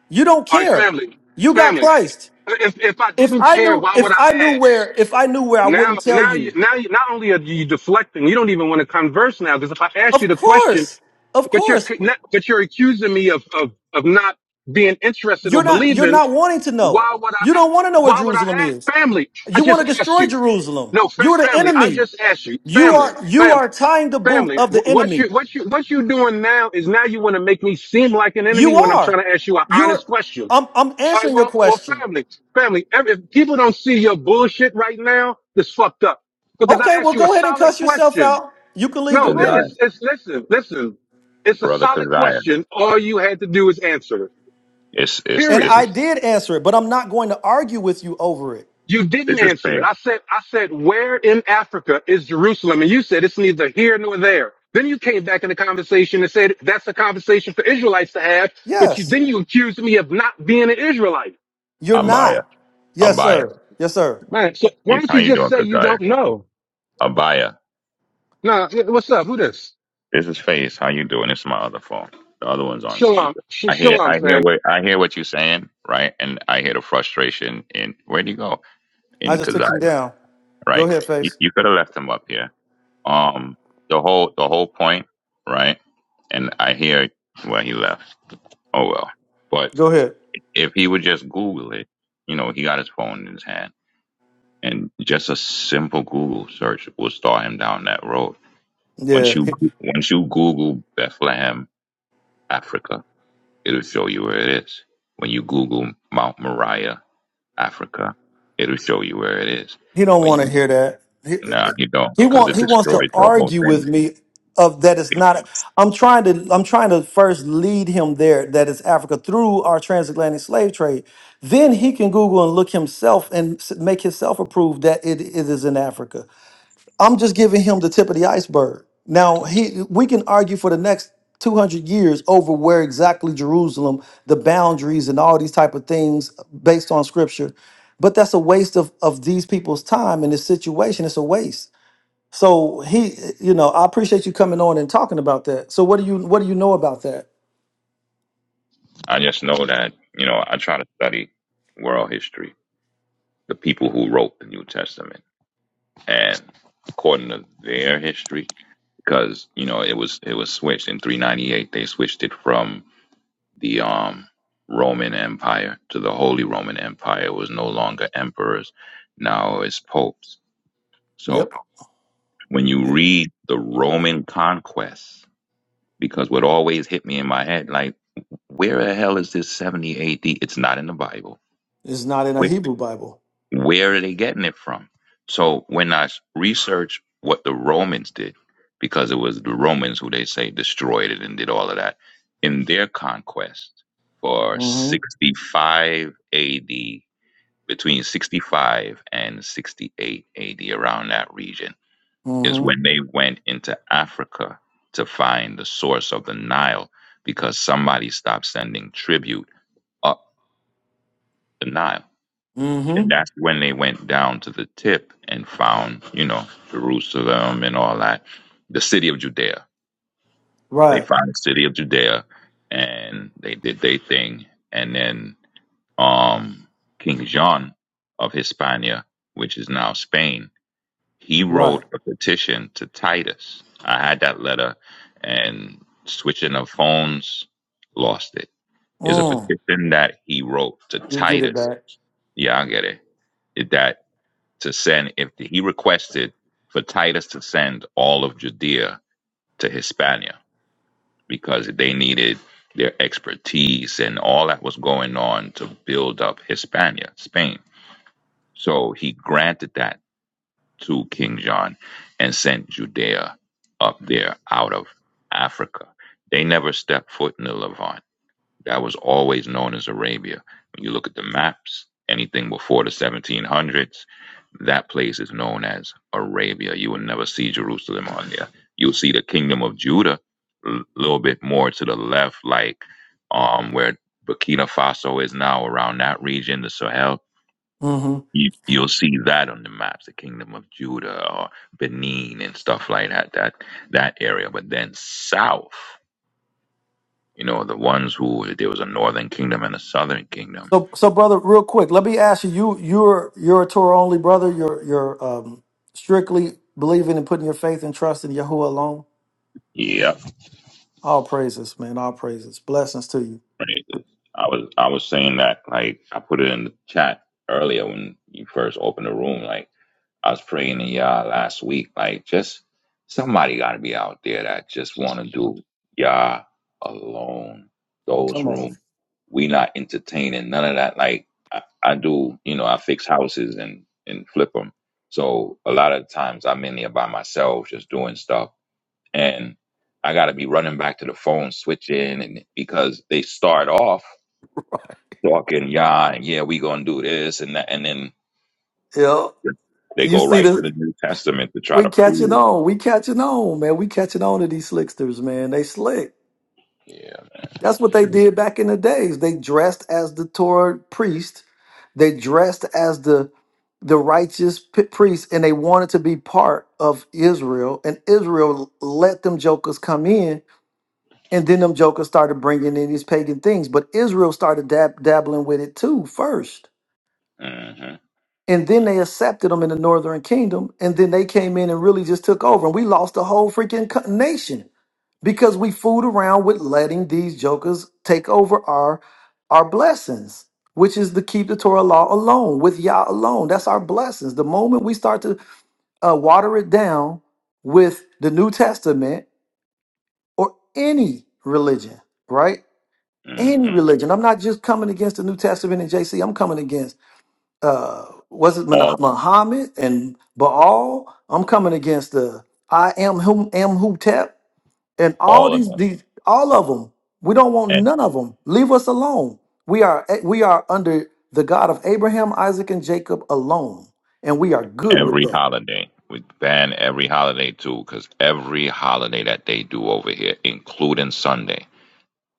You don't
All right,
care.
family,
You got
family.
Christ.
If if I
If
didn't
I
care,
knew
why would
if I
I
knew
ask?
where if I knew where I
Now
wouldn't tell
now you
you.
now you, not only are you deflecting, you don't even want to converse now because if I ask you
Of
the question,
course. Of
but you're
course.
con- not- but you're accusing me of of of not being interested
You're
or
not you're
believing.
not wanting to know.
Why would I?
You don't want to know where
Why would I
Jerusalem is.
ask family? I
You
just
want to
asked
destroy
you.
Jerusalem.
No, fa-
You're the
family. I
enemy.
just asked you,
You
family,
are you are
family,
tying the boot
family.
of the
wh- What
enemy.
you, what you, what you doing now is now you want to make me seem like an enemy
You
when I'm
are.
trying to ask you an
You're.
honest question.
I'm. I'm
All right,
answering your
well, well,
question.
family, family. Every, if people don't see your bullshit right now, it's fucked up because
Okay.
I
Well,
asked you a
go ahead and
solid
cuss yourself
question.
out. You can leave the
No, it,
Kaziah,
room.
it's, it's. Listen, listen. It's a
brother
solid
Kaziah.
question. All you had to do is answer it.
It's it's
And
Period.
this is
I did answer it, but I'm not going to argue with you over it.
You
this
didn't
is
answer
Faith.
it. I said, I said, where in Africa is Jerusalem? And you said it's neither here nor there. Then you came back in the conversation and said that's a conversation for Israelites to have. But you,
Yes.
then you accused me of not being an Israelite.
You're
Abaya.
not. Yes,
Abaya.
sir. Yes, sir.
Man, so
Hey,
why don't
How
you
you
just
doing,
say you
Kaziah?
don't know?
Abaya.
Nah, yeah, what's up? Who this?
This is Faith. How you doing? This is my other phone. The other one's on
Shalom,
speaker.
sh-
I hear
shalom,
I hear
fam.
what I hear what you're saying, right? And I hear the frustration in where'd you go?
I
In
just took him
Kaziah,
down. Go
right?
ahead,
You,
face.
you could have left him up here. Um the whole the whole point, right? And I hear well he left. Oh well. But
Go ahead.
if he would just Google it, you know, he got his phone in his hand and just a simple Google search will start him down that road. Once you
Yeah.
once you Google Bethlehem, Africa, it'll show you where it is. When you Google Mount Moriah, Africa, it'll show you where it is.
He don't
When
want to
you
hear that. He,
nah, you don't,
he
because
want
it
he wants to
destroys the whole
argue with
thing.
me of that it's not. I'm trying to I'm trying to first lead him there that it's Africa through our transatlantic slave trade. Then he can Google and look himself and s- make himself approve that it, it is in Africa. I'm just giving him the tip of the iceberg. Now he we can argue for the next 200 years over where exactly Jerusalem, the boundaries and all these type of things based on scripture. But that's a waste of of these people's time in this situation. It's a waste. So he you know, I appreciate you coming on and talking about that. So what do you what do you know about that?
I just know that you know I try to study world history, the people who wrote the New Testament, and according to their history, because you know it was it was switched in 398. They switched it from the um, Roman Empire to the Holy Roman Empire was no longer emperors, now it's popes.
Yep.
So when you read the Roman conquests, because what always hit me in my head, like, where the hell is this 70 AD? It's not in the Bible.
It's not in a Hebrew Bible.
where are they getting it from? So when I s- research what the Romans did, because it was the Romans who they say destroyed it and did all of that in their conquest for
mm Mhm.
65 AD, between 65 and 68 AD, around that region,
mm
is
Mhm.
when they went into Africa to find the source of the Nile because somebody stopped sending tribute up the Nile
mm
and
Mhm.
that's when they went down to the tip and found, you know, Jerusalem and all that, the city of Judea. They
Right.
found the city of Judea, and they did their thing. And then um, King John of Hispania, which is now Spain, he
Right.
wrote a petition to Titus. I had that letter, and switching of phones, lost it. Is a
Mm.
petition that he wrote to
You'll get it
Titus. Yeah, I get it. It- that. to send if he requested for Titus to send all of Judea to Hispania because they needed their expertise and all that was going on to build up Hispania, Spain. So he granted that to King John and sent Judea up there out of Africa. They never stepped foot in the Levant that was always known as Arabia. When you look at the maps, anything before the 1700s, that place is known as Arabia. You will never see Jerusalem on there. You'll see the kingdom of Judah a little bit more to the left, like um, where Burkina Faso is now around that region, the Sahel.
back.
You, you'll see that on the maps, the kingdom of Judah or Benin and stuff like that, that, that area. But then south, you know, the ones who there was a northern kingdom and a southern kingdom.
So, so brother, real quick, let me ask you: you you're you're a Torah only brother. You're you're um, strictly believing and putting your faith and trust in Yahuwah alone.
Yep.
All praises, man. All praises. Blessings to you.
Praises. I was I was saying that like I put it in the chat earlier when you first opened the room. Like I was praying to y'all last week. Like just somebody got to be out there that just want to do y'all alone. Those
Come on.
rooms. We not entertaining none of that. Like I, I do, you know, I fix houses and and flip them. So a lot of times I'm in there by myself, just doing stuff and I got to be running back to the phone, switching, and because they start off talking, yeah, and yeah, we gonna do this and that, and then
Yeah.
they
You
go
see
right to
this?
the New Testament to try
We
to
catching
prove.
on. We catching on, man. We catching on to these slicksters, man. They slick.
Yeah.
That's what they did back in the days. They dressed as the Torah priest. They dressed as the the righteous p- priests, and they wanted to be part of Israel. And Israel let them jokers come in, and then them jokers started bringing in these pagan things. But Israel started dab- dabbling with it too first
hmm
and then they accepted them in the northern kingdom and then they came in and really just took over and we lost the whole freaking co- nation because we fooled around with letting these jokers take over our our blessings which is to keep the torah law alone with yah alone that's our blessings the moment we start to uh, water it down with the new testament or any religion right any
hmm
religion i'm not just coming against the new testament and jc i'm coming against uh was it Mun-
All,
Muhammad and Baal? I'm coming against the I am whom am who tap and all
all of
these
them,
these all of them. We don't want
and
none of them. Leave us alone. We are eh, we are under the God of Abraham, Isaac, and Jacob alone, and we are good with
every
that.
holiday. We ban every holiday too, because every holiday that they do over here, including Sunday,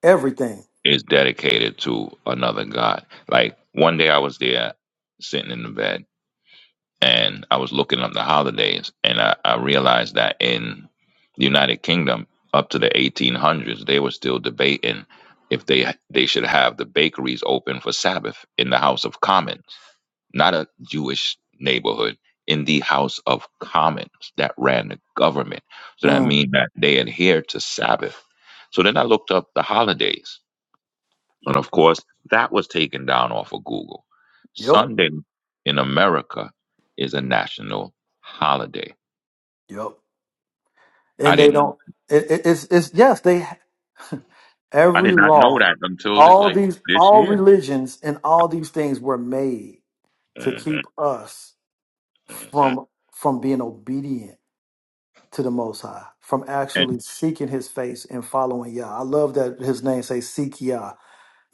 Everything.
is dedicated to another god. Like one day I was there, sitting in the bed. and I was looking up the holidays, and I, I realized that in the United Kingdom, up to the 1800s, they were still debating if they they should have the bakeries open for Sabbath in the House of Commons, not a Jewish neighborhood, in the House of Commons that ran the government. So that
Mm,
means that they adhered to Sabbath. So then I looked up the holidays and of course, that was taken down off of Google.
yep,
Sunday in America is a national holiday.
yep.
I
And they
didn't
don't. It, it, it's it's yes. They
I
every
did not know
law,
that until this,
all
like
these
this
all
year.
religions, and all these things were made. to
Mhm,
keep us
mhm.
from from being obedient to the most high from
And
actually seeking his face and following yah i love that his name says seek yah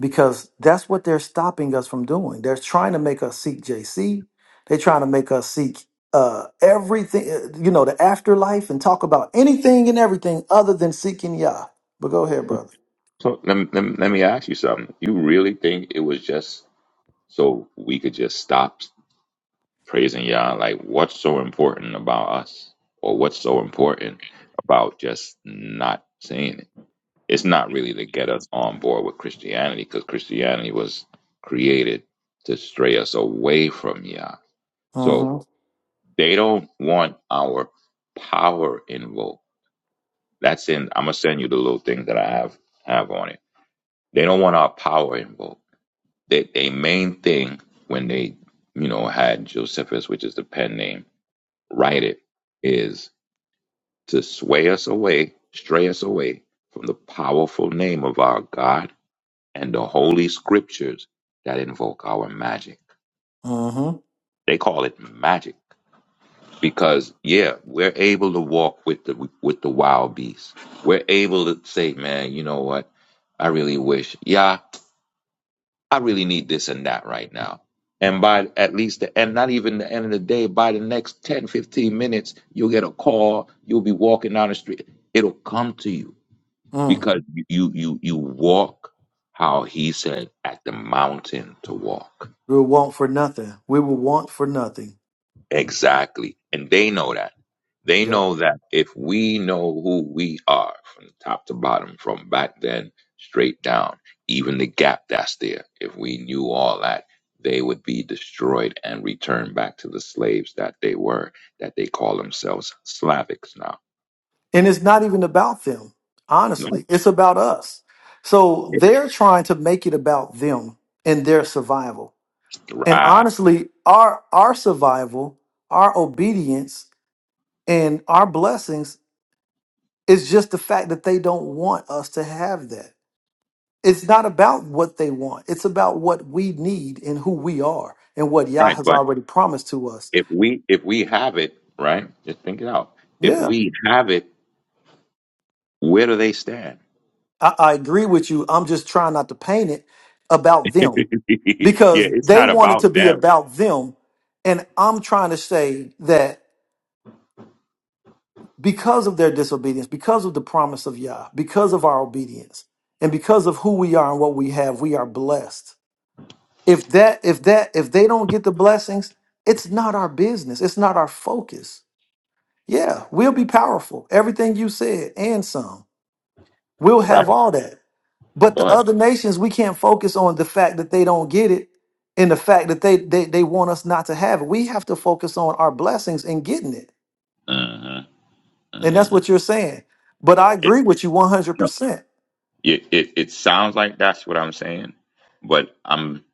because that's what they're stopping us from doing they're trying to make us seek jc they're trying to make us seek uh everything uh, you know the afterlife and talk about anything and everything other than seeking yah but go ahead brother
so let, me- let, me- let me ask you something. You really think it was just so we could just stop praising Yah? Like, what's so important about us? Or what's so important about just not saying it? It's not really to get us on board with Christianity because Christianity was created to stray us away from Yah. So
mm-hmm
they don't want our power invoked. That's in. I'm gonna send you the little thing that I have have on it. They don't want our power invoked. They they main thing when they you know had Josephus, which is the pen name, write it is to sway us away, stray us away from the powerful name of our God and the holy scriptures that invoke our magic.
mm-hmm
They call it magic because yeah, we're able to walk with the with the wild beasts. We're able to say, man, you know what? I really wish. Yeah, I really need this and that right now. And by at least the end, not even the end of the day, by the next 10, 15 minutes, you'll get a call. You'll be walking down the street. It'll come to you
mm.
because you you you walk how he said at the mountain to walk
we will want for nothing we will want for nothing
Exactly. And they know that. They
Yep.
know that if we know who we are from top to bottom, from back then straight down, even the gap that's there, if we knew all that, they would be destroyed and returned back to the slaves that they were, that they call themselves Slavics now.
And it's not even about them,
No.
honestly. It's about us. So they're trying to make it about them and their survival. And
Right.
honestly, our our survival, our obedience, and our blessings is just the fact that they don't want us to have that. It's not about what they want. It's about what we need and who we are and what Yah
Right.
has
But
already promised to us.
if we if we have it, right, just think it out. If
Yeah,
we have it, where do they stand?
I, I agree with you. I'm just trying not to paint it about
yeah,
them because
it's
they
not
want it
about
to be
them.
about them. And I'm trying to say that because of their disobedience, because of the promise of Yah, because of our obedience, and because of who we are and what we have, we are blessed. If that, if that, if they don't get the blessings, it's not our business. It's not our focus. Yeah, we'll be powerful. Everything you said and some. We'll
right.
have all that. But the
But
other nations, we can't focus on the fact that they don't get it and the fact that they they, they want us not to have it. We have to focus on our blessings and getting it.
uh
And that's
uh
what you're saying. But I agree
it's
with you
no,
100%.
it, it it sounds like that's what I'm saying. But I'm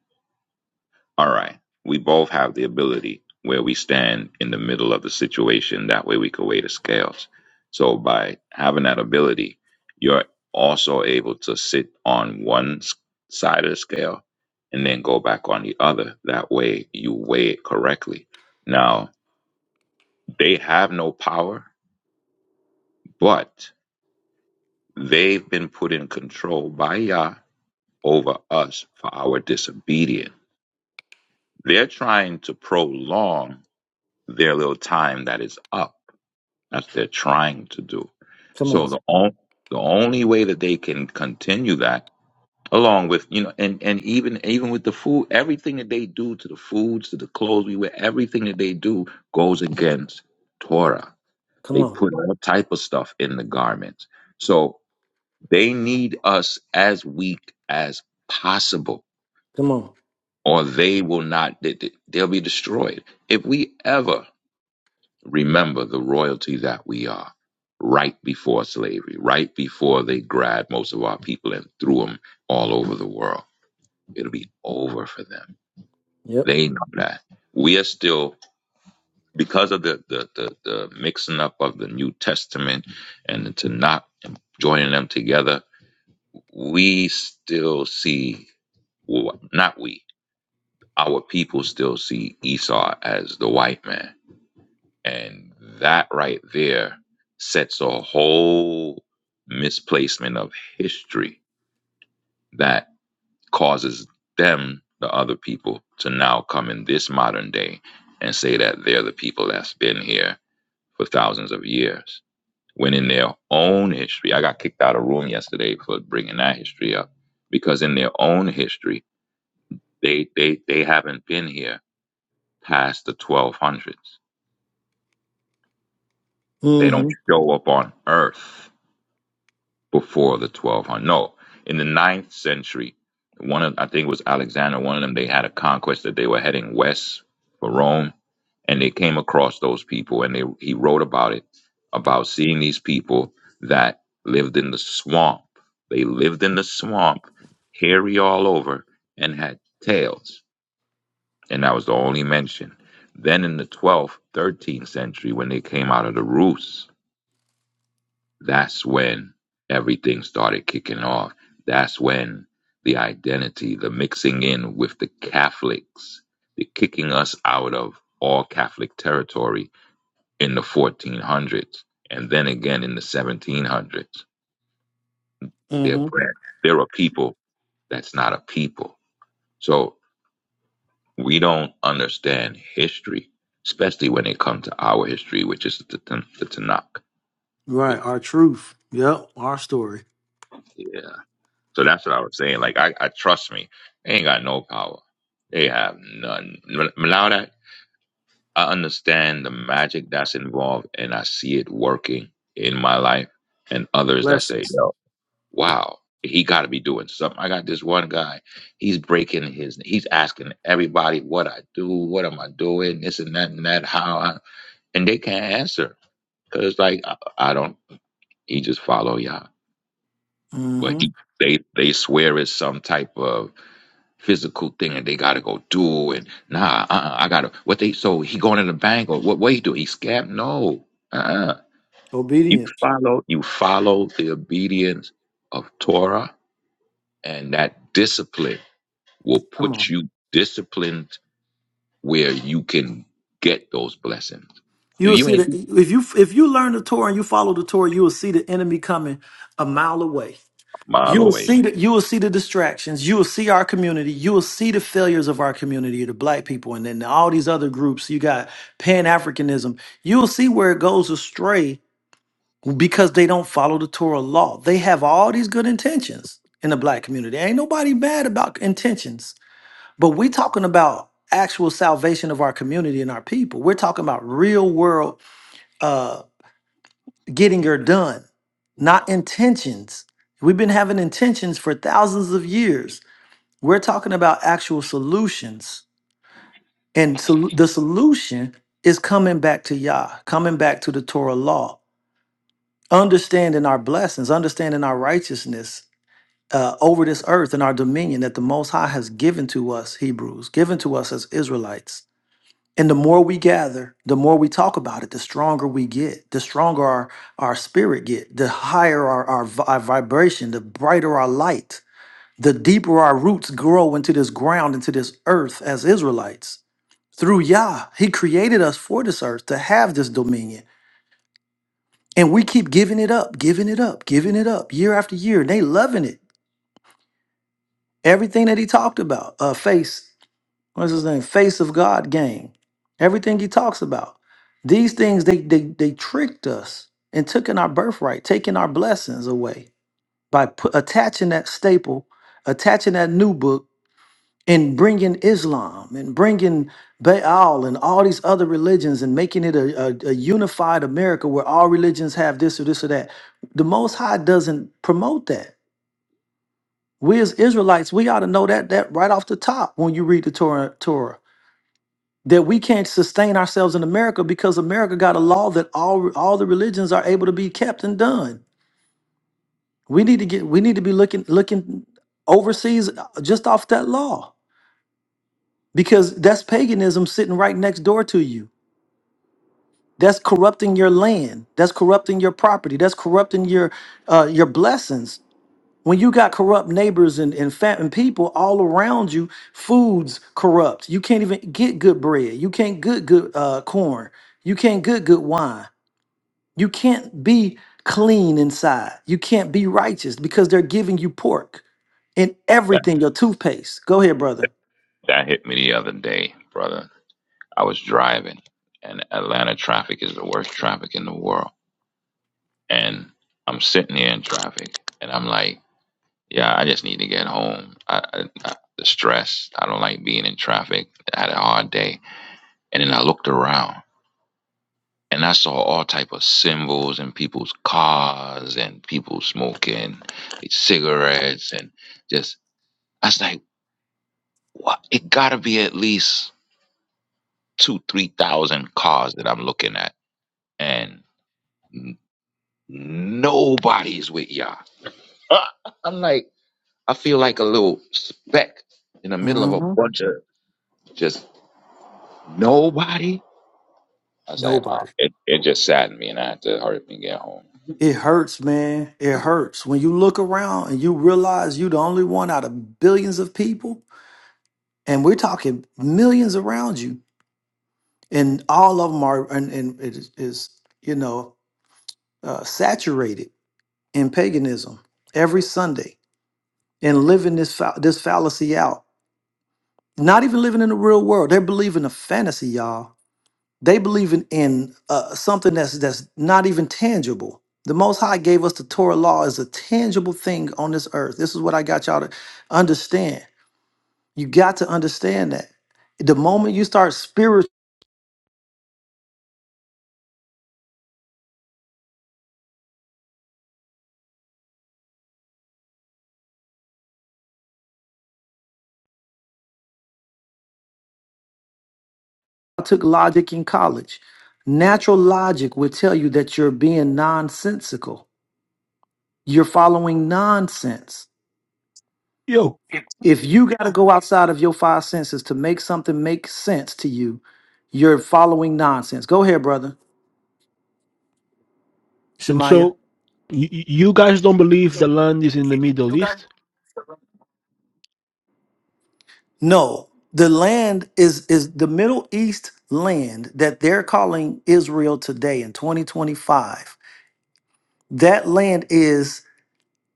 all right. We both have the ability where we stand in the middle of the situation. That way, we can weigh the scales. So by having that ability, you're also able to sit on one s- side of the scale and then go back on the other. That way, you weigh it correctly. Now they have no power, but They've been put in control by Yah over us for our disobedience. They're trying to prolong their little time that is up. That's what they're trying to do.
Come
So
on.
the only the only way that they can continue that, along with you know, and and even even with the food, everything that they do to the foods, to the clothes we wear, everything that they do goes against Torah.
Come
They
on.
put all type of stuff in the garments. So They need us as weak as possible,
Come on.
or they will not, they- they- they'll be destroyed. If we ever remember the royalty that we are right before slavery, right before they grabbed most of our people and threw them all over the world, it'll be over for them.
Yep.
They know that. We are still, because of the, the, the, the mixing up of the New Testament and the Tanakh and joining them together, we still see, well, not we, our people still see Esau as the white man. And that right there sets a whole misplacement of history that causes them, the other people, to now come in this modern day and say that they're the people that's been here for thousands of years. When in their own history, I got kicked out of a room yesterday for bringing that history up because in their own history, They they they haven't been here past the 1200s. They don't
Mm-hmm.
show up on Earth before the 1200s. No, in the ninth century, one of I think it was Alexander. One of them they had a conquest that they were heading west for Rome, and they came across those people, and they he wrote about it about seeing these people that lived in the swamp. They lived in the swamp, hairy all over, and had tails and that was the only mention. Then in the 12th, 13th century, when they came out of the roost, that's when everything started kicking off. That's when the identity, the mixing in with the Catholics, the kicking us out of all Catholic territory in the 1400s. And then again in the 1700s, they're,
Mm-hmm.
brand. they're a people that's not a people. So we don't understand history, especially when it comes to our history, which is the, Tan- the Tanakh.
Right.
We,
Our truth. Yep. Our story.
yeah. So that's what I was saying. Like, I, I trust me, they ain't got no power. They have none. M- Now that I understand the magic that's involved and I see it working in my life and others that say,
Blessings.
yo, wow, he got to be doing something. I got this one guy. He's breaking his, he's asking everybody what I do, what am I doing, this and that and that, how I, and they can't answer because like I, I don't he just follow y'all well he, they they swear it's some type of physical thing and they gotta go do and nah uh-uh, i gotta what they so he going in the bank or what what he do he scam no uh-uh. you
Obedience.
follow you follow the obedience of torah and that discipline will
Come
put
on.
you disciplined where you can get those blessings
You will
you
see
ain't
that
a
if you if you learn the Torah and you follow the Torah, you will see the enemy coming a mile away.
mile
You will
away.
see that you will see the distractions. You will see our community. You will see the failures of our community, the black people, and then all these other groups. You got Pan Africanism. You will see where it goes astray because they don't follow the Torah law. They have all these good intentions in the black community. Ain't nobody bad about intentions But we're talking about actual salvation of our community and our people. We're talking about real world uh, getting her done, not intentions. We've been having intentions for thousands of years. We're talking about actual solutions. And so the solution is coming back to Yah, coming back to the Torah law, understanding our blessings, understanding our righteousness uh, over this earth and our dominion that the Most High has given to us, Hebrews, given to us as Israelites. And the more we gather, the more we talk about it, the stronger we get, the stronger our, our spirit get, the higher our, our, vi- our vibration, the brighter our light, the deeper our roots grow into this ground, into this earth as Israelites. Through Yah, He created us for this earth to have this dominion. And we keep giving it up, giving it up, giving it up year after year. And they loving it. Everything that he talked about, uh, face what's his name? Face of God game. Everything he talks about. These things they they they tricked us and took in our birthright, taking our blessings away by put, attaching that staple, attaching that new book, and bringing Islam and bringing Baal and all these other religions and making it a, a, a unified America where all religions have this or this or that. The Most High doesn't promote that. We as Israelites, we ought to know that that right off the top when you read the Torah. Torah that we can't sustain ourselves in America because America got a law that all all the religions are able to be kept and done. We need to get we need to be looking looking overseas uh, just off that law because that's paganism sitting right next door to you. That's corrupting your land. That's corrupting your property. That's corrupting your uh, your blessings. When you got corrupt neighbors and and, fat, and people all around you, foods corrupt. You can't even get good bread. You can't get good uh, corn. You can't get good wine You can't be clean inside. You can't be righteous because they're giving you pork and
that
everything, your toothpaste. Go ahead, brother.
that hit me the other day brother I was driving, and Atlanta traffic is the worst traffic in the world. And I'm sitting here in traffic, and I'm like, yeah, I just need to get home. I, I, I, the stress. I don't like being in traffic. I had a hard day, and then I looked around, and I saw all type of symbols and people's cars and people smoking cigarettes and just. I was like, what? It gotta be at least two, three thousand cars that I'm looking at, and Nobody's with Yah. Uh, I'm like, I feel like a little speck in the middle of a
hmm
bunch of just nobody. I was like, oh,
Nobody.
it, it just saddened me, and I had to hurry up and get home.
It hurts, man. It hurts. When you look around and you realize you're the only one out of billions of people, and we're talking millions around you, and all of them are, and, and it is, is, you know, uh, saturated in paganism every Sunday and living this, fa- this fallacy out Not even living in the real world. They're believing a fantasy, y'all. They believing in uh, something that's that's not even tangible. The Most High gave us the Torah law as a tangible thing on this earth. This is what I got y'all to understand. You got to understand that. The moment you start spiritual, I took logic in college. Natural logic would tell you that you're being nonsensical. You're following nonsense
Yo,
if you got to go outside of your five senses to make something make sense to you, you're following nonsense. Go ahead, brother
and
Shemaiah.
so y- y- you guys don't believe the land is in the Middle East?
No, the land is is the Middle East land that they're calling Israel today in 2025. That land is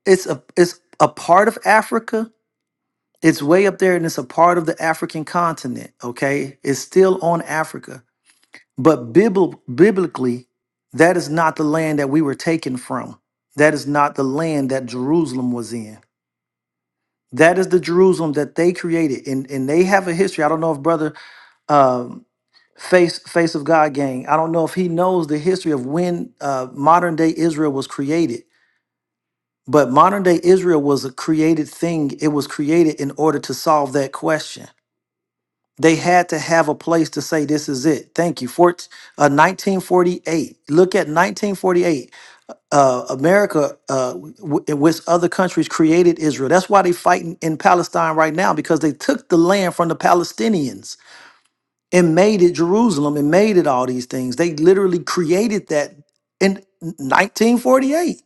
it's a it's a part of Africa. It's way up there and it's a part of the African continent, okay? It's still on Africa. But bibl- biblically, that is not the land that we were taken from. That is not the land that Jerusalem was in. That is the Jerusalem that they created, and and they have a history. I don't know if brother um, face face of God gang. I don't know if he knows the history of when uh, modern day Israel was created. But modern day Israel was a created thing. It was created in order to solve that question. They had to have a place to say this is it. Thank you. For uh, 1948. Look at 1948. Uh, America uh, w- with other countries created Israel. That's why they fighting in Palestine right now because they took the land from the Palestinians and made it Jerusalem and made it all these things. They literally created that in 1948.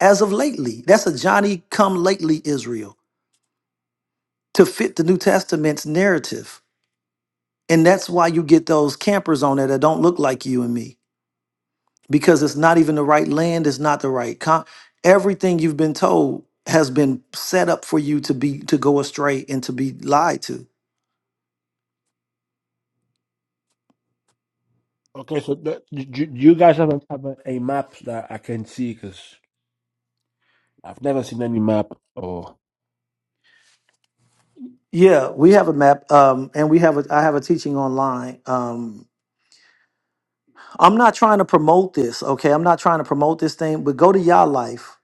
As of lately, that's a Johnny come lately Israel to fit the New Testament's narrative. And that's why you get those campers on there that don't look like you and me because it's not even the right land, it's not the right con. Everything you've been told has been set up for you to be to go astray and to be lied to.
Okay, so that, do, do do you guys have a, have a, a map that I can see? Because I've never seen any map. Or
Yeah, we have a map, um, and we have a. I have a teaching online. Um, I'm not trying to promote this, okay? I'm not trying to promote this thing, but go to Yah Life,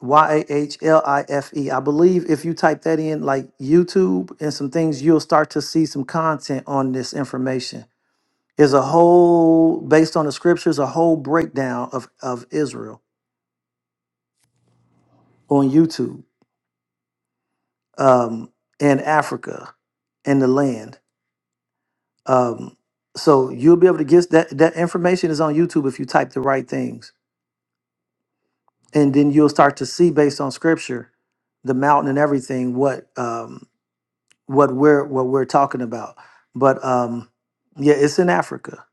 Y A H L I F E. I believe if you type that in, like YouTube and some things, you'll start to see some content on this information is a whole based on the scriptures a whole breakdown of of israel on youtube um and africa and the land um so you'll be able to get that that information is on youtube if you type the right things and then you'll start to see based on scripture the mountain and everything what um what we're what we're talking about but um yeah it's in africa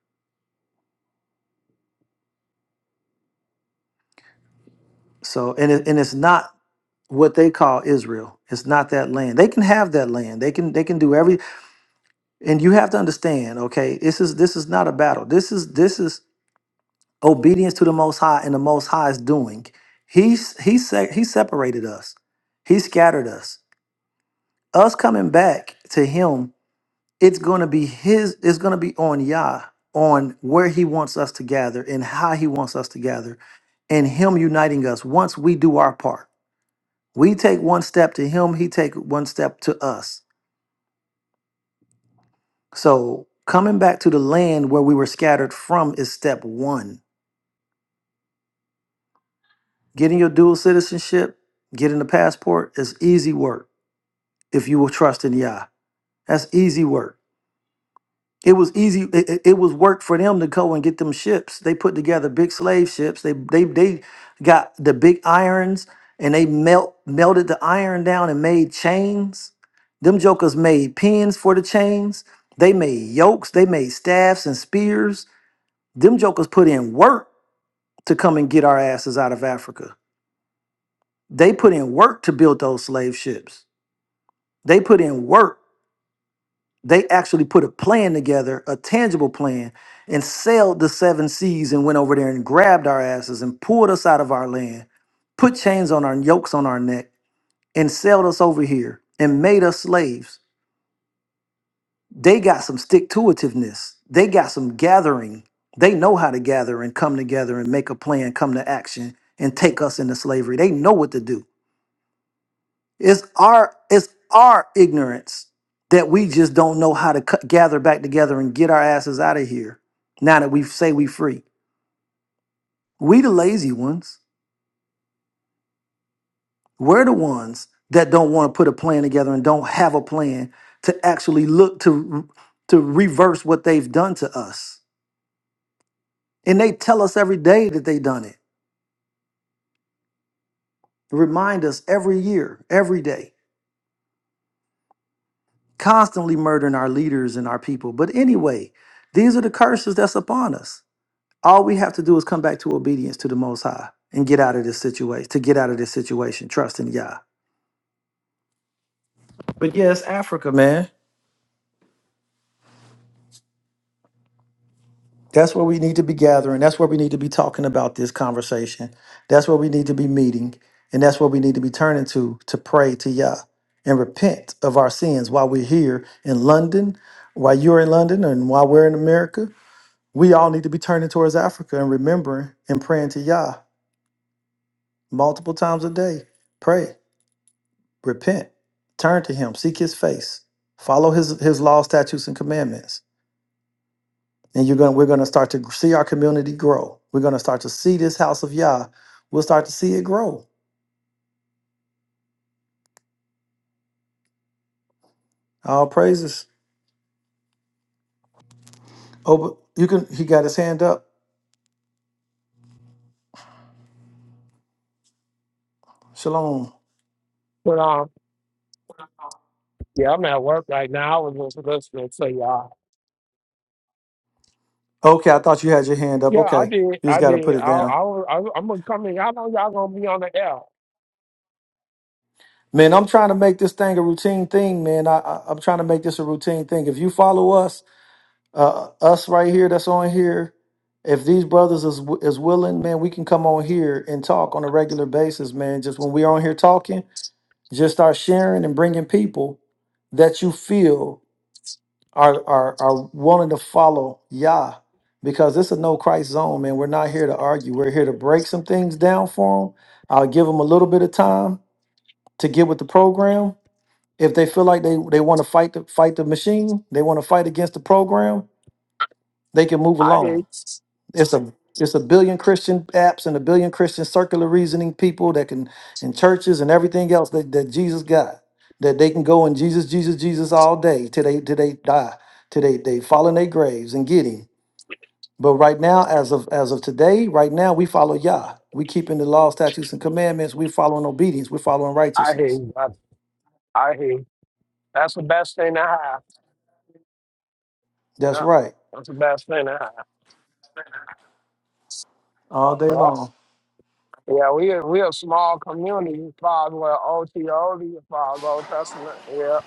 so and it, and it's not what they call Israel. It's not that land. They can have that land. They can they can do every and you have to understand okay this is this is not a battle this is this is obedience to the most high and the most high is doing he's he se- he separated us he scattered us us coming back to him it's going to be his it's going to be on yah on where he wants us to gather and how he wants us to gather and him uniting us once we do our part we take one step to him he take one step to us so coming back to the land where we were scattered from is step one Getting your dual citizenship, getting the passport is easy work if you will trust in Yah. That's easy work. It was easy. It, it- it was work for them to go and get them ships. They put together big slave ships. They they they got the big irons and they melt melted the iron down and made chains. Them jokers made pins for the chains. They made yokes. They made staffs and spears. Them jokers put in work to come and get our asses out of Africa. They put in work to build those slave ships. They put in work. They actually put a plan together, a tangible plan, and sailed the seven seas and went over there and grabbed our asses and pulled us out of our land, put chains on our yokes on our neck, and sailed us over here and made us slaves. They got some stick to itiveness. They got some gathering. They know how to gather and come together and make a plan, come to action, and take us into slavery. They know what to do It's our it's our ignorance that we just don't know how to cut, gather back together and get our asses out of here. Now that we say we free, we the lazy ones. We're the ones that don't want to put a plan together and don't have a plan to actually look to to reverse what they've done to us. And they tell us every day that they done it. Remind us every year, every day, constantly murdering our leaders and our people. But anyway, these are the curses that's upon us. All we have to do is come back to obedience to the Most High and get out of this situation, to get out of this situation, trust in Yah. But yeah, it's Africa, man. That's where we need to be gathering. That's where we need to be talking about this conversation. That's where we need to be meeting. And that's where we need to be turning to to pray to Yah and repent of our sins while we're here in London, while you're in London, and while we're in America. We all need to be turning towards Africa and remembering and praying to Yah multiple times a day. Pray. Repent, turn to Him, seek His face, follow His His law, statutes, and commandments, and you're going. We're going to start to see our community grow. We're going to start to see this house of Yah. We'll start to see it grow. All praises. Oh, but you can. He got his hand up. Shalom.
But um, yeah, I'm at work right now. I was just listening to y'all.
Okay, I thought you had your hand up.
Yeah, I
Okay,
did.
you just
I
got to
did.
put it
I,
down.
I, was- I was- I'm gonna come in. Y'all know y'all gonna be on the air.
Man, I'm trying to make this thing a routine thing, man. I, I, I'm trying to make this a routine thing. If you follow us, uh, us right here that's on here if these brothers is w- is willing man we can come on here and talk on a regular basis man just when we're on here talking just start sharing and bringing people that you feel are are are wanting to follow Yah because it's a no Christ zone man we're not here to argue we're here to break some things down for them I'll give them a little bit of time to get with the program if they feel like they they want to fight the fight the machine they want to fight against the program they can move
I
along
hate.
It's a it's a billion Christian apps and a billion Christian circular reasoning people that can in churches and everything else that, that Jesus got that they can go and Jesus Jesus Jesus all day till they till they die till they they fall in their graves and get him. But right now, as of as of today, right now we follow Yah. We keeping the law, statutes, and commandments. We following obedience. We following
I
righteousness.
hate. brother. I hate. That's the best thing to have.
That's
Yeah,
right,
that's the best thing to have.
all day
Yeah,
long.
yeah. We a- we a small community. You probably well OTO. You probably Old Testament. Yeah,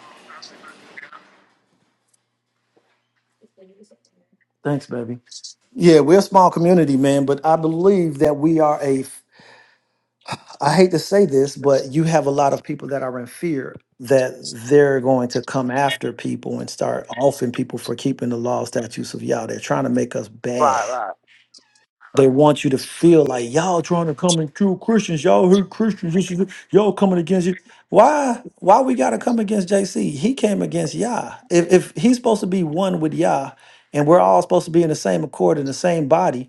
Thanks, baby. Yeah, we're a small community, man, but I believe that we are a I hate to say this, but you have a lot of people that are in fear that they're going to come after people and start offing people for keeping the law, statutes of Yah. They're trying to make us bad.
right, right.
They want you to feel like y'all trying to come and kill Christians. Y'all hate Christians. This is y'all coming against you. Why? Why we gotta come against JC? He came against Yah. If if he's supposed to be one with Yah, and we're all supposed to be in the same accord in the same body,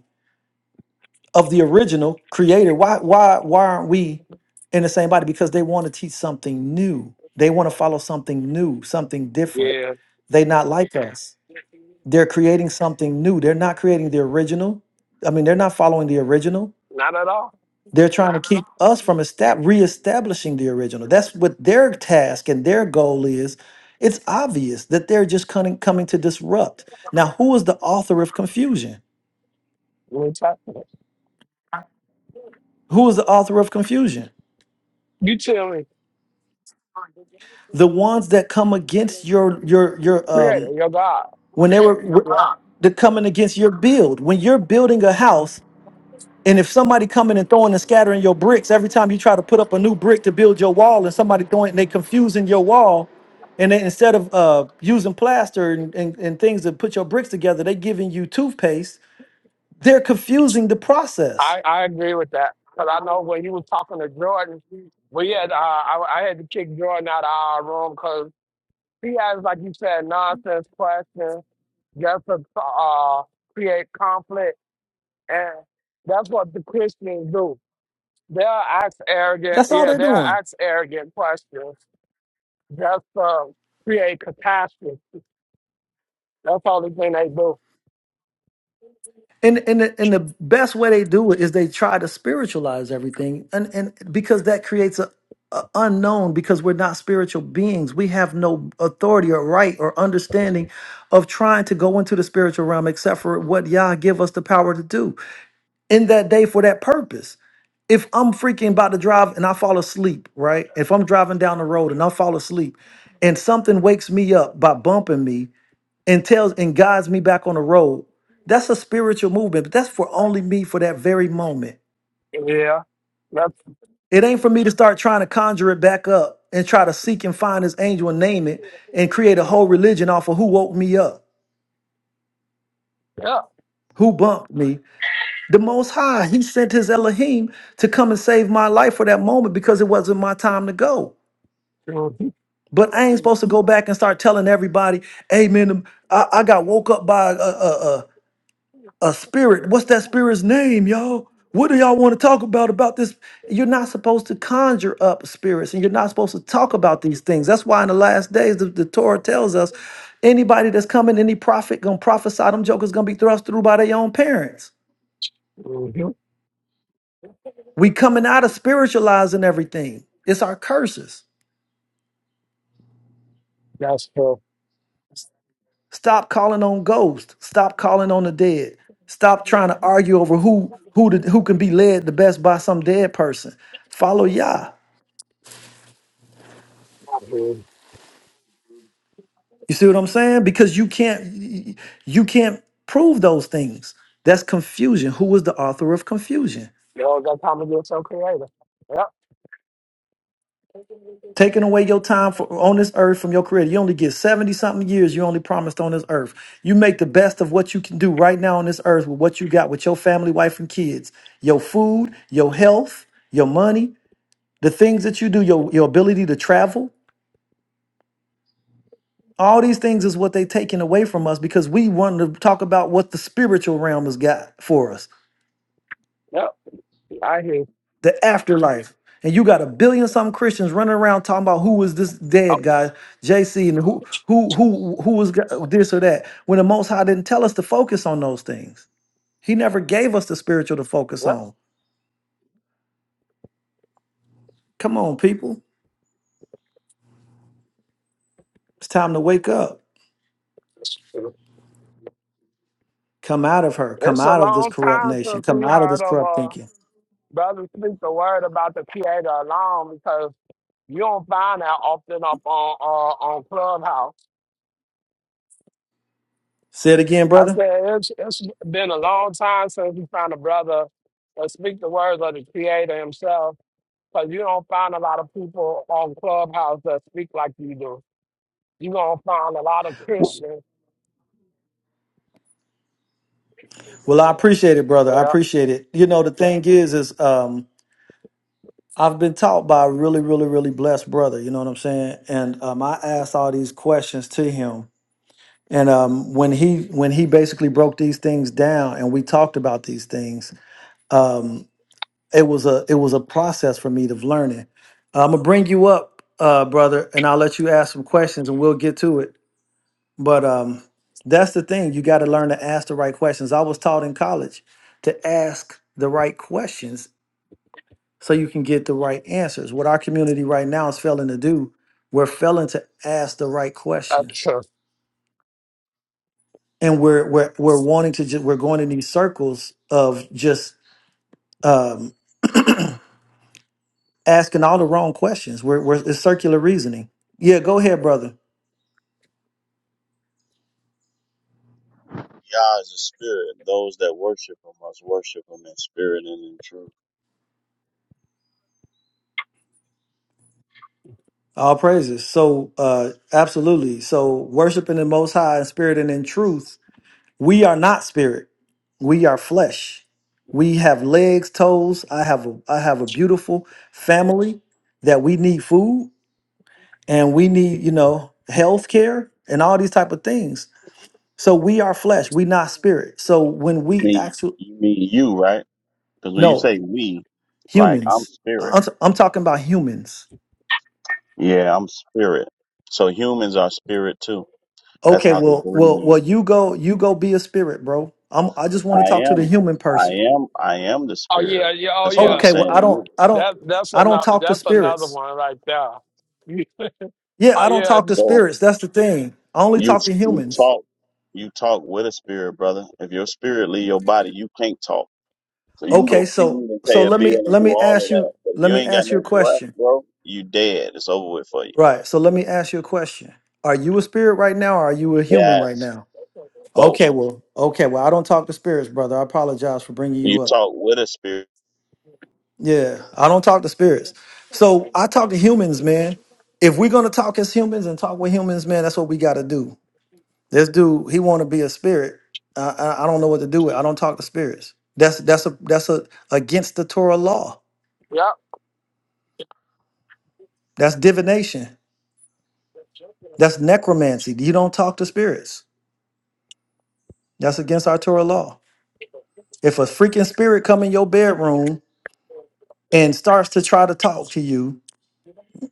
of the original creator. Why why why aren't we in the same body? Because they want to teach something new. They want to follow something new, something different.
Yeah,
They not like us. They're creating something new. They're not creating the original. I mean, they're not following the original.
not at all.
They're trying to keep us from estab- reestablishing the original. That's what their task and their goal is. It's obvious that they're just coming, coming to disrupt. Now, who is the author of confusion?
New Testament.
Who is the author of confusion?
You tell me.
the ones that come against your your your
Creator,
um
your God.
when they were
Yeah.
they're coming against your build when you're building a house and if somebody coming and throwing and scattering your bricks every time you try to put up a new brick to build your wall and somebody throwing and they confusing your wall and they, instead of uh using plaster and, and and things to put your bricks together they giving you toothpaste they're confusing the process
I, I agree with that because I know when he was talking to Jordan, we had uh, I, I had to kick Jordan out of our room because he has, like you said, nonsense questions just to uh, create conflict, and that's what the Christians do. They'll ask arrogant,
that's all
yeah,
they're
they'll
doing
ask arrogant questions just to create catastrophe. That's all the thing they do.
And and the, and the best way they do it is they try to spiritualize everything, and and because that creates a, a unknown. Because we're not spiritual beings, we have no authority or right or understanding of trying to go into the spiritual realm, except for what Yah give us the power to do in that day for that purpose. If I'm freaking about to drive and I fall asleep, right? If I'm driving down the road and I fall asleep, and something wakes me up by bumping me, and tells and guides me back on the road. That's a spiritual movement, but that's for only me for that very moment.
Yeah, that's
It ain't for me to start trying to conjure it back up and try to seek and find this angel and name it and create a whole religion off of who woke me up,
yeah.
who bumped me. The Most High, He sent His Elohim to come and save my life for that moment because it wasn't my time to go. But I ain't supposed to go back and start telling everybody, "Hey man, I, I got woke up by a, a, a spirit. What's that spirit's name, y'all? What do y'all want to talk about about this? You're not supposed to conjure up spirits, and you're not supposed to talk about these things. That's why in the last days, the, the Torah tells us, anybody that's coming, any prophet gonna prophesy, them jokers gonna be thrust through by their own parents.
Mhm.
We coming
Mhm.
out of spiritualizing everything. It's our curses.
That's true.
Stop calling on ghosts. Stop calling on the dead. Stop trying to argue over who who the, who can be led the best by some dead person. Follow Yah.
Dude,
You see what I'm saying? Because you can't you can't prove those things. That's confusion. Who was the author of confusion?
y'all got time to get so creative. Yep.
Taking away your time for, on this earth from your career. You only get 70 something years you only promised on this earth. You make the best of what you can do right now on this earth with what you got with your family, wife, and kids. Your food, your health, your money, the things that you do, your, your ability to travel. All these things is what they taking away from us because we want to talk about what the spiritual realm has got for us.
Yep. I hear.
the afterlife. And you got a billion something Christians running around talking about who was this
Oh,
dead guy, JC, and who who who who was g- this or that. When the Most High didn't tell us to focus on those things, He never gave us the spiritual to focus
yep.
on. Come on, people, it's time to wake up. Come out of her. Come
It's a
out of this
long
corrupt
time
nation.
since
Come
we
out of this
heard of
corrupt
uh,
thinking.
Brother Speak the word about the creator alone because you don't find that often up on uh, on Clubhouse.
Say it again,
I
brother.
said it's, it's been a long time since we found a brother that speak the words of the creator himself. Because you don't find a lot of people on Clubhouse that speak like you do. You're going to find a lot of Christians.
Well, I appreciate it, brother. I
Yeah,
appreciate it. You know, the thing is, is um, I've been taught by a really, really, really blessed brother. You know what I'm saying? And um, I asked all these questions to him, and um, when he when he basically broke these things down, and we talked about these things, um, it was a it was a process for me of learning. I'm gonna bring you up, uh, brother, and I'll let you ask some questions, and we'll get to it. But um, that's the thing you got to learn to ask the right questions. I was taught in college to ask the right questions so you can get the right answers. What our community right now is failing to do, we're failing to ask the right
that's
questions,
true.
and we're we're we're wanting to just we're going in these circles of just um, asking all the wrong questions. We're, we're it's circular reasoning. Yeah, go ahead, brother.
Yah is a spirit. Those that worship him must worship him in spirit and in truth.
All praises. So, uh, absolutely. So, worshiping the Most High in spirit and in truth We are not spirit. We are flesh. We have legs, toes. I have a I have a beautiful family that we need food and we need, you know, health care and all these type of things. So we are flesh. We not spirit. So when
You
we
mean
actually
you mean you, right? Because when you
no
say we, like I'm
humans.
spirit.
I'm, I'm talking about humans.
Yeah, I'm spirit. So humans are spirit too. That's
Okay,
how they
well, well,
breathe.
well, you go, you go be a spirit, bro. I'm I just want to talk
I
to the
am
human
I
person.
am I am the
Oh,
spirit.
yeah, yeah, oh,
That's what I'm
yeah.
Okay, well,
saying
I
to
don't,
you.
I don't,
That, that's,
I don't
another,
talk to
that's another
spirits.
one right there. You,
Yeah,
oh,
I don't
yeah,
talk to
So
spirits. That's the thing. I only
you
talk to
you
humans.
talk you talk with a spirit, brother. If your spirit leave your body, you can't talk. So you can go
Okay,
feed
so
and pay
so
a
let me
bill and
let
do
me
all
ask
of that.
you
But if
let
you
me
ain't got
ask you a
no breath,
question.
bro, you dead. It's over with for you.
Right. So let me ask you a question. Are you a spirit right now or are you a human right
Yes,
now?
both.
Okay, well, okay, well, I don't talk to spirits, brother. I apologize for bringing
You
you up.
talk with a spirit.
Yeah, I don't talk to spirits. So I talk to humans, man. If we're going to talk as humans and talk with humans, man, that's what we got to do. This dude, he want to be a spirit. I, I I don't know what to do with. I don't talk to spirits. That's that's a that's a against the Torah law.
yep.
That's divination. That's necromancy. You don't talk to spirits. That's against our Torah law. If a freaking spirit come in your bedroom and starts to try to talk to you,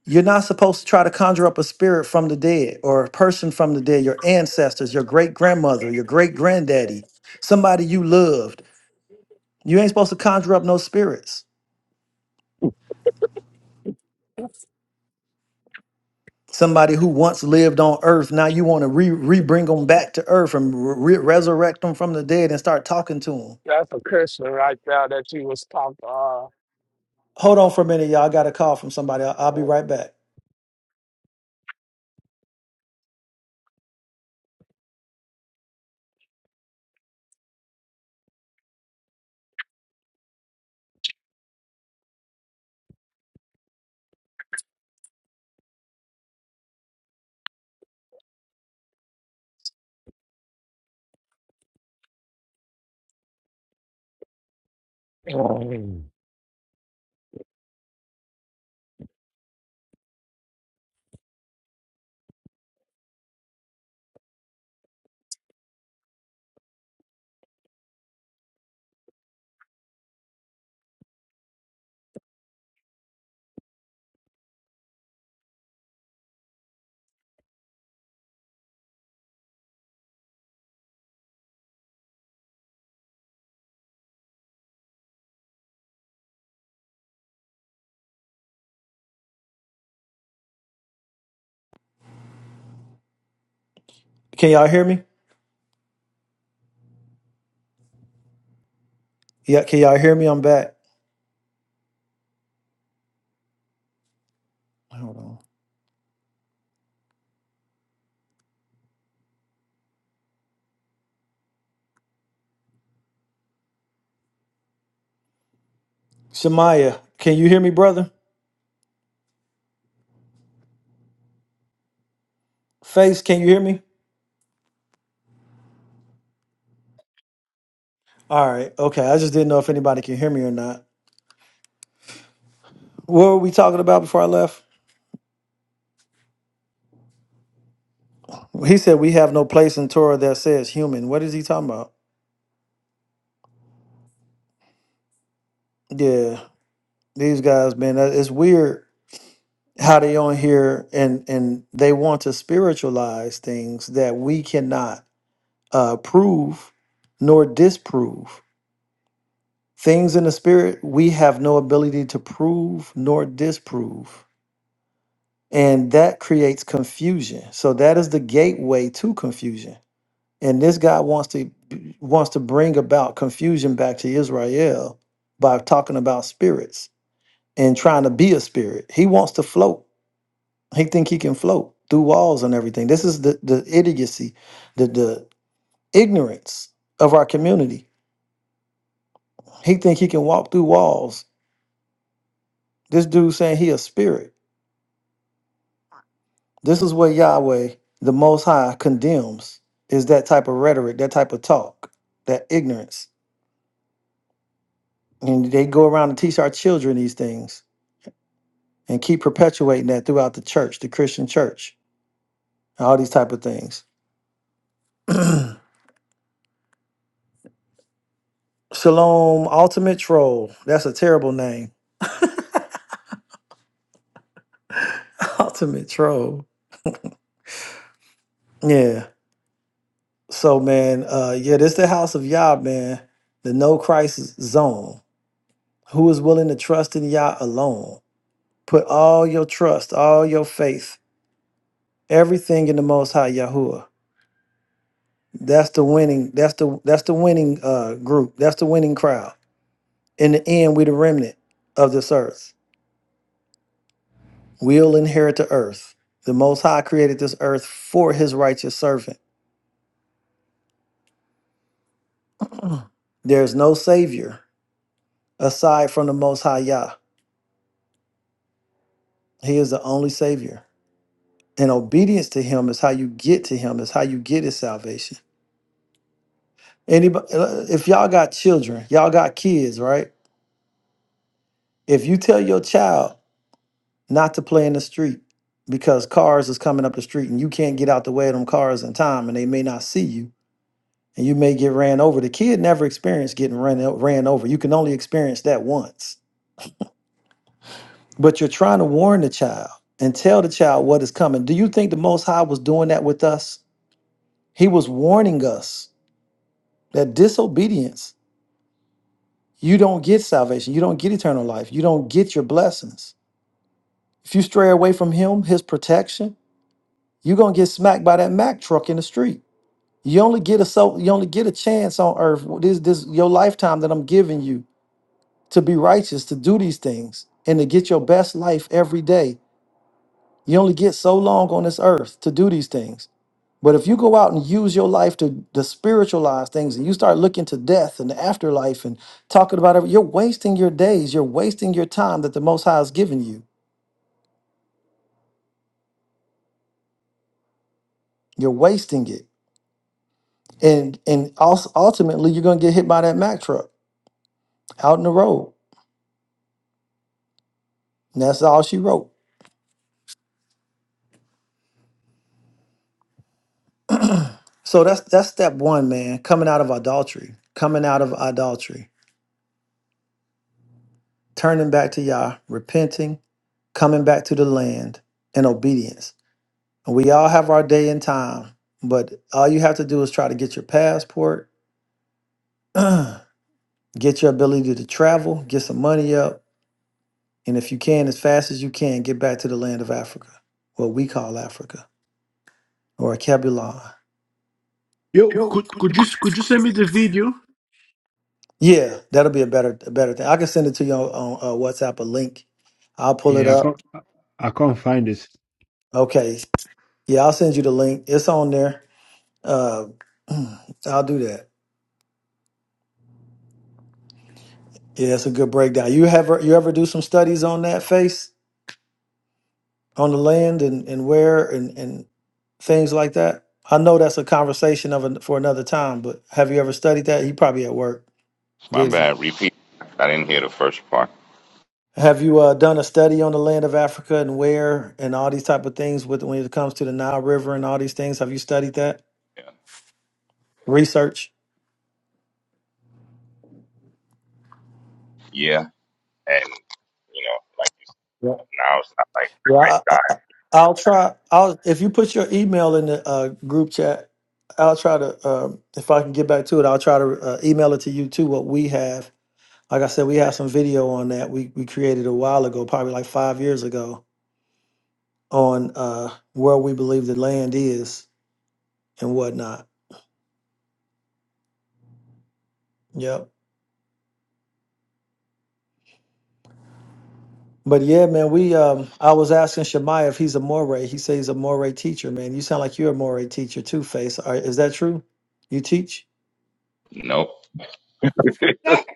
you're not supposed to try to conjure up a spirit from the dead or a person from the dead, your ancestors, your great grandmother, your great granddaddy, somebody you loved. You ain't supposed to conjure up no spirits. somebody who once lived on earth now you want to re, re bring them back to earth and re- resurrect them from the dead and start talking to them
That's a Christian right there that you was
hold on for a minute y'all i got a call from somebody i'll, I'll be
talking
right back
uh,
can y'all hear me yeah can y'all hear me i'm back hold on shemaya can you hear me brother face can you hear me all right okay i just didn't know if anybody can hear me or not what were we talking about before i left he said we have no place in torah that says human what is he talking about yeah these guys man that- it's weird how they on here and and they want to spiritualize things that we cannot uh, prove nor disprove things in the spirit we have no ability to prove nor disprove and that creates confusion so that is the gateway to confusion and this guy wants to wants to bring about confusion back to israel by talking about spirits and trying to be a spirit he wants to float He think he can float through walls and everything. This is the the idiocy, the the ignorance of our community. He think he can walk through walls. This dude saying he a spirit. This is what Yahweh, the Most High, condemns. Is that type of rhetoric, that type of talk, that ignorance, and they go around and teach our children these things and keep perpetuating that throughout the church, the Christian church, and all these type of things. Shalom, ultimate troll. That's a terrible name. Ultimate troll. Yeah. So man, uh yeah, this the house of Yah, man, the no crisis zone. Who is willing to trust in Yah alone? Put all your trust, all your faith, everything in the most high Yahuwah. That's the winning, that's the that's the winning uh group. That's the winning crowd. In the end, we the remnant of this earth. We'll inherit the earth. The most high created this earth for his righteous servant. There's no savior aside from the most high Yah. He is the only savior. And obedience to him is how you get to him, is how you get his salvation. Anybody uh, if y'all got children, y'all got kids, right? If you tell your child not to play in the street because cars is coming up the street and you can't get out the way of them cars in time and they may not see you and you may get ran over. The kid never experienced getting ran, o- ran over. You can only experience that once. But you're trying to warn the child and tell the child what is coming. Do you think the most high was doing that with us? He was warning us that disobedience you don't get salvation. You don't get eternal life. You don't get your blessings. If you stray away from Him, His protection, you're gonna get smacked by that Mack truck in the street. You only get a so you only get a chance on earth. This this your lifetime that I'm giving you to be righteous, to do these things, and to get your best life every day. You only get so long on this earth to do these things. But if you go out and use your life to, to spiritualize things and you start looking to death and the afterlife and talking about it, you're wasting your days. You're wasting your time that the Most High has given you. You're wasting it. And and also, ultimately, you're going to get hit by that Mack truck out in the road. And that's all she wrote. So that's that's step one, man. Coming out of adultery, coming out of adultery, turning back to Yah, repenting, coming back to the land, and obedience. We all have our day and time, but all you have to do is try to get your passport, get your ability to travel, get some money up, and if you can, as fast as you can, get back to the land of Africa, what we call Africa or Kebulon.
Yo, could could you could you send me the video?
Yeah, that'll be a better a better thing. I can send it to you on, on uh, WhatsApp a link. I'll pull it
Yeah, I
up.
can't. I can't find it.
Okay. Yeah, I'll send you the link. It's on there. Uh, I'll do that. Yeah, it's a good breakdown. You ever you ever do some studies on that face? on the land and, and where and, and things like that? I know that's a conversation of an, for another time, but have you ever studied that? You probably at work,
My
busy.
bad. Repeat. I didn't hear the first part.
Have you uh, done a study on the land of Africa and where and all these type of things with when it comes to the Nile River and all these things? Have you studied that
Yeah.
research?
Yeah. And, you know, like
Yeah,
now it's not like
yeah. I, I, I'll try. I'll if you put your email in the uh, group chat. I'll try to um, if I can get back to it. I'll try to uh, email it to you too. What we have Like I said, we have some video on that we, we created a while ago, probably like five years ago, on uh, where we believe the land is and whatnot. Yep. But yeah, man, we um I was asking Shemai if he's a Moray. He says he's a Moray teacher, man. You sound like you're a Moray teacher too, Face. Are, is that true? You teach?
the great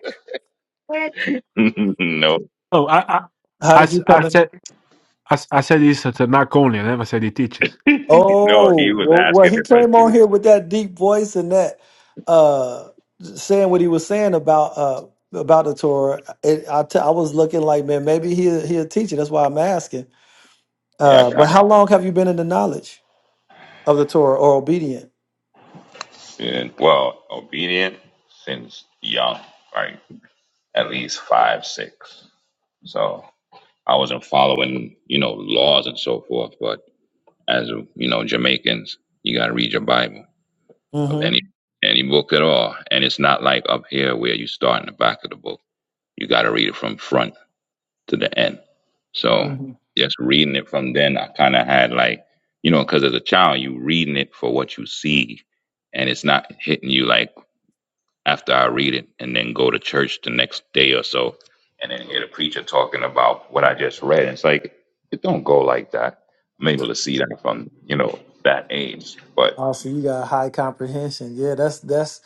time. Nope. no.
Oh, I I,
How
I,
did
s-
you come
I
in?
said I, s- I said it's at a knock only. I never said he teaches.
no, he
Oh,
was
well, well,
asking
he
if I
came on
did.
here with that deep voice and that uh saying what he was saying about uh about the Torah. It, I t- I was looking like, man, maybe he he'll teach it. That's why I'm asking.
Yeah, I
Uh, but
kind of
how long have you been in the knowledge of the Torah or obedient?
sin. Well, obedient since young. right? at least five, six. So I wasn't following, you know, laws and so forth. But as you know, Jamaicans, you got to read your Bible
Mm-hmm.
of any any book at all, and it's not like up here where you start in the back of the book. You got to read it from front to the end. So
Mhm.
just reading it from then, I kind of had like, you know, because as a child, you reading it for what you see, and it's not hitting you like after I read it and then go to church the next day or so and then hear the preacher talking about what I just read. And it's like, it don't go like that. I'm able to see that from, you know, that age. But
Oh, so you got high comprehension. Yeah, that's that's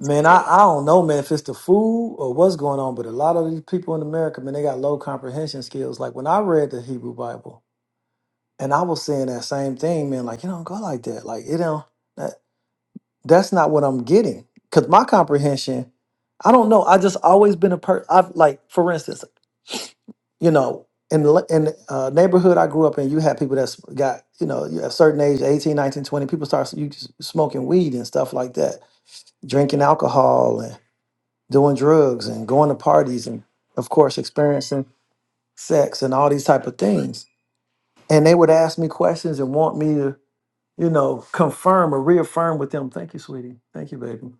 man, I, I don't know, man, if it's the food or what's going on, but a lot of these people in America, man, they got low comprehension skills. Like when I read the Hebrew Bible and I was saying that same thing, man, like you don't go like that. Like it don't that that's not what I'm getting. Cause my comprehension, I don't know. I just always been a person. I've like, for instance, you know, in the le- in the, uh, neighborhood I grew up in, you had people that's got, you know, you- at a certain age, 18, 19, 20. people start s- you s- smoking weed and stuff like that, drinking alcohol and doing drugs and going to parties and of course experiencing sex and all these type of things. And they would ask me questions and want me to, you know, confirm or reaffirm with them. Thank you, sweetie. Thank you, baby.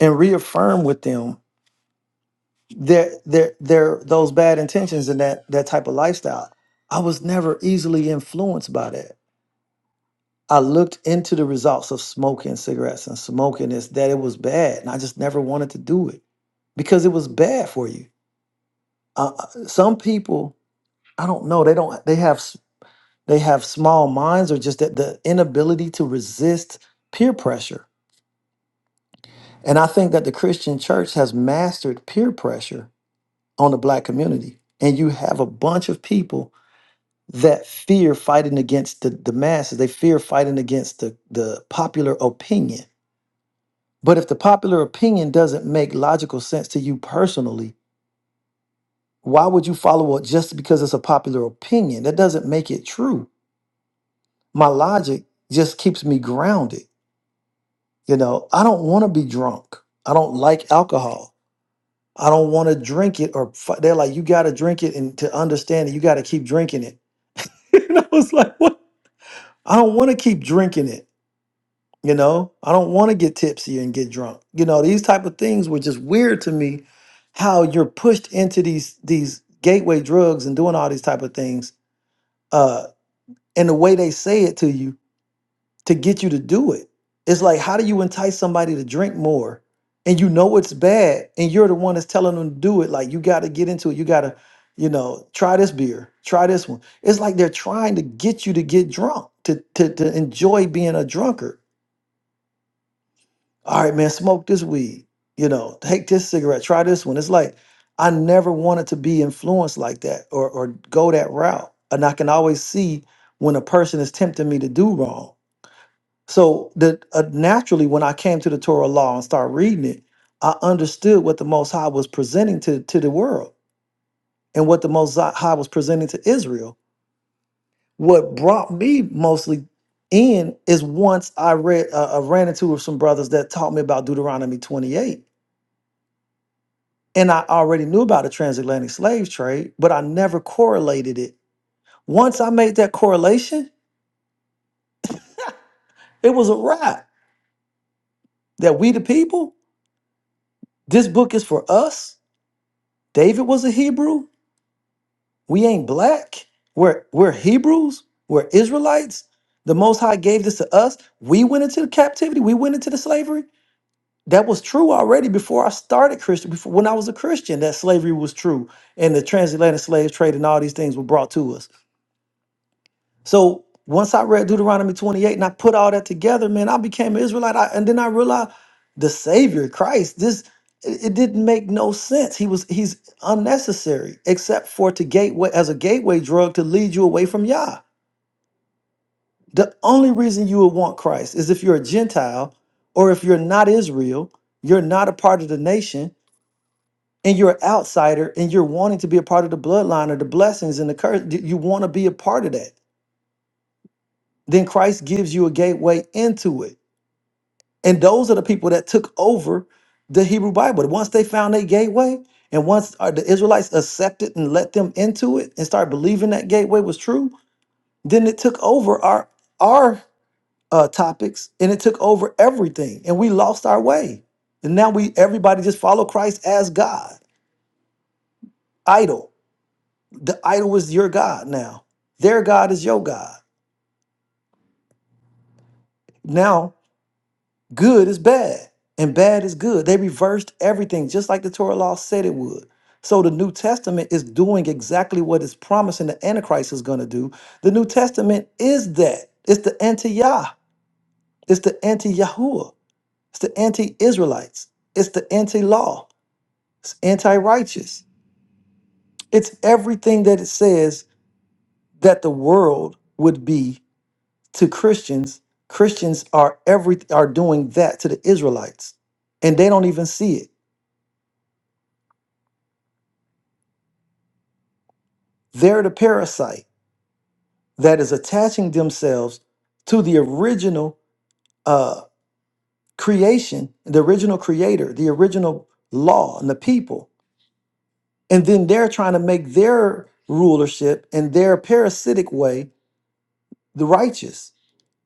And reaffirm with them there there there those bad intentions and that that type of lifestyle i was never easily influenced by that i looked into the results of smoking cigarettes and smoking this; that it was bad and i just never wanted to do it because it was bad for you uh, uh, some people i don't know they don't they have s- they have small minds or just that the inability to resist peer pressure and i think that the christian church has mastered peer pressure on the black community and you have a bunch of people that fear fighting against the, the masses. They fear fighting against the, the popular opinion. But if the popular opinion doesn't make logical sense to you personally, why would you follow it just because it's a popular opinion? That doesn't make it true. My logic just keeps me grounded. You know, I don't want to be drunk. I don't like alcohol. I don't want to drink it. Or fi- they're like, you got to drink it, and to understand it, you got to keep drinking it. and I was like, what? I don't want to keep drinking it. you know i don't want to get tipsy and get drunk you know these type of things were just weird to me how you're pushed into these these gateway drugs and doing all these type of things uh and the way they say it to you to get you to do it it's like how do you entice somebody to drink more and you know it's bad and you're the one that's telling them to do it like you got to get into it you got to you know try this beer try this one it's like they're trying to get you to get drunk to to, to enjoy being a drunkard all right, man, smoke this weed. You know, take this cigarette, try this one. It's like I never wanted to be influenced like that or or go that route. And I can always see when a person is tempting me to do wrong. So that uh, naturally, when I came to the Torah law and started reading it, I understood what the Most High was presenting to to the world and what the Most High was presenting to Israel. What brought me mostly in is once I read, uh, I ran into some brothers that taught me about Deuteronomy twenty eight And I already knew about the transatlantic slave trade, but I never correlated it. Once I made that correlation, it was a wrap that we the people, this book is for us. David was a Hebrew. We ain't black. We're we're Hebrews. We're Israelites. The Most High gave this to us. We went into the captivity. We went into the slavery. That was true already before I started Christian. Before when I was a Christian, that slavery was true, and the transatlantic slave trade and all these things were brought to us. So once I read Deuteronomy 28 and I put all that together, man, I became an Israelite. I, and then I realized the Savior, Christ, this it, it didn't make no sense. He was he's unnecessary, except for to gateway as a gateway drug to lead you away from Yah. The only reason you would want Christ is if you're a Gentile or if you're not Israel, you're not a part of the nation, and you're an outsider and you're wanting to be a part of the bloodline or the blessings and the curse. You want to be a part of that. Then Christ gives you a gateway into it And those are the people that took over the Hebrew Bible. Once they found their gateway, and once uh, the Israelites accepted and let them into it and started believing that gateway was true, then it took over our our uh, topics and it took over everything, and we lost our way. And now we everybody just follow Christ as God. Idol. The idol is your God now. Their God is your God. Now Good is bad, and bad is good. They reversed everything, just like the Torah law said it would. So the New Testament is doing exactly what it's promising the Antichrist is going to do. The New Testament is that. It's the anti-Yah. It's the anti-Yahuwah. It's the anti-Israelites. It's the anti-law. It's anti-righteous. It's everything that it says that the world would be to Christians. Christians are every are doing that to the Israelites, and they don't even see it. They're the parasite that is attaching themselves to the original uh, creation, the original creator, the original law, and the people. And then they're trying to make their rulership and their parasitic way the righteous.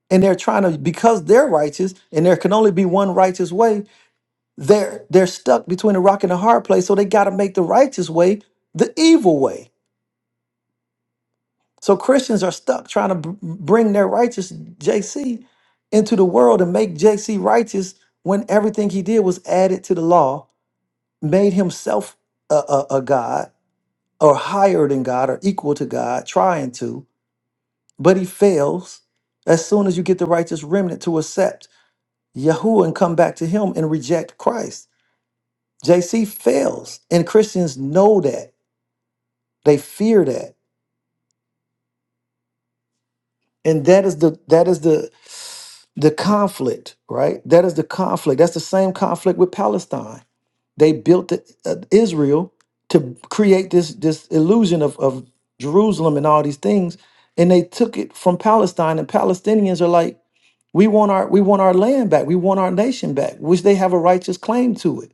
And they're trying to, because they're righteous and there can only be one righteous way, they're, they're stuck between a rock and a hard place. So they got to make the righteous way the evil way So Christians are stuck trying to b- bring their righteous JC into the world and make JC righteous when everything he did was added to the law, made himself a, a, a God or higher than God or equal to God, trying to, but he fails as soon as you get the righteous remnant to accept Yahuwah and come back to him and reject Christ. JC fails, and Christians know that. They fear that. And that is the that is the the conflict, right? That is the conflict. That's the same conflict with Palestine. They built the, uh, Israel to create this this illusion of, of Jerusalem and all these things, and they took it from Palestine. And Palestinians are like, we want our we want our land back, we want our nation back, which they have a righteous claim to it.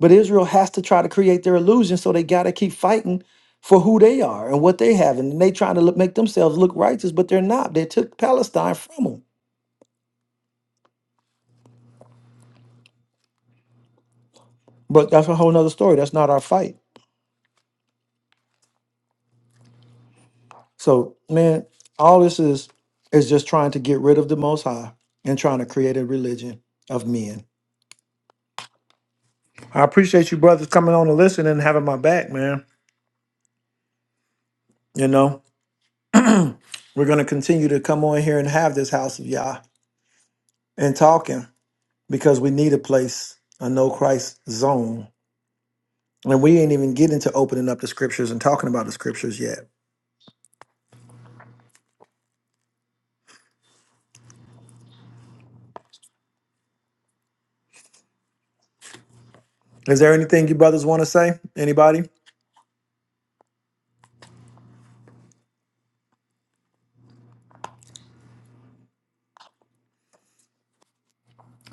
But Israel has to try to create their illusion, so they got to keep fighting for who they are and what they have, and they trying to look, make themselves look righteous, but they're not. They took Palestine from them But that's a whole nother story. That's not our fight. So, man, all this is is just trying to get rid of the Most High and trying to create a religion of men. I appreciate you brothers coming on to listen and having my back, man. You know, we're going to continue to come on here and have this house of Yah and talking because we need a place, a no Christ zone. And we ain't even getting to opening up the scriptures and talking about the scriptures yet. Is there anything you brothers want to say? Anybody?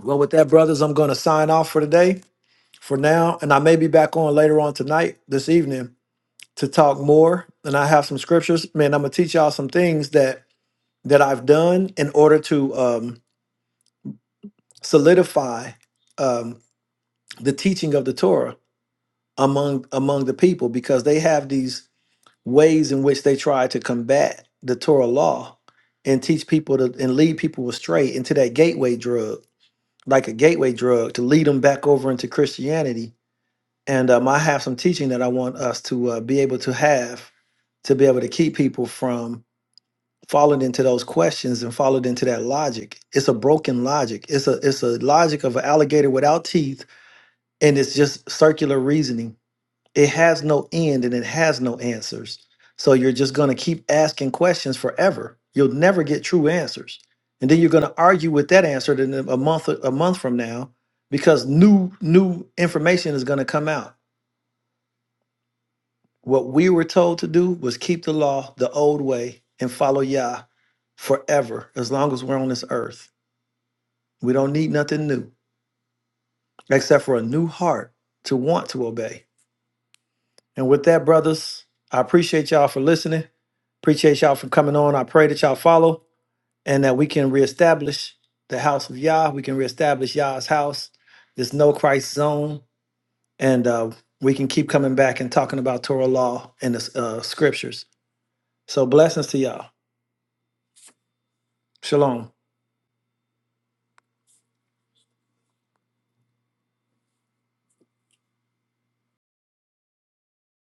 Well, with that, brothers, I'm going to sign off for today. for now, and I may be back on later on tonight, this evening, to talk more. And I have some scriptures. Man, I'm gonna teach y'all some things that that I've done in order to um, solidify um, the teaching of the Torah among among the people, because they have these ways in which they try to combat the Torah law and teach people to and lead people astray into that gateway drug, like a gateway drug, to lead them back over into Christianity And um, I have some teaching that I want us to uh, be able to have to be able to keep people from falling into those questions and falling into that logic. It's a broken logic. It's a it's a logic of an alligator without teeth, and it's just circular reasoning. It has no end and it has no answers. So you're just going to keep asking questions forever. You'll never get true answers, and then you're going to argue with that answer then a month a month from now because new new information is going to come out What we were told to do was keep the law the old way and follow Yah forever, as long as we're on this earth. We don't need nothing new except for a new heart to want to obey. And with that, brothers, I appreciate y'all for listening. Appreciate y'all for coming on. I pray that y'all follow and that we can reestablish the house of Yah. We can reestablish Yah's house, this no Christ zone, and uh, we can keep coming back and talking about Torah law and the uh, scriptures. So blessings to y'all. Shalom.